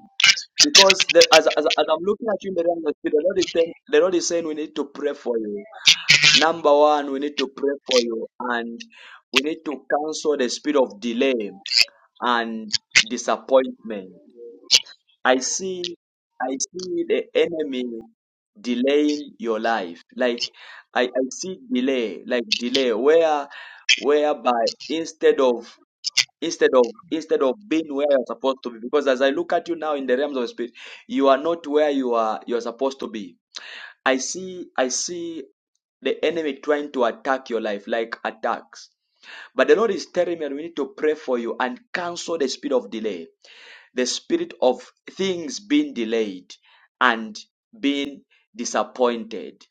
S1: Because the, as, as, as I'm looking at you in the realm of the spirit, the Lord is saying the Lord is saying we need to pray for you. Number one, we need to pray for you and we need to cancel the spirit of delay and disappointment I see, I see the enemy delaying your life. Like I, I see delay, like delay, where whereby instead of instead of instead of being where you're supposed to be, because as I look at you now in the realms of spirit, you are not where you are you're supposed to be. I see, I see the enemy trying to attack your life, like attacks. But the Lord is telling me, and we need to pray for you and cancel the spirit of delay the spirit of things being delayed and being disappointed.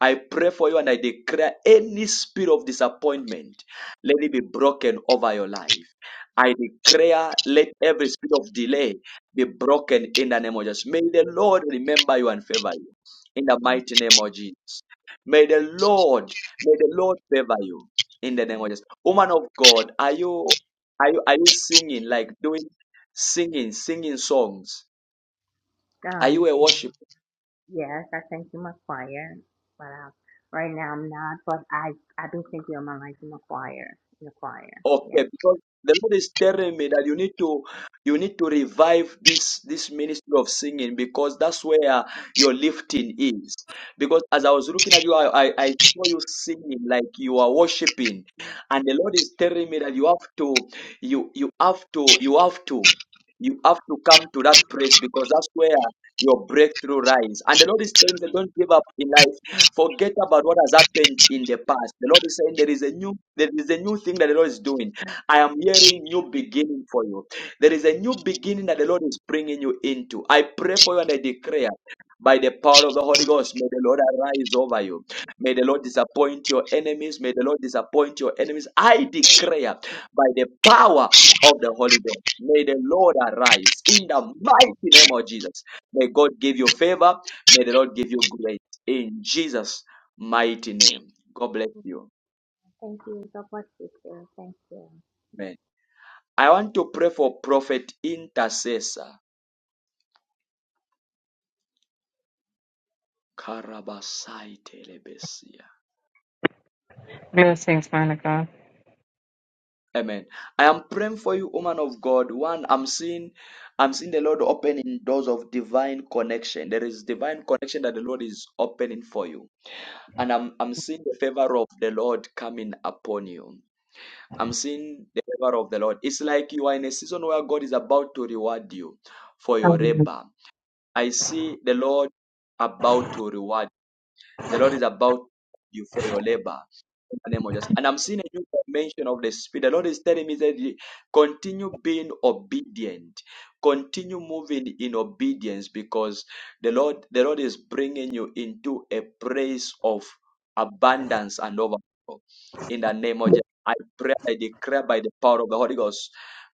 S1: I pray for you and I declare any spirit of disappointment, let it be broken over your life. I declare, let every spirit of delay be broken in the name of Jesus. May the Lord remember you and favor you in the mighty name of Jesus. May the Lord, may the Lord favor you in the name of Jesus. Woman of God, are you are you are you singing like doing singing, singing songs. Are
S24: Um,
S1: you a worshiper?
S24: yes, I sent you my choir, but uh, right now I'm not. But I, I've been thinking all my life in the choir, in the choir. Yes.
S1: Okay, because the Lord is telling me that you need to you need to revive this this ministry of singing because that's where your lifting is. Because as I was looking at you, I, I, I saw you singing like you are worshiping, and the Lord is telling me that you have to you you have to you have to. You have to come to that place because that's where your breakthrough lies. And the Lord is saying, that don't give up in life. Forget about what has happened in the past. The Lord is saying there is a new, there is a new thing that the Lord is doing. I am hearing new beginning for you. There is a new beginning that the Lord is bringing you into. I pray for you and I declare. By the power of the Holy Ghost, may the Lord arise over you. May the Lord disappoint your enemies. May the Lord disappoint your enemies. I declare by the power of the Holy Ghost. May the Lord arise in the mighty name of Jesus. May God give you favor. May the Lord give you grace in Jesus' mighty name. God bless you.
S24: Thank you. God bless you, sir. Thank you.
S1: Amen. I want to pray for prophet intercessor. Karabasai telebesia.
S3: Blessings, man of God.
S1: Amen. I am praying for you, woman of God. One, I'm seeing, I'm seeing the Lord opening doors of divine connection. There is divine connection that the Lord is opening for you And I'm, I'm seeing the favor of the Lord coming upon you. I'm seeing the favor of the Lord. It's like you are in a season where God is about to reward you for your
S3: Hallelujah.
S1: labor. I see the Lord about to reward. The Lord is about you for your labor. In the name of Jesus. And I'm seeing a new dimension of the Spirit. The Lord is telling me that he- continue being obedient. Continue moving in obedience because the Lord, the Lord is bringing you into a place of abundance and overflow. In the name of Jesus, I pray, I declare by the power of the Holy Ghost,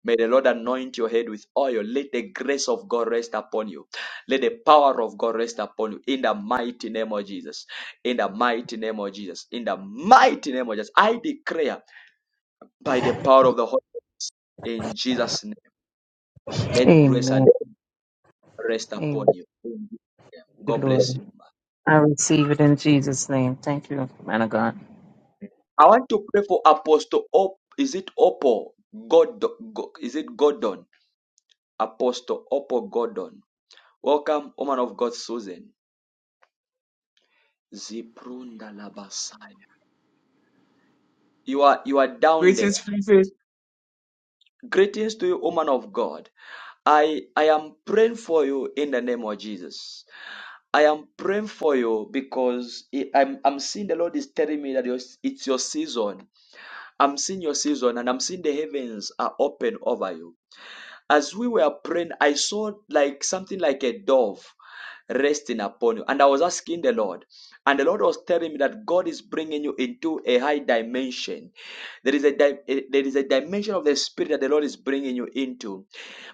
S1: may the Lord anoint your head with oil. Let the grace of God rest upon you. Let the power of God rest upon you in the mighty name of Jesus in the mighty name of Jesus. In the mighty name of Jesus, I declare by the power of the Holy Spirit, in Jesus' name, let grace and
S3: Amen.
S1: peace rest upon
S3: Amen.
S1: you. God bless
S3: Glory.
S1: you.
S3: I receive it in Jesus' name. Thank you, man of God.
S1: I want to pray for Apostle Op. Is it Oppo? God, Go- is it Gordon? Apostle Oppo Gordon. Welcome, woman of God, Susan. Ziprunda labasaya. You are you are down
S25: Greetings,
S1: there.
S25: Fifi.
S1: Greetings to you, woman of God. I I am praying for you in the name of Jesus. I am praying for you because it- I'm, I'm seeing the Lord is telling me that your- it's your season. I'm seeing your season and I'm seeing the heavens are open over you. As we were praying, I saw like something like a dove resting upon you. And I was asking the Lord, and the Lord was telling me that God is bringing you into a high dimension. There is a, di- a- there is a dimension of the spirit that the Lord is bringing you into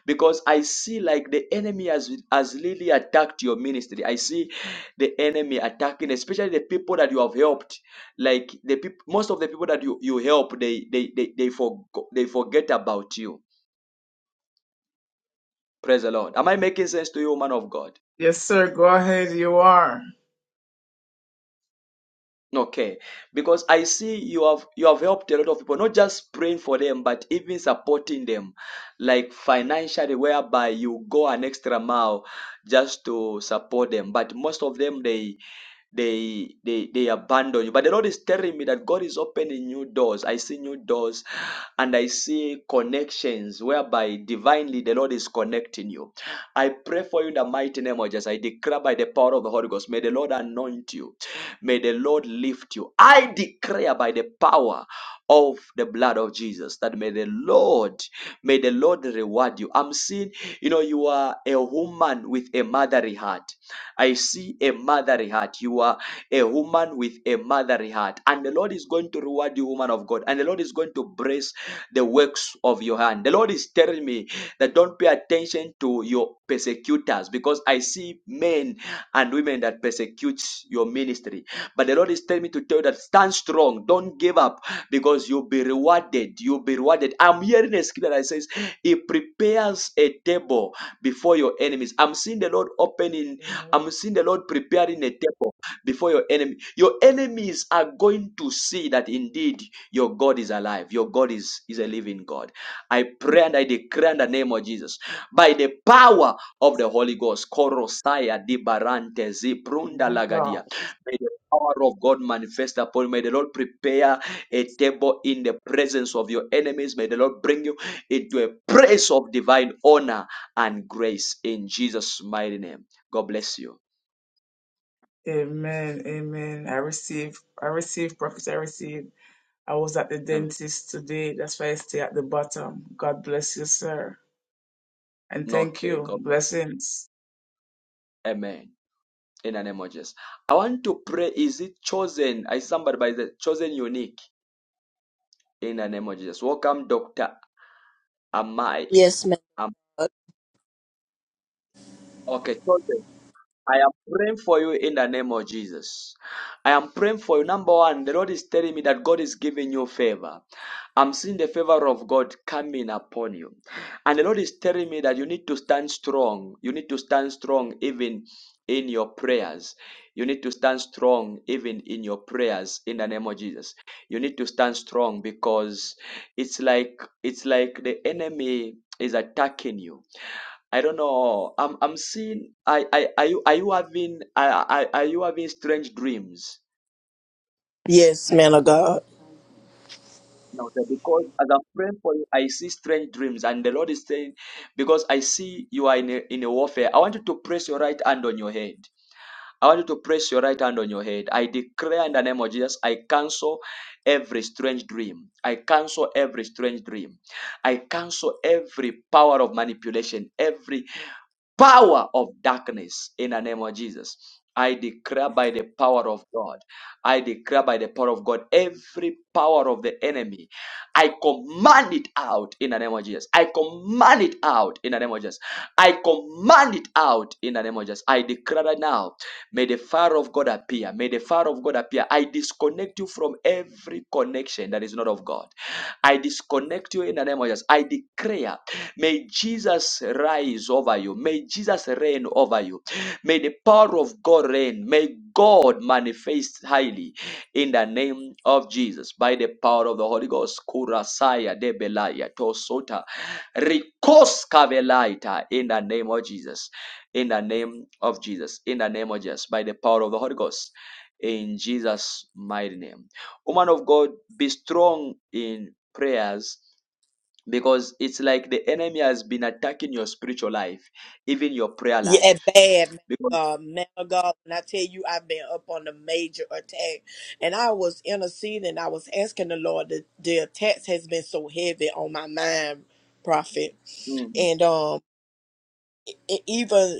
S1: because I see like the enemy has, has really attacked your ministry. I see the enemy attacking, especially the people that you have helped. Like the people, most of the people that you, you help, they they they they, forgo- they forget about you. Praise the Lord. Am I making sense to you, man of God?
S25: Yes, sir. Go ahead. You are.
S1: Okay, because I see you have you have helped a lot of people, not just praying for them, but even supporting them, like financially, whereby you go an extra mile just to support them. But most of them they they they they abandon you. But the Lord is telling me that God is opening new doors. I see new doors and I see connections whereby divinely the Lord is connecting you. I pray for you in the mighty name of Jesus. I declare by the power of the Holy Ghost. May the Lord anoint you. May the Lord lift you. I declare by the power of the blood of Jesus that may the Lord, may the Lord reward you. I'm seeing, you know, you are a woman with a motherly heart. I see a motherly heart. You are a woman with a motherly heart. And the Lord is going to reward you, woman of God. And the Lord is going to bless the works of your hand. The Lord is telling me that don't pay attention to your persecutors because I see men and women that persecute your ministry. But the Lord is telling me to tell you that stand strong, don't give up because you'll be rewarded. You'll be rewarded. I'm hearing a scripture that says, He prepares a table table before your enemies. I'm seeing the Lord opening,
S25: Amen.
S1: I'm seeing the Lord preparing a table before your enemy. Your enemies are going to see that indeed your God is alive. Your God is, is a living God. I pray and I declare in the name of Jesus. By the power of the Holy Ghost, Korosaya Dibarante Ziprunda
S25: My
S1: Lagadia.
S25: God.
S1: May the power of God manifest upon you. May the Lord prepare a table in the presence of your enemies. May the Lord bring you into a place of divine honor and grace in Jesus' mighty name. God bless you.
S25: Amen. Amen. I receive. I receive. Prophet, I receive. I was at the
S1: Amen.
S25: dentist today. That's why I stay at the bottom. God bless you, sir. And thank
S1: Okay,
S25: you.
S1: God. bless-
S25: Blessings.
S1: Amen. In the name of Jesus. I want to pray. Is it chosen? Is somebody by the chosen unique? In the name of Jesus. Welcome, Dr. Amai.
S26: Yes, man.
S1: Am-
S26: of God.
S1: okay, I am praying for you in the name of Jesus. I am praying for you. Number one, the Lord is telling me that God is giving you favor. I'm seeing the favor of God coming upon you. And the Lord is telling me that you need to stand strong. You need to stand strong even in your prayers. You need to stand strong even in your prayers in the name of Jesus. You need to stand strong because it's like it's like the enemy is attacking you I don't know. I'm I'm seeing. I I are you are you having I I are you having strange dreams?
S26: Yes, man of God.
S1: No, sir, because as I'm praying for you, I see strange dreams, and the Lord is saying, because I see you are in a, in a warfare. I want you to press your right hand on your head. I want you to press your right hand on your head. I declare in the name of Jesus, I cancel every strange dream. I cancel every strange dream. I cancel every power of manipulation, every power of darkness in the name of Jesus. I declare by the power of God. I declare by the power of God every power of the enemy I command it out in the name of Jesus. I command it out in the name of Jesus. I command it out in the name of Jesus. I declare right now, may the fire of God appear. May the fire of God appear. I disconnect you from every connection that is not of God. I disconnect you in the name of Jesus. I declare, may Jesus rise over you. May Jesus reign over you. May the power of God reign. May God manifest highly in the name of Jesus by the power of the Holy Ghost. Kurasaya debelaya tosota rikos kavelaita in the name of Jesus. In the name of Jesus. In the name of Jesus by the power of the Holy Ghost. In Jesus' mighty name. Woman of God, be strong in prayers because it's like the enemy has been attacking your spiritual life, even your prayer
S26: Yeah,
S1: life.
S26: bad man of
S1: Because
S26: God. Man of God, when I tell you I've been up on a major attack and I was interceding, I was asking the Lord the, the attacks has been so heavy on my mind, prophet.
S1: mm,
S26: And um e- even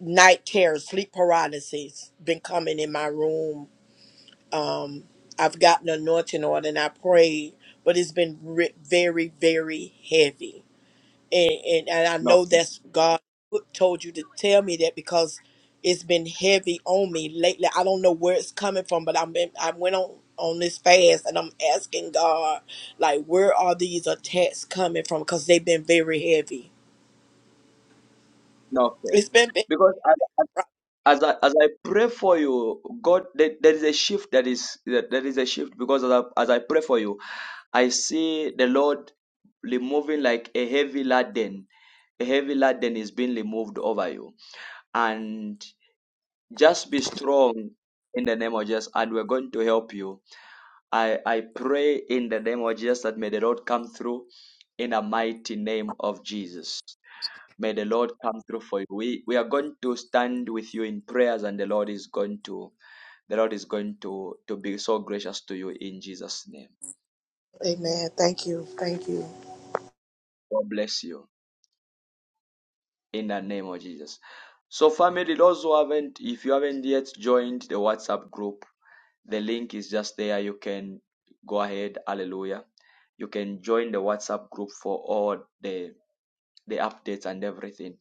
S26: night terrors, sleep paralysis been coming in my room. Um I've gotten anointing on and I prayed, but it's been re- very, very heavy and, and and I
S1: no,
S26: know that's God put- told you to tell me that because it's been heavy on me lately. I don't know where it's coming from, but I've been I went on on this fast and I'm asking God like where are these attacks coming from because they've been very heavy.
S1: no, okay.
S26: It's been, been
S1: because as I, as I pray for you, God, there, there is a shift that is that there is a shift because as I, as I pray for you, I see the Lord removing like a heavy laden. A heavy laden is being removed over you, and just be strong in the name of Jesus, and we're going to help you. I I pray in the name of Jesus that may the Lord come through in the mighty name of Jesus. May the Lord come through for you. We we are going to stand with you in prayers, and the Lord is going to the Lord is going to, to be so gracious to you in Jesus' name.
S26: Amen. Thank you. Thank you.
S1: God bless you in the name of Jesus. So, family, those who haven't, if you haven't yet joined the WhatsApp group, the link is just there. You can go ahead. Hallelujah. You can join the WhatsApp group for all the, the updates and everything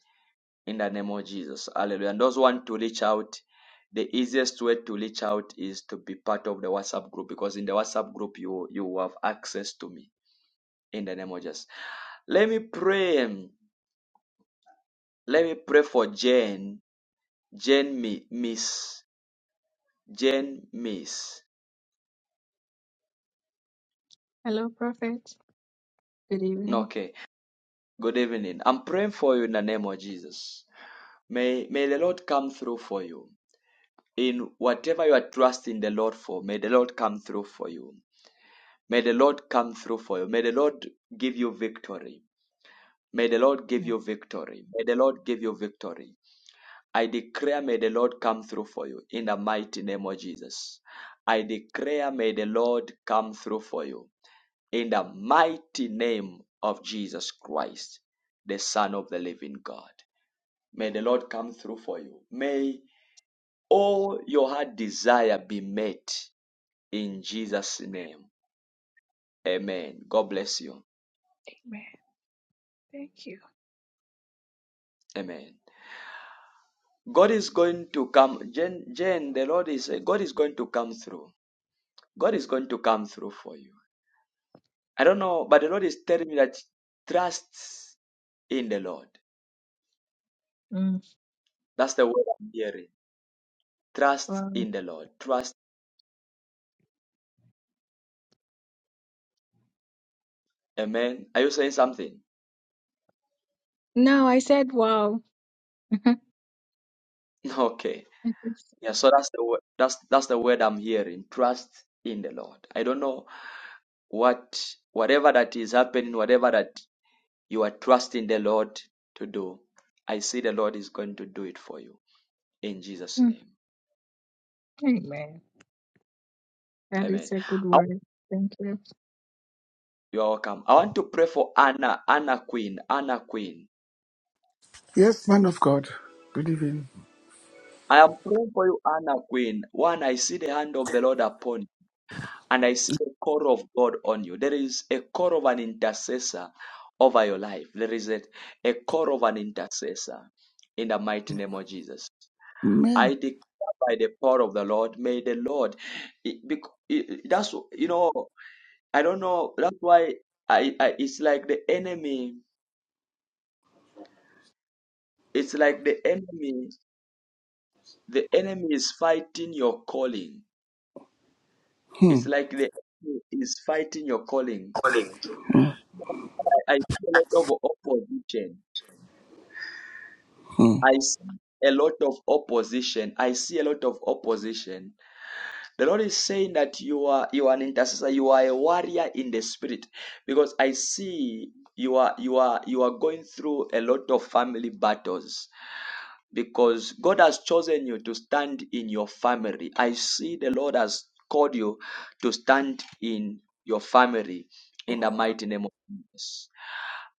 S1: in the name of Jesus. Hallelujah. And those who want to reach out, the easiest way to reach out is to be part of the WhatsApp group because in the WhatsApp group you you have access to me in the name of Jesus. Let me pray. um, Let me pray for Jane. Jane Mi- Miss. Jane Miss.
S18: Hello, Prophet. Good
S1: No,
S18: evening.
S1: Okay. Good evening. I'm praying for you in the name of Jesus. May may the Lord come through for you. In whatever you are trusting the Lord for, may the Lord come through for you. May the Lord come through for you. May the Lord give you victory. May the Lord give
S18: Amen.
S1: you victory. May the Lord give you victory. I declare, may the Lord come through for you in the mighty name of Jesus. I declare, may the Lord come through for you in the mighty name of Jesus Christ, the Son of the living God. May the Lord come through for you. May all your heart desire be met in Jesus' name. Amen. God bless you.
S18: Thank you.
S1: Amen. God is going to come, Jen, Jane the Lord is, God is going to come through. God is going to come through for you. I don't know, but the Lord is telling me that trust in the Lord. That's the word I'm hearing. Trust
S18: Wow.
S1: in the Lord. Trust. Amen. Are you saying something?
S18: No, I said wow.
S1: Okay. Yeah. So that's the word. That's that's the word I'm hearing. Trust in the Lord. I don't know what whatever that is happening, whatever that you are trusting the Lord to do. I see the Lord is going to do it for you in Jesus'
S18: Mm.
S1: name.
S18: Amen. That
S1: Amen.
S18: is a good
S1: I-
S18: word. Thank you.
S1: You're welcome. I want to pray for Anna, Anna Queen, Anna Queen.
S10: Yes, man of God. Good evening.
S1: I am praying for you, Anna Queen. One, I see the hand of the Lord upon you, and I see the call of God on you. There is a call of an intercessor over your life. There is a, a call of an intercessor in the mighty name of Jesus.
S10: Amen.
S1: I declare by the power of the Lord, may the Lord. It, bec- it- it- that's you know, I don't know. That's why I, I. It's like the enemy. It's like the enemy. The enemy is fighting your calling
S10: Hmm.
S1: It's like the enemy is fighting your calling. I, I see a lot of opposition.
S10: Hmm.
S1: I see a lot of opposition. I see a lot of opposition. The Lord is saying that you are you are an intercessor. You are a warrior in the spirit, because I see you are you are you are going through a lot of family battles because God has chosen you to stand in your family. I see the Lord has called you to stand in your family in the mighty name of Jesus.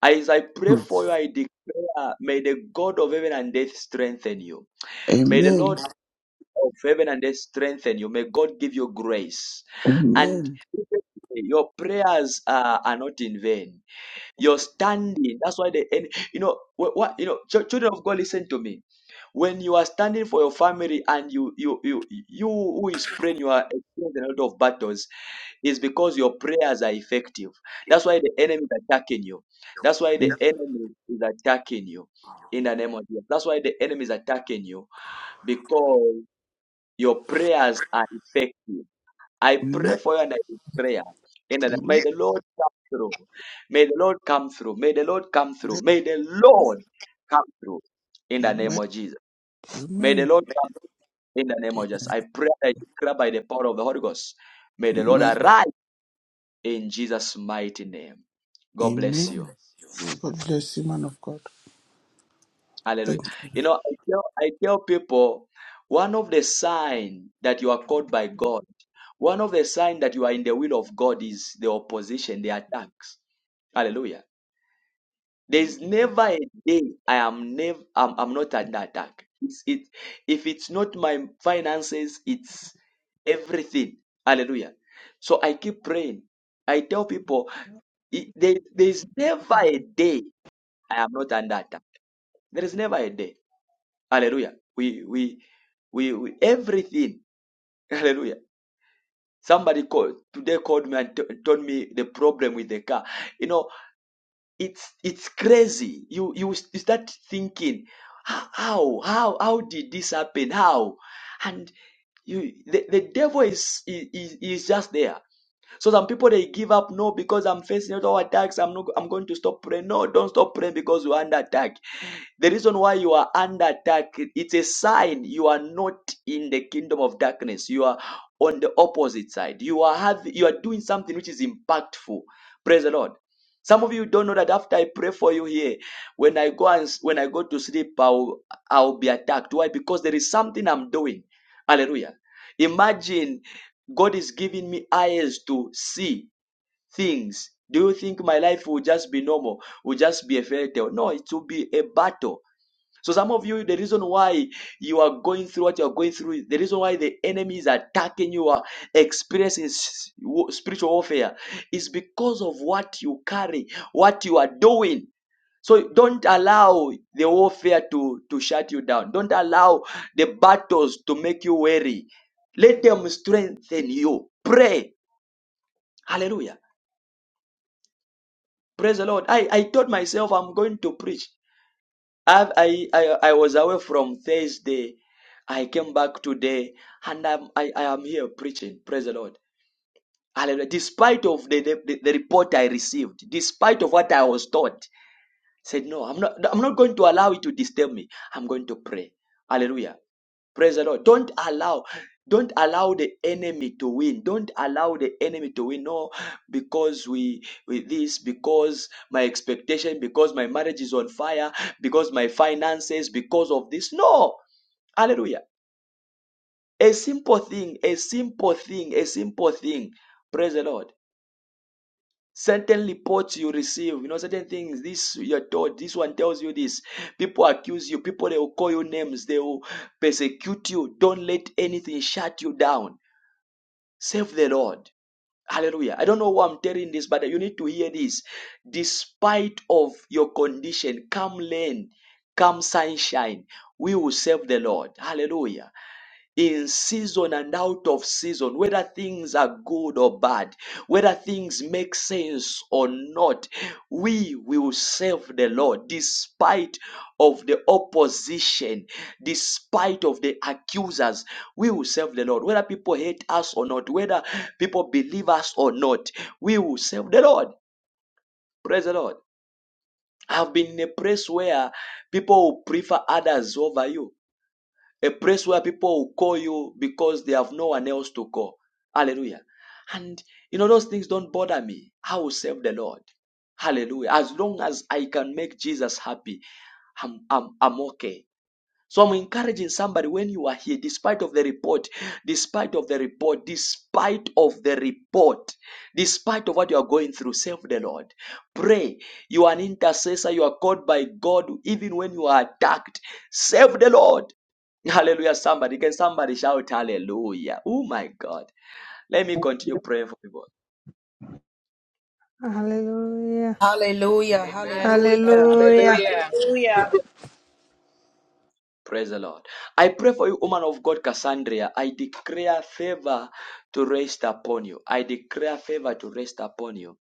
S1: As I pray
S10: hmm.
S1: for you, I declare, may the God of heaven and earth strengthen you. May the
S10: Amen.
S1: Lord of heaven and earth strengthen you. May God give you grace. And
S10: Amen.
S1: your prayers are, are not in vain. Your standing, that's why the and you know what, what you know, chil- children of God, listen to me. When you are standing for your family and you you you you who is praying, you are experiencing a lot of battles is because your prayers are effective. That's why the enemy is attacking you. That's why
S10: Amen.
S1: the enemy is attacking you in the name of Jesus. That's why the enemy is attacking you because your prayers are effective. I pray
S10: Amen.
S1: for you and I prayer. In the, may
S10: Amen.
S1: the Lord come through. May the Lord come through. May the Lord come through. May the Lord come through in the name
S10: Amen.
S1: of Jesus. May the
S10: Amen.
S1: Lord come in the name of Jesus. I pray that I declare by the power of the Holy Ghost. May the Lord arise in Jesus' mighty name. God bless
S10: Amen.
S1: you.
S10: God bless you, man of God.
S1: Hallelujah.
S10: Thank you.
S1: You know, I tell, I tell people one of the signs that you are called by God, one of the signs that you are in the will of God is the opposition, the attacks. Hallelujah. There's never a day I am never I'm, I'm not under attack. It's, it if it's not my finances, it's everything. Hallelujah. So I keep praying. I tell people it, there, there's never a day I am not under attack. There is never a day. Hallelujah. We we we, we everything. Hallelujah. Somebody called today called me and t- told me the problem with the car. You know, it's it's crazy. You you, s- you start thinking, "H- how how how did this happen? How? And you the, the devil is, is is is just there. So some people they give up. No, because I'm facing all attacks. I'm not. I'm going to stop praying. No, don't stop praying because you're under attack. The reason why you are under attack, it's a sign you are not in the kingdom of darkness. You are on the opposite side. You are have. You are doing something which is impactful. Praise the Lord. Some of you don't know that after I pray for you here, when I go and when I go to sleep, I'll I'll be attacked. Why? Because there is something I'm doing. Hallelujah. Imagine God is giving me eyes to see things. Do you think my life will just be normal? Will just be a fairy tale? No, it will be a battle so some of you, the reason why you are going through what you are going through, the reason why the enemy is attacking you, are experiencing s- wo- spiritual warfare, is because of what you carry, what you are doing. So don't allow the warfare to, to shut you down. Don't allow the battles to make you weary. Let them strengthen you. Pray. Hallelujah. Praise the Lord. I, I told myself I'm going to preach. I, I, I, I was away from Thursday. I came back today and I'm, I, I am here preaching. Praise the Lord. Hallelujah. Despite of the, the, the report I received, despite of what I was taught, said, no, I'm not, I'm not going to allow it to disturb me. I'm going to pray. Hallelujah. Praise the Lord. Don't allow, don't allow the enemy to win. Don't allow the enemy to win. No, because we with this, because my expectation, because my marriage is on fire, because my finances, because of this. No. Hallelujah. A simple thing, a simple thing, a simple thing. Praise the Lord certain reports you receive you know certain things this you're told this one tells you this people accuse you people they will call you names they will persecute you don't let anything shut you down save the lord hallelujah i don't know why i'm telling this but you need to hear this despite of your condition come rain come sunshine we will serve the lord hallelujah in season and out of season, whether things are good or bad, whether things make sense or not, we will serve the Lord despite of the opposition, despite of the accusers, we will serve the Lord. Whether people hate us or not, whether people believe us or not, we will serve the Lord. Praise the Lord. I've been in a place where people will prefer others over you a place where people will call you because they have no one else to call. Hallelujah. And you know, those things don't bother me. I will serve the Lord. Hallelujah. As long as I can make Jesus happy, I'm, I'm, I'm okay. So I'm encouraging somebody when you are here, despite of the report, despite of the report, despite of the report, despite of what you are going through, serve the Lord. Pray. You are an intercessor. You are called by God even when you are attacked. Serve the Lord. Hallelujah. Somebody, can somebody shout hallelujah? Oh my God. Let me continue praying for people.
S21: Hallelujah.
S27: Hallelujah,
S28: Amen.
S29: Hallelujah.
S27: hallelujah.
S21: Hallelujah.
S28: Hallelujah.
S1: Praise the Lord. I pray for you, woman of God, Cassandra. I declare favor to rest upon you. I declare favor to rest upon you.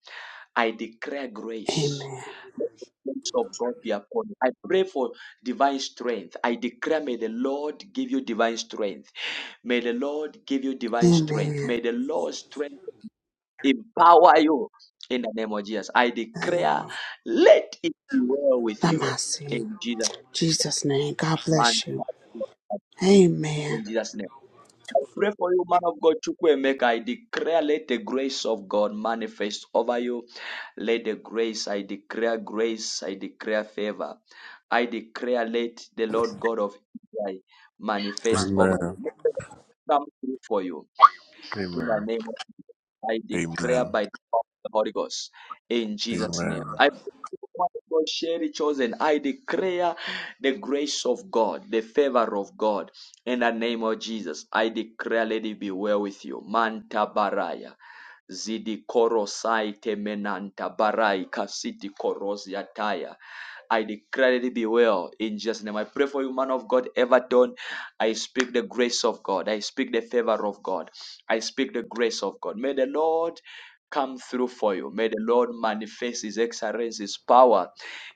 S1: I declare grace.
S2: Amen.
S1: Let the grace of God be upon you. I pray for divine strength. I declare, may the Lord give you divine strength. May the Lord give you divine strength.
S2: Amen.
S1: May the Lord's strength empower you in the name of Jesus. I
S2: In the name
S1: declare,
S2: of
S1: let it be well with you
S2: Namasi.
S1: in Jesus'
S2: Jesus' name. God
S1: mighty
S2: bless you.
S1: name.
S2: Amen.
S1: In Jesus' name. pray for you, man of God, Chukwemeka. I declare, let the grace of God manifest over you. Let the grace, I declare grace, I declare favor. I declare, let the Lord God of Israel manifest over
S6: Amen.
S1: you. Let it come through for you in the
S6: Amen.
S1: name I declare
S6: Amen.
S1: by the power of the Holy Ghost in Jesus'
S6: Amen.
S1: name. I God, Sherry chosen. I declare the grace of God, the favor of God in the name of Jesus. I declare, let it be well with you. Manta baraya. Zidi korosai temenanta barai kasiti korosi ataya. I declare it be well in Jesus' name. I pray for you, man of God, Everton. I speak the grace of God. I speak the favor of God. I speak the grace of God. May the Lord come through for you. May the Lord manifest His excellence, His power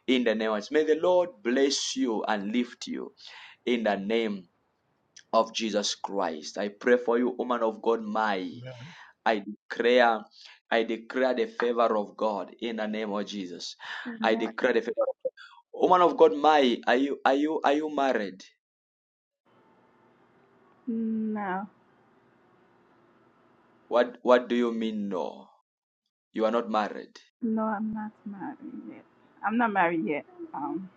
S1: in the name of Jesus. May the Lord bless you and lift you in the name of Jesus Christ. I pray for you, woman of God, my.
S30: Yeah.
S1: I declare, I declare the favor of God in the name of Jesus.
S31: I'm
S1: I
S31: not.
S1: declare the favor of God. Woman of God, my, are you are you are you married?
S31: No,
S1: What what do you mean no? You are not married.
S31: no, I'm not married yet. I'm not married yet. Um.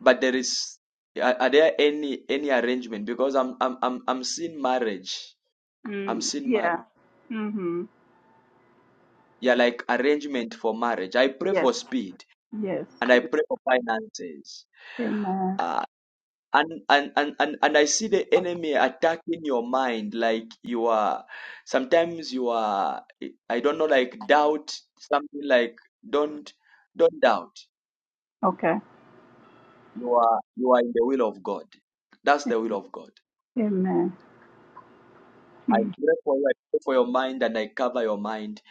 S1: But there is are, are there any any arrangement? Because I'm I'm I'm I'm seeing marriage. I'm
S31: Mm,
S1: seeing marriage.
S31: yeah. Mhm.
S1: Yeah, like arrangement for marriage. I pray
S31: Yes.
S1: for speed
S31: Yes.
S1: and I pray for finances.
S31: Amen.
S1: Uh, and, and and and and I see the enemy attacking your mind like you are sometimes you are I don't know like doubt something like don't don't doubt.
S31: Okay.
S1: You are you are in the will of God. That's the will of God.
S31: Amen.
S1: I
S31: Mm.
S1: pray for you. I pray for your mind and I cover your mind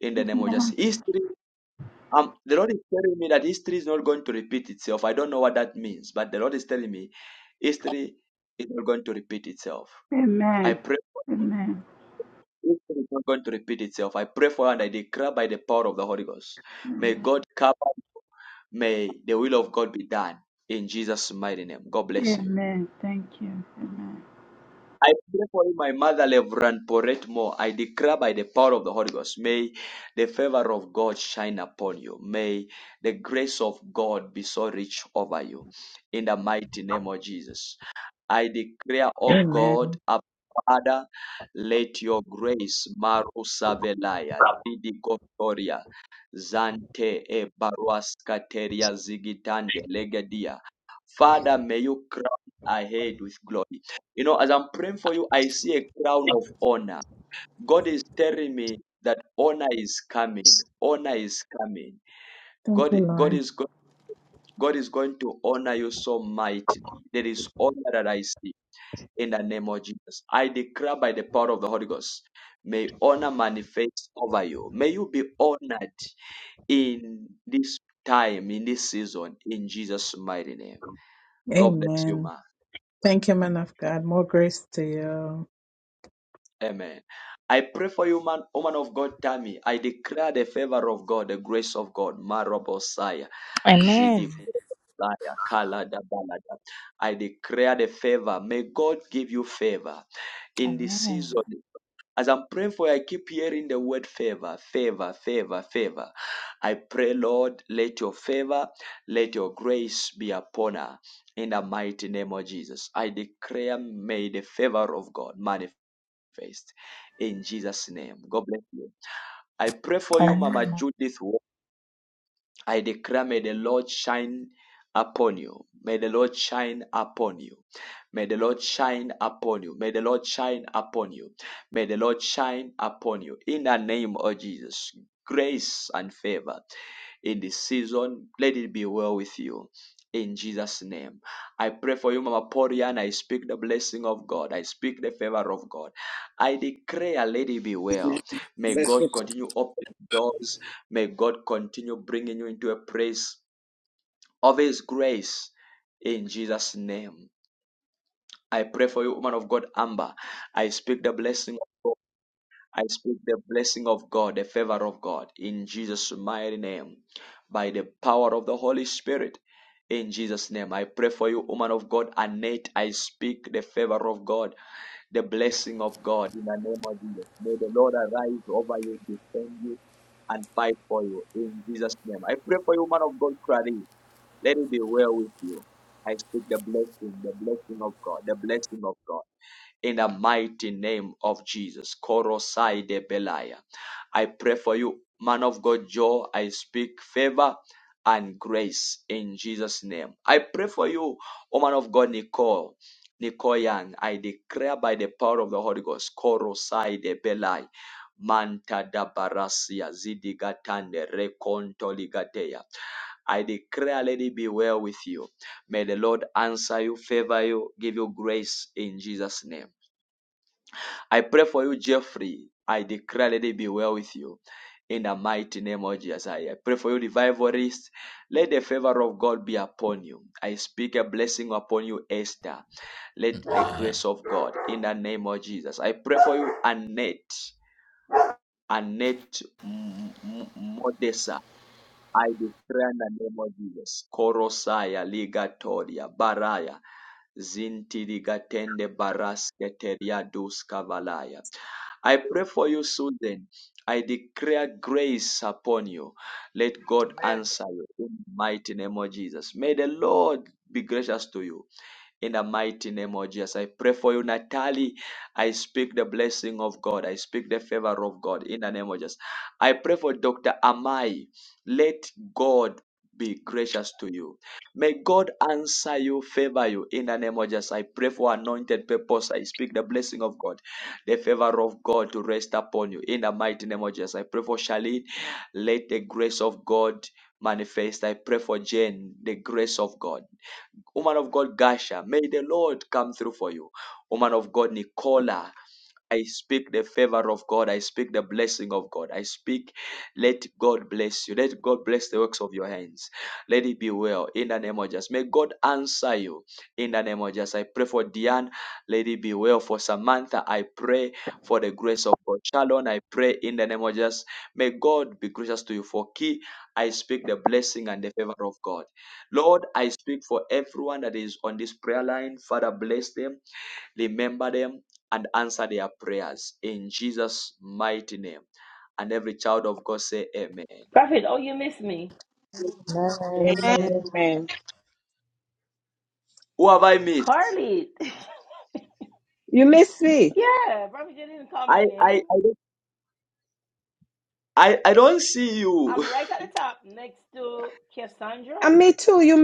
S1: in the name of Jesus.
S31: Yeah.
S1: History, um, the Lord is telling me that history is not going to repeat itself. I don't know what that means, but the Lord is telling me history is not going to repeat itself. I
S31: Amen.
S1: pray for
S31: Amen.
S1: history is not going to repeat itself. I pray for and I declare by the power of the Holy Ghost. May God cover, may the will of God be done in Jesus' mighty name. God bless you.
S31: Amen. Thank you. Amen.
S1: I pray for you, my mother, Reverend Porette Moore. I declare by the power of the Holy Ghost, may the favor of God shine upon you. May the grace of God be so rich over you. In the mighty name of Jesus. I declare, O God,
S12: Amen.
S1: our Father, let your grace, marusavelaya, Savelaya, Zante e Baruaskateria Zigitande Legadia. Father, may you crown ahead with glory. You know, as I'm praying for you, I see a crown of honor. God is telling me that honor is coming. Honor is coming.
S12: Thank you,
S1: God, God
S12: Lord.
S1: is go- God is going to honor you so mightily. There is honor that I see in the name of Jesus. I declare by the power of the Holy Ghost, may honor manifest over you. May you be honored in this time, in this season, in Jesus' mighty name. God bless you,
S12: Amen.
S1: man.
S12: Thank you, man of God. More grace to you.
S1: Amen. I pray for you, man, woman of God, Tammy. I declare the favor of God, the grace of God. Marobosaya,
S13: Amen.
S1: Zidi. I declare the favor. May God give you favor in this
S13: Amen.
S1: season As I'm praying for you, I keep hearing the word favor, favor, favor, favor. I pray, Lord, let your favor, let your grace be upon her in the mighty name of Jesus. I declare, may the favor of God manifest in Jesus' name. God bless you. I pray for you,
S13: Amen.
S1: Mama Judith. I declare, may the Lord shine upon you. May the Lord shine upon you. May the Lord shine upon you. May the Lord shine upon you. May the Lord shine upon you. In the name of Jesus, grace and favor in this season. Let it be well with you. In Jesus' name. I pray for you, Mama Porian. I speak the blessing of God. I speak the favor of God. I declare, let it be
S32: Amen.
S1: well. May
S32: Let's
S1: God
S32: get to
S1: continue opening doors May God continue bringing you into a place of His grace in Jesus' name. I pray for you, woman of God, Amber. I speak the blessing of God. I speak the blessing of God, the favor of God in Jesus' mighty name. By the power of the Holy Spirit, in Jesus' name. I pray for you, woman of God, Annette. I speak the favor of God, the blessing of God in the name of Jesus. May the Lord arise over you, defend you and fight for you in Jesus' name. I pray for you, man of God, Crowley. Let it be well with you. I speak the blessing, the blessing of God, the blessing of God in the mighty name of Jesus. Korosai de Belaya. I pray for you, man of God, Joe. I speak favor and grace in Jesus' name. I pray for you, woman of God, Nicole. Nicole Young, I declare by the power of the Holy Ghost, Korosai de Belai, Manta da Barasia, Zidigatande, Recontoligatea. I declare, Lady, be well with you. May the Lord answer you, favor you, give you grace in Jesus' name. I pray for you, Jeffrey. I declare, let it be well with you. In the mighty name of Jesus, I pray for you, revivalist. Let the favor of God be upon you. I speak a blessing upon you, Esther. Let the grace of God, in the name of Jesus. I pray for you, Annette. Annette M- M- Modesa. I declare in the name of Jesus. Korosaya, Ligatoria, Baraya, Zintirigatende, Barasketeria, Duskavalaya. I pray for you, Susan. I declare grace upon you. Let God
S28: Amen.
S1: answer you in the mighty name of Jesus. May the Lord be gracious to you in the mighty name of Jesus. I pray for you, Natalie. I speak the blessing of God. I speak the favor of God in the name of Jesus. I pray for Dr. Amai. Let God be gracious to you. May God answer you, favor you in the name of Jesus. I pray for anointed purpose. I speak the blessing of God, the favor of God to rest upon you in the mighty name of Jesus. I pray for Charlene. Let the grace of God manifest. I pray for Jane, the grace of God. Woman of God, Gasha, may the Lord come through for you. Woman of God, Nicola, I speak the favor of God. I speak the blessing of God. I speak, let God bless you. Let God bless the works of your hands. Let it be well in the name of Jesus. May God answer you in the name of Jesus. I pray for Diane. Let it be well for Samantha. I pray for the grace of God. Shalom. I pray in the name of Jesus. May God be gracious to you. For key, I speak the blessing and the favor of God. Lord, I speak for everyone that is on this prayer line. Father, bless them. Remember them and answer their prayers in Jesus' mighty name. And every child of God say amen.
S14: Prophet, oh, you miss me.
S20: Amen.
S33: Amen. Amen.
S1: Who have I missed?
S14: Carly.
S20: You miss me.
S14: yeah, Prophet you didn't call my
S1: I I
S14: name.
S1: I don't, I, I don't see you.
S14: I'm right at the top next to Cassandra.
S20: And me too. You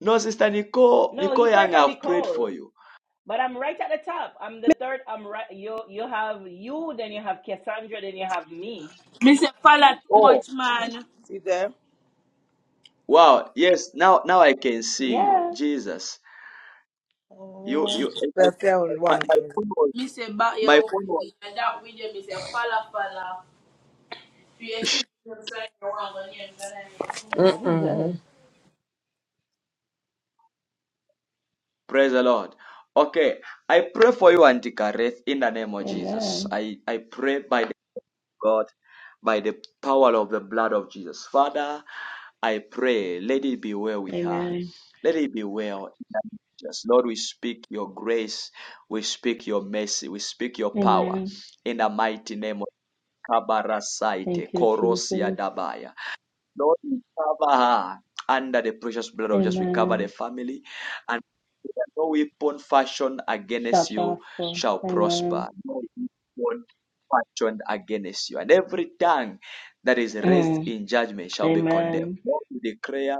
S1: No, sister Nicole
S14: No, he
S1: Nicole
S14: prayed
S1: Young,
S14: for
S1: I've prayed for
S14: Nicole.
S1: you.
S14: But I'm right at the top. I'm the
S20: miss
S14: third. I'm right. You you have you, then you have Cassandra, then you have me.
S34: Mr. Fala too
S1: Oh
S34: much, man. See there?
S1: wow, yes, now now I can see you.
S14: Yeah.
S1: Jesus. You
S34: Oh,
S1: you
S34: that's the old
S1: my,
S34: one.
S1: my phone was
S34: Mr. Back
S1: my
S34: your own
S1: phone was
S34: way. And that with them is a Fala Fala. If you see them sign around on here,
S14: What is
S34: Mm-mm.
S14: that?
S1: praise the Lord. Okay, I pray for you, Auntie Kareth, in the name of Jesus.
S14: Amen.
S1: I, I pray by the God, by the power of the blood of Jesus. Father, I pray, let it be well with her.
S14: Amen.
S1: Let it be well. Just Lord, we speak your grace, we speak your mercy, we speak your power
S14: Amen.
S1: in the mighty name of Kabarasaite,
S14: Thank you,
S1: Korosia
S14: Jesus.
S1: Dabaya. Lord, we cover her under the precious blood of Jesus. We cover the
S14: Amen.
S1: family and no weapon fashioned
S14: Shall
S1: against you
S14: prosper.
S1: shall
S14: Amen.
S1: prosper. No weapon fashioned against you. And every tongue that is raised
S14: Mm.
S1: in judgment shall be condemned.
S14: Amen.
S1: Lord, we declare,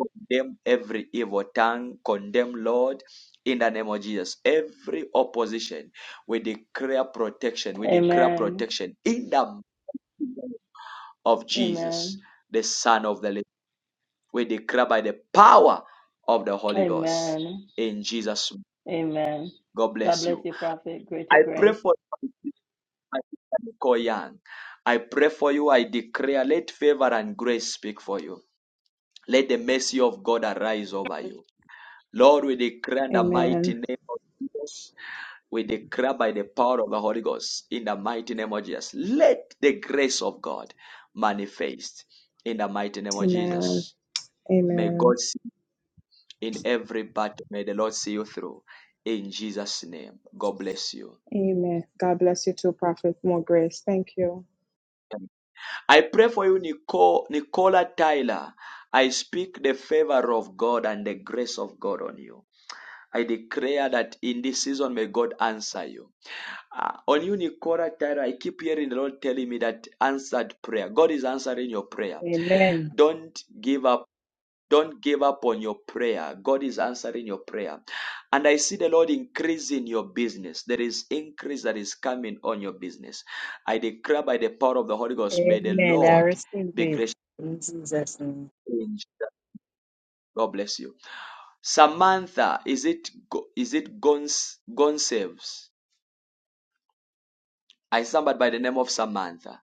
S1: condemn every evil tongue, condemn, Lord, in the name of Jesus. Every opposition, we declare protection. We declare protection in the name of Jesus, the Son of the living. We declare by the power of the Holy Ghost. In Jesus, name. God bless you. I pray for you, I pray for you. I declare, let favor and grace speak for you. Let the mercy of God arise over you. Lord, we declare in the mighty
S20: Amen.
S1: name of Jesus. We declare by the power of the Holy Ghost in the mighty name of Jesus. Let the grace of God manifest in the mighty name of
S20: Amen.
S1: Jesus. May
S20: Amen.
S1: God see in every battle. May the Lord see you through. In Jesus' name. God bless you.
S20: Amen. God bless you too, Prophet. More grace. Thank you.
S1: I pray for you, Nicole, Nicola Tyler. I speak the favor of God and the grace of God on you. I declare that in this season, may God answer you. Uh, on you, Nicola Tyler, I keep hearing the Lord telling me that answered prayer. God is answering your prayer.
S33: Amen.
S1: Don't give up Don't give up on your prayer. God is answering your prayer. And I see the Lord increasing your business. There is increase that is coming on your business. I declare by the power of the Holy Ghost, may the
S33: Amen. I
S1: Lord
S33: receive
S1: be gracious.
S33: it in Jesus' name.
S1: to you God bless you. Samantha, is it is it Gons Gonsaves? I somebody by the name of Samantha.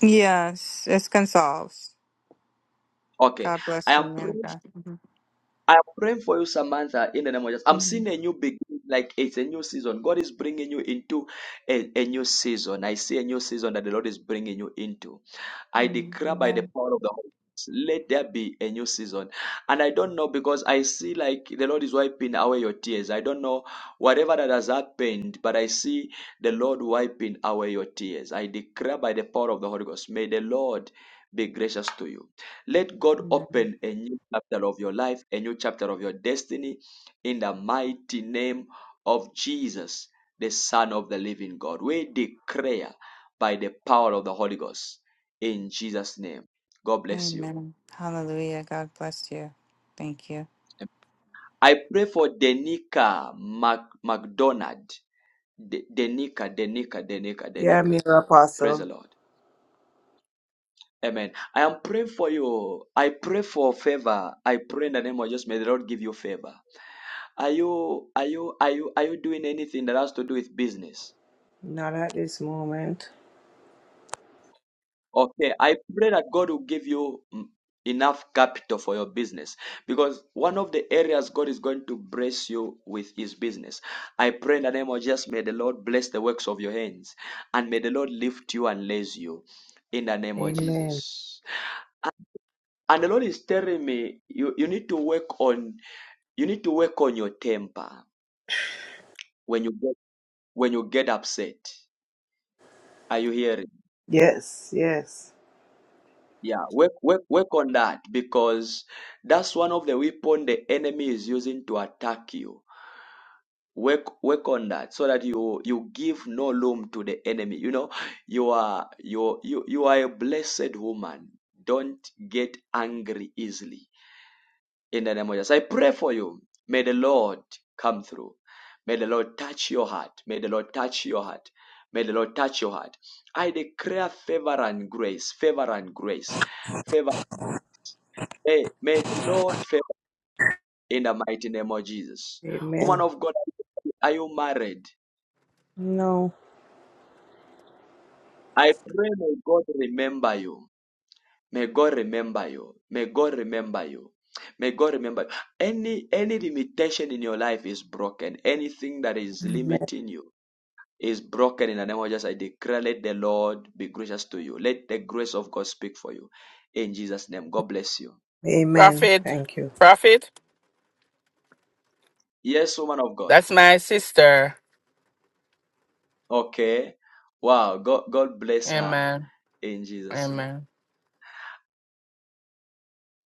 S35: Yes, it consoles.
S1: Okay,
S35: God
S1: I
S35: bless you,
S1: am
S35: man
S1: praying
S35: of God. Mhm.
S1: I'm praying for you, Samantha, in the name of Jesus. I'm
S35: Mhm.
S1: seeing a new beginning, like it's a new season. God is bringing you into a, a new season. I see a new season that the Lord is bringing you into. I
S35: Mhm.
S1: declare by the
S35: Amen.
S1: power of the Holy Ghost, let there be a new season. And I don't know because I see like the Lord is wiping away your tears. I don't know whatever that has happened, but I see the Lord wiping away your tears. I declare by the power of the Holy Ghost, may the Lord be gracious to you. Let God
S35: Amen.
S1: open a new chapter of your life, a new chapter of your destiny in the mighty name of Jesus, the Son of the living God. We declare by the power of the Holy Ghost in Jesus' name. God bless you.
S35: Amen. Hallelujah. God bless you. Thank you.
S1: I pray for Denica Mac- McDonald. De- Denica, Denica, Denica,
S34: Yeah,
S1: Denica.
S34: me,
S1: Praise the
S34: Apostle.
S1: Lord. Amen. I am praying for you. I pray for favor. I pray in the name of Jesus. May the Lord give you favor. Are you are you are you are you doing anything that has to do with business?
S34: Not at this moment.
S1: Okay, I pray that God will give you mm, enough capital for your business because one of the areas God is going to bless you with is business. I pray in the name of Jesus, may the Lord bless the works of your hands and may the Lord lift you and raise you in the name of
S34: Amen.
S1: Jesus. And the Lord is telling me you, you need to work on you need to work on your temper when you get when you get upset. Are you hearing?
S34: Yes, yes.
S1: Yeah, work, work, work on that because that's one of the weapon the enemy is using to attack you. Work, work on that so that you you give no room to the enemy. You know, you are you you you are a blessed woman. Don't get angry easily. In the name of Jesus, I pray for you. May the Lord come through. May the Lord touch your heart. May the Lord touch your heart. May the Lord touch your heart. I declare favor and grace, favor and grace, favor. and grace. May, may the Lord favor in the mighty name of Jesus. Woman
S34: Amen.
S1: of God, are you married?
S34: No.
S1: I pray may God remember you. May God remember you. May God remember you. May God remember you. Any any limitation in your life is broken. Anything that is
S34: Amen.
S1: limiting you is broken in the name of Jesus. I declare, let the Lord be gracious to you. Let the grace of God speak for you. In Jesus' name. God bless you.
S34: Amen.
S36: Prophet,
S34: Thank you.
S36: prophet,
S1: Yes, woman of God.
S36: that's my sister.
S1: Okay. Wow. God God bless her
S36: Amen.
S1: in Jesus' name.
S36: Amen.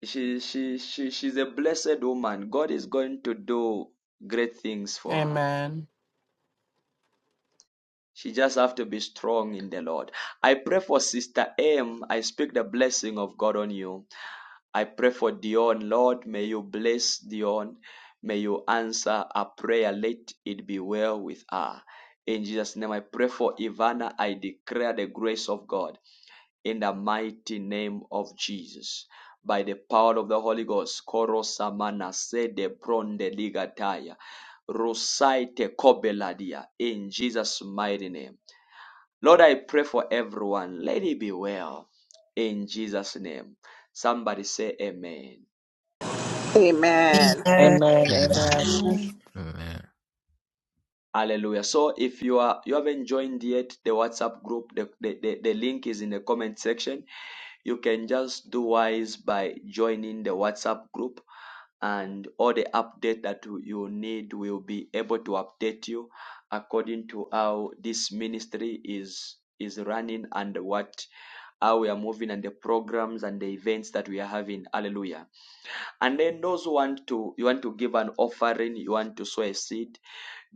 S1: She, she, she, she's a blessed woman. God is going to do great things for her.
S36: Amen.
S1: She just have to be strong in the Lord. I pray for Sister M. I speak the blessing of God on you. I pray for Dion. Lord, may you bless Dion. May you answer a prayer. Let it be well with her. In Jesus' name, I pray for Ivana. I declare the grace of God. in the mighty name of Jesus. By the power of the Holy Ghost, Korosamana Sede Bronde Ligataya, Rosaite Kobeladia, in Jesus' mighty name. Lord, I pray for everyone. Let it be well, in Jesus' name. Somebody say Amen.
S37: Amen.
S27: Amen.
S36: Amen.
S19: bada
S36: Amen.
S35: Amen.
S1: Hallelujah. So if you are you haven't joined yet the WhatsApp group, the, the, the, the link is in the comment section. You can just do wise by joining the WhatsApp group and all the update that you you need will be able to update you according to how this ministry is is running and what how we are moving and the programs and the events that we are having hallelujah and then those who want to you want to give an offering you want to sow a seed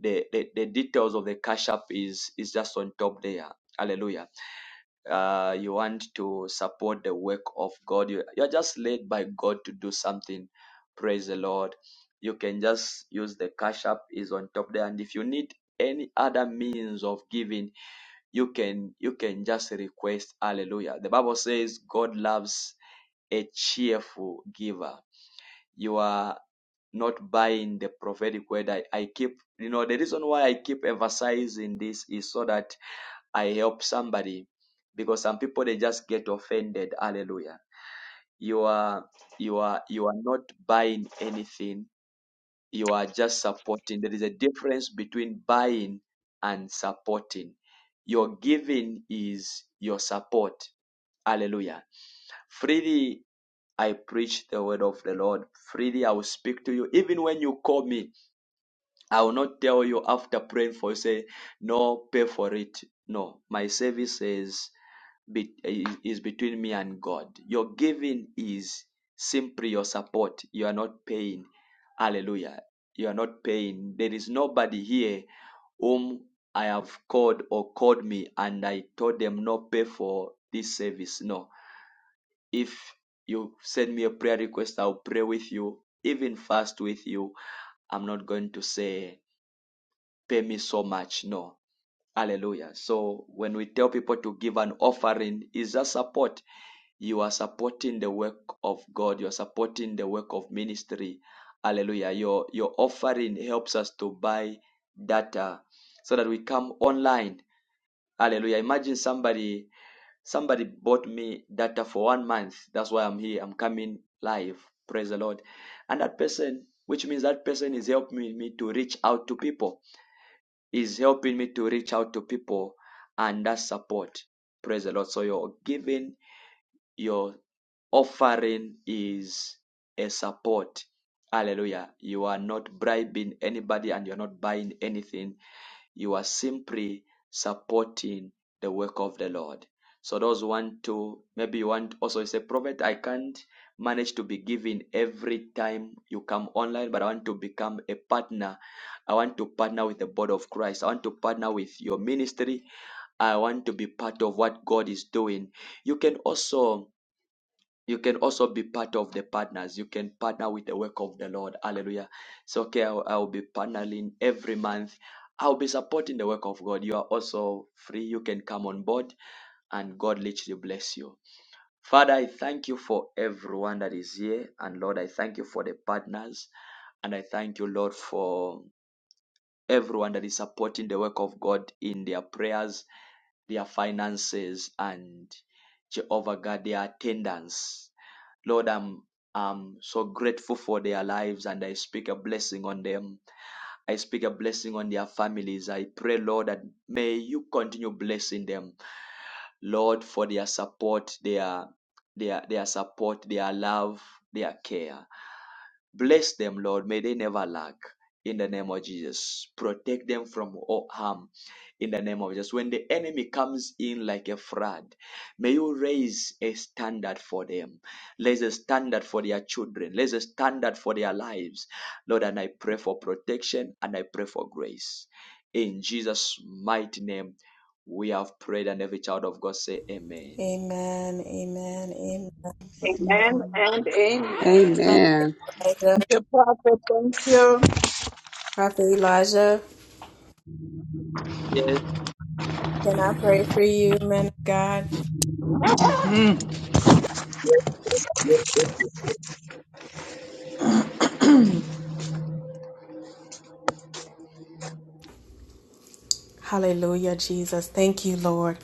S1: the the, the details of the cash app is is just on top there hallelujah uh, you want to support the work of God, you, you're just led by God to do something. Praise the Lord. You can just use the cash app is on top there. And if you need any other means of giving, you can you can just request hallelujah. The Bible says God loves a cheerful giver. You are not buying the prophetic word. I, I keep you know the reason why I keep emphasizing this is so that I help somebody because some people they just get offended. Hallelujah. You are you are you are not buying anything. You are just supporting. There is a difference between buying and supporting. Your giving is your support. Hallelujah. Freely I preach the word of the Lord. Freely I will speak to you. Even when you call me, I will not tell you after praying for you, say, no, pay for it. No, my service says be, is, is between me and God. Your giving is simply your support. You are not paying. Hallelujah. You are not paying. There is nobody here whom I have called or called me and I told them not pay for this service. No. If you send me a prayer request, I'll pray with you, even fast with you. I'm not going to say pay me so much. No. Hallelujah. So when we tell people to give an offering, is a support you are supporting the work of God, you are supporting the work of ministry. Hallelujah. Your your offering helps us to buy data so that we come online. Hallelujah. Imagine somebody somebody bought me data for one month. That's why I'm here. I'm coming live. Praise the Lord. And that person, which means that person is helping me to reach out to people. Is helping me to reach out to people and that support. Praise the Lord. So you're giving your offering is a support. Hallelujah. You are not bribing anybody and you're not buying anything. You are simply supporting the work of the Lord. So those who want to, maybe you want also you say, Prophet, I can't manage to be giving every time you come online, but I want to become a partner. I want to partner with the body of Christ. I want to partner with your ministry. I want to be part of what God is doing. You can also you can also be part of the partners. You can partner with the work of the Lord. Hallelujah. So, okay, I'll, I'll be partnering every month. I'll be supporting the work of God. You are also free. You can come on board and God literally bless you. Father, I thank you for everyone that is here. And Lord, I thank you for the partners. And I thank you, Lord, for everyone that is supporting the work of God in their prayers, their finances, and Jehovah God, their attendance. Lord, I'm I'm so grateful for their lives and I speak a blessing on them. I speak a blessing on their families. I pray, Lord, that may you continue blessing them, Lord, for their support, their their their support, their love, their care. Bless them, Lord. May they never lack. In the name of Jesus, protect them from all harm. In the name of Jesus, when the enemy comes in like a flood, may you raise a standard for them. Raise a standard for their children. Raise a standard for their lives, Lord. And I pray for protection and I pray for grace. In Jesus' mighty name, we have prayed, and every child of God say, Amen.
S27: Amen, amen, amen.
S12: Amen and amen.
S2: Amen.
S27: Prophet Elijah,
S12: Thank you, Prophet. Thank you.
S27: Prophet Elijah,
S1: Yes,
S27: can I pray for you, man of God?
S1: yes, yes, yes. yes.
S27: Hallelujah, Jesus. Thank you, Lord.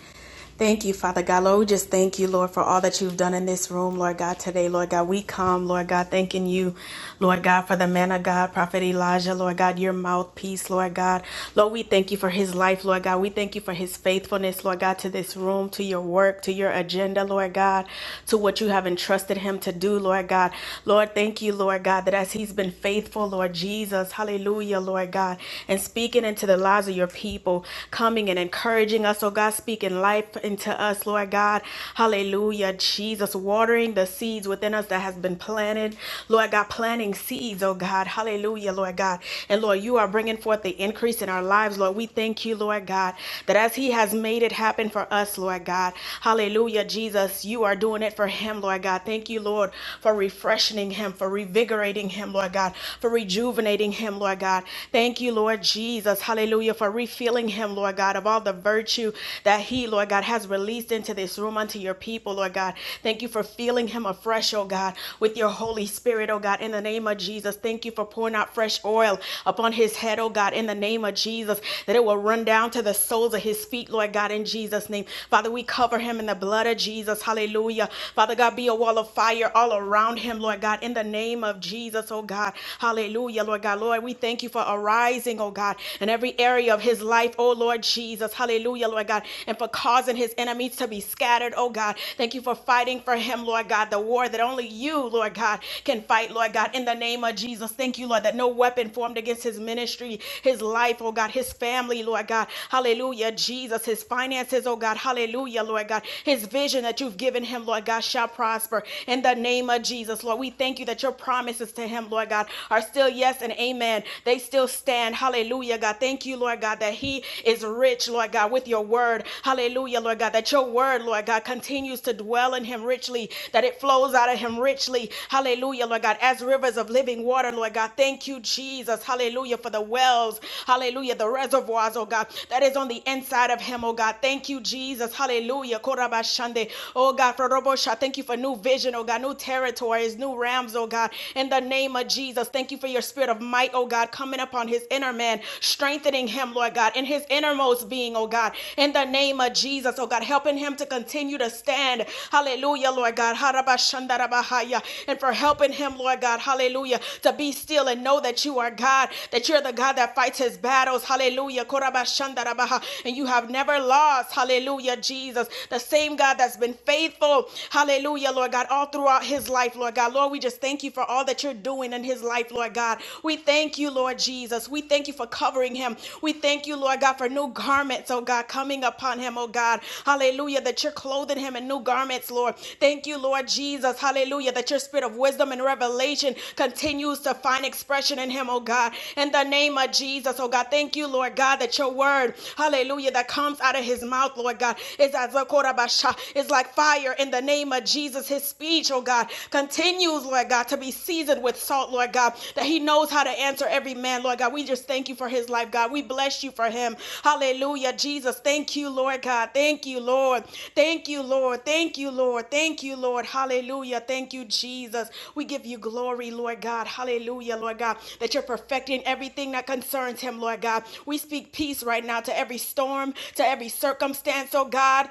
S27: Thank you, Father God. Lord, we just thank you, Lord, for all that you've done in this room, Lord God, today. Lord God, we come, Lord God, thanking you, Lord God, for the man of God, Prophet Elijah, Lord God, your mouthpiece, Lord God. Lord, we thank you for his life, Lord God. We thank you for his faithfulness, Lord God, to this room, to your work, to your agenda, Lord God, to what you have entrusted him to do, Lord God. Lord, thank you, Lord God, that as he's been faithful, Lord Jesus, hallelujah, Lord God, and speaking speaking into the lives of your people, coming and encouraging us, oh God, speaking life into us, Lord God. Hallelujah, Jesus, watering the seeds within us that has been planted, Lord God, planting seeds, oh God. Hallelujah, Lord God. And Lord, you are bringing forth the increase in our lives, Lord. We thank you, Lord God, that as He has made it happen for us, Lord God. Hallelujah, Jesus, you are doing it for Him, Lord God. Thank you, Lord, for refreshing Him, for revigorating Him, Lord God, for rejuvenating Him, Lord God. God. Thank you, Lord Jesus. Hallelujah. For refilling him, Lord God, of all the virtue that he, Lord God, has released into this room unto your people, Lord God. Thank you for filling him afresh, oh God, with your Holy Spirit, oh God, in the name of Jesus. Thank you for pouring out fresh oil upon his head, oh God, in the name of Jesus, that it will run down to the soles of his feet, Lord God, in Jesus' name. Father, we cover him in the blood of Jesus. Hallelujah. Father God, be a wall of fire all around him, Lord God, in the name of Jesus, oh God. Hallelujah. Hallelujah, Lord God. Lord, we thank you for arising, oh God, in every area of his life, oh Lord Jesus. Hallelujah, Lord God. And for causing his enemies to be scattered, oh God. Thank you for fighting for him, Lord God, the war that only you, Lord God, can fight, Lord God, in the name of Jesus. Thank you, Lord, that no weapon formed against his ministry, his life, oh God, his family, Lord God. Hallelujah, Jesus. His finances, oh God. Hallelujah, Lord God. His vision that you've given him, Lord God, shall prosper in the name of Jesus, Lord. We thank you that your promise promises to him, Lord God, are still yes and amen. They still stand. Hallelujah, God. Thank you, Lord God, that he is rich, Lord God, with your word. Hallelujah, Lord God, that your word, Lord God, continues to dwell in him richly, that it flows out of him richly. Hallelujah, Lord God, as rivers of living water, Lord God. Thank you, Jesus. Hallelujah, for the wells. Hallelujah, the reservoirs, oh God, that is on the inside of him, oh God. Thank you, Jesus. Hallelujah. Korabashande. Oh God, for Robosha, thank you for new vision, oh God, new territory territories, new realms, oh God, in the name of Jesus. Thank you for your spirit of might, oh God, coming upon his inner man, strengthening him, Lord God, in his innermost being, oh God, in the name of Jesus, oh God, helping him to continue to stand. Hallelujah, Lord God. Harabashandarabahaya. And for helping him, Lord God, hallelujah, to be still and know that you are God, that you're the God that fights his battles. Hallelujah. Korabashandarabaha. And you have never lost. Hallelujah, Jesus. The same God that's been faithful. Hallelujah hallelujah, Lord God, all throughout his life, Lord God. Lord, we just thank you for all that you're doing in his life, Lord God. We thank you, Lord Jesus. We thank you for covering him. We thank you, Lord God, for new garments, oh God, coming upon him, oh God. Hallelujah, that you're clothing him in new garments, Lord. Thank you, Lord Jesus. Hallelujah, that your spirit of wisdom and revelation continues to find expression in him, oh God. In the name of Jesus, oh God, thank you, Lord God, that your word, hallelujah, that comes out of his mouth, Lord God, is as a korabasha, is like like fire in the name of Jesus. His speech, oh God, continues, Lord God, to be seasoned with salt, Lord God, that he knows how to answer every man, Lord God. We just thank you for his life, God. We bless you for him. Hallelujah, Jesus. Thank you, Lord God. Thank you, Lord. Thank you, Lord. Thank you, Lord. Thank you, Lord. Hallelujah. Thank you, Jesus. We give you glory, Lord God. Hallelujah, Lord God, that you're perfecting everything that concerns him, Lord God. We speak peace right now to every storm, to every circumstance, oh God.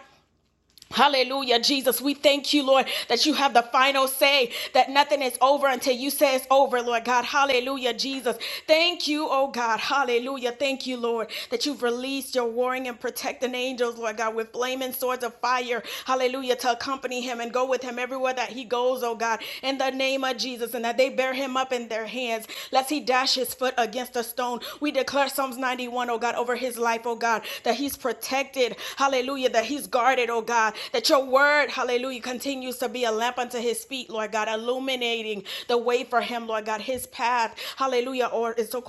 S27: Hallelujah, Jesus. We thank you, Lord, that you have the final say, that nothing is over until you say it's over, Lord God. Hallelujah, Jesus. Thank you, oh God. Hallelujah. Thank you, Lord, that you've released your warring and protecting angels, Lord God, with flaming swords of fire. Hallelujah, to accompany him and go with him everywhere that he goes, oh God, in the name of Jesus, and that they bear him up in their hands, lest he dash his foot against a stone. We declare declare Psalms 91, O God, over his life, oh God, that he's protected. Hallelujah. That he's guarded, oh God. That your word, hallelujah, continues to be a lamp unto his feet, Lord God, illuminating the way for him, Lord God. His path, hallelujah, or so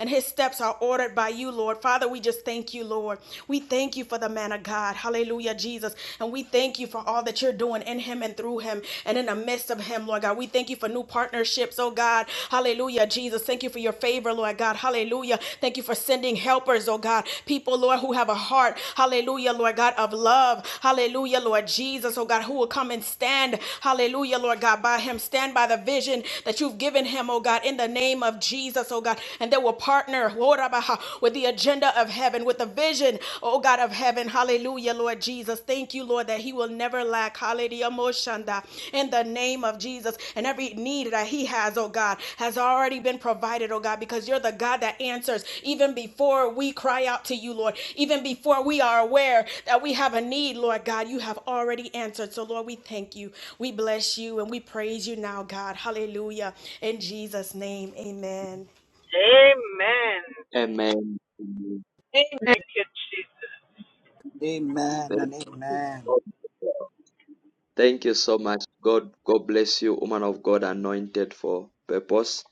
S27: and his steps are ordered by you, Lord. Father, we just thank you, Lord. We thank you for the man of God. Hallelujah, Jesus. And we thank you for all that you're doing in him and through him and in the midst of him him, Lord God. We thank you for new partnerships, oh God. Hallelujah, Jesus. Thank you for your favor, Lord God. Hallelujah. Thank you for sending helpers, oh God. People, Lord, who have a heart, hallelujah, Lord God, of love. Hallelujah, Lord Jesus, oh God, who will come and stand, hallelujah, Lord God, by him. Stand by the vision that you've given him, oh God, in the name of Jesus, oh God. And they will partner, Lord, with the agenda of heaven, with the vision, oh God, of heaven. Hallelujah, Lord Jesus. Thank you, Lord, that he will never lack. Hallelujah, Moshanda. In the name of Jesus. And every need that he has, oh God, has already been provided, oh God, because you're the God that answers even before we cry out to you, Lord. Even before we are aware that we have a need, Lord God, you have already answered. So, Lord, we thank you. We bless you and we praise you now, God. Hallelujah. In Jesus' name, amen.
S12: Amen.
S1: Amen. Amen.
S12: Thank you, Jesus.
S32: amen
S1: Thank you,
S32: and amen.
S1: Lord. Thank you so much. God, God bless you, woman of God, anointed for purpose.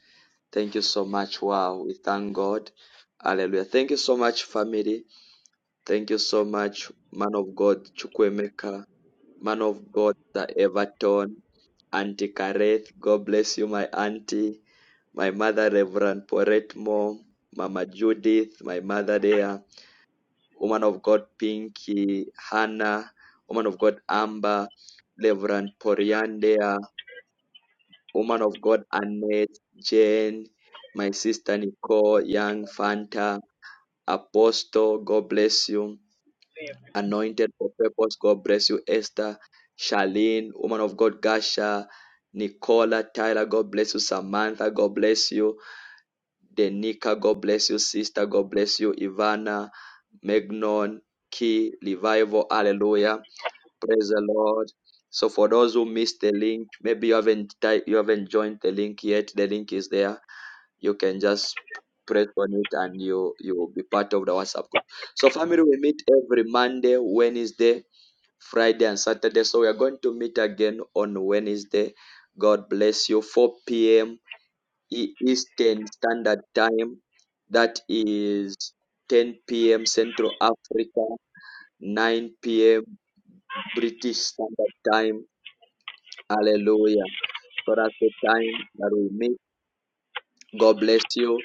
S1: Thank you so much. Wow, we thank God. Hallelujah. Thank you so much, family. Thank you so much, man of God, Chukwemeka, man of God, the Everton, Auntie Kareth. God bless you, my auntie, my mother, Reverend Poretmo, Mama Judith, my mother there, woman of God, Pinky, Hannah, woman of God, Amber, Reverend Poriandea, Woman of God, Annette, Jane, my sister Nicole, Young, Fanta, Apostle, God bless you. Anointed for purpose, God bless you. Esther, Charlene, Woman of God, Gasha, Nicola, Tyler, God bless you. Samantha, God bless you. Denika, God bless you. Sister, God bless you. Ivana, Megnon, Key, Revival, Hallelujah. Praise the Lord. So for those who missed the link, maybe you haven't ty- you haven't joined the link yet. The link is there you can just press on it and you you will be part of the whatsapp group so family we meet every monday wednesday friday and saturday so we are going to meet again on wednesday god bless you 4 p.m E- eastern standard time that is 10 p.m central africa 9 p.m british standard time hallelujah so that's the time that we meet god bless you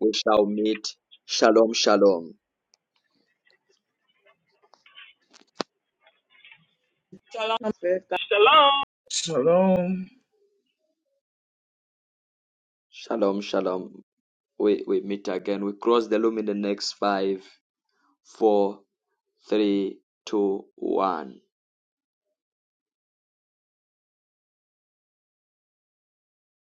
S1: we shall meet. Shalom, shalom.
S20: Shalom.
S25: Shalom.
S1: Shalom, shalom. We, we meet again. We cross the loom in the next five, four, three, two, one.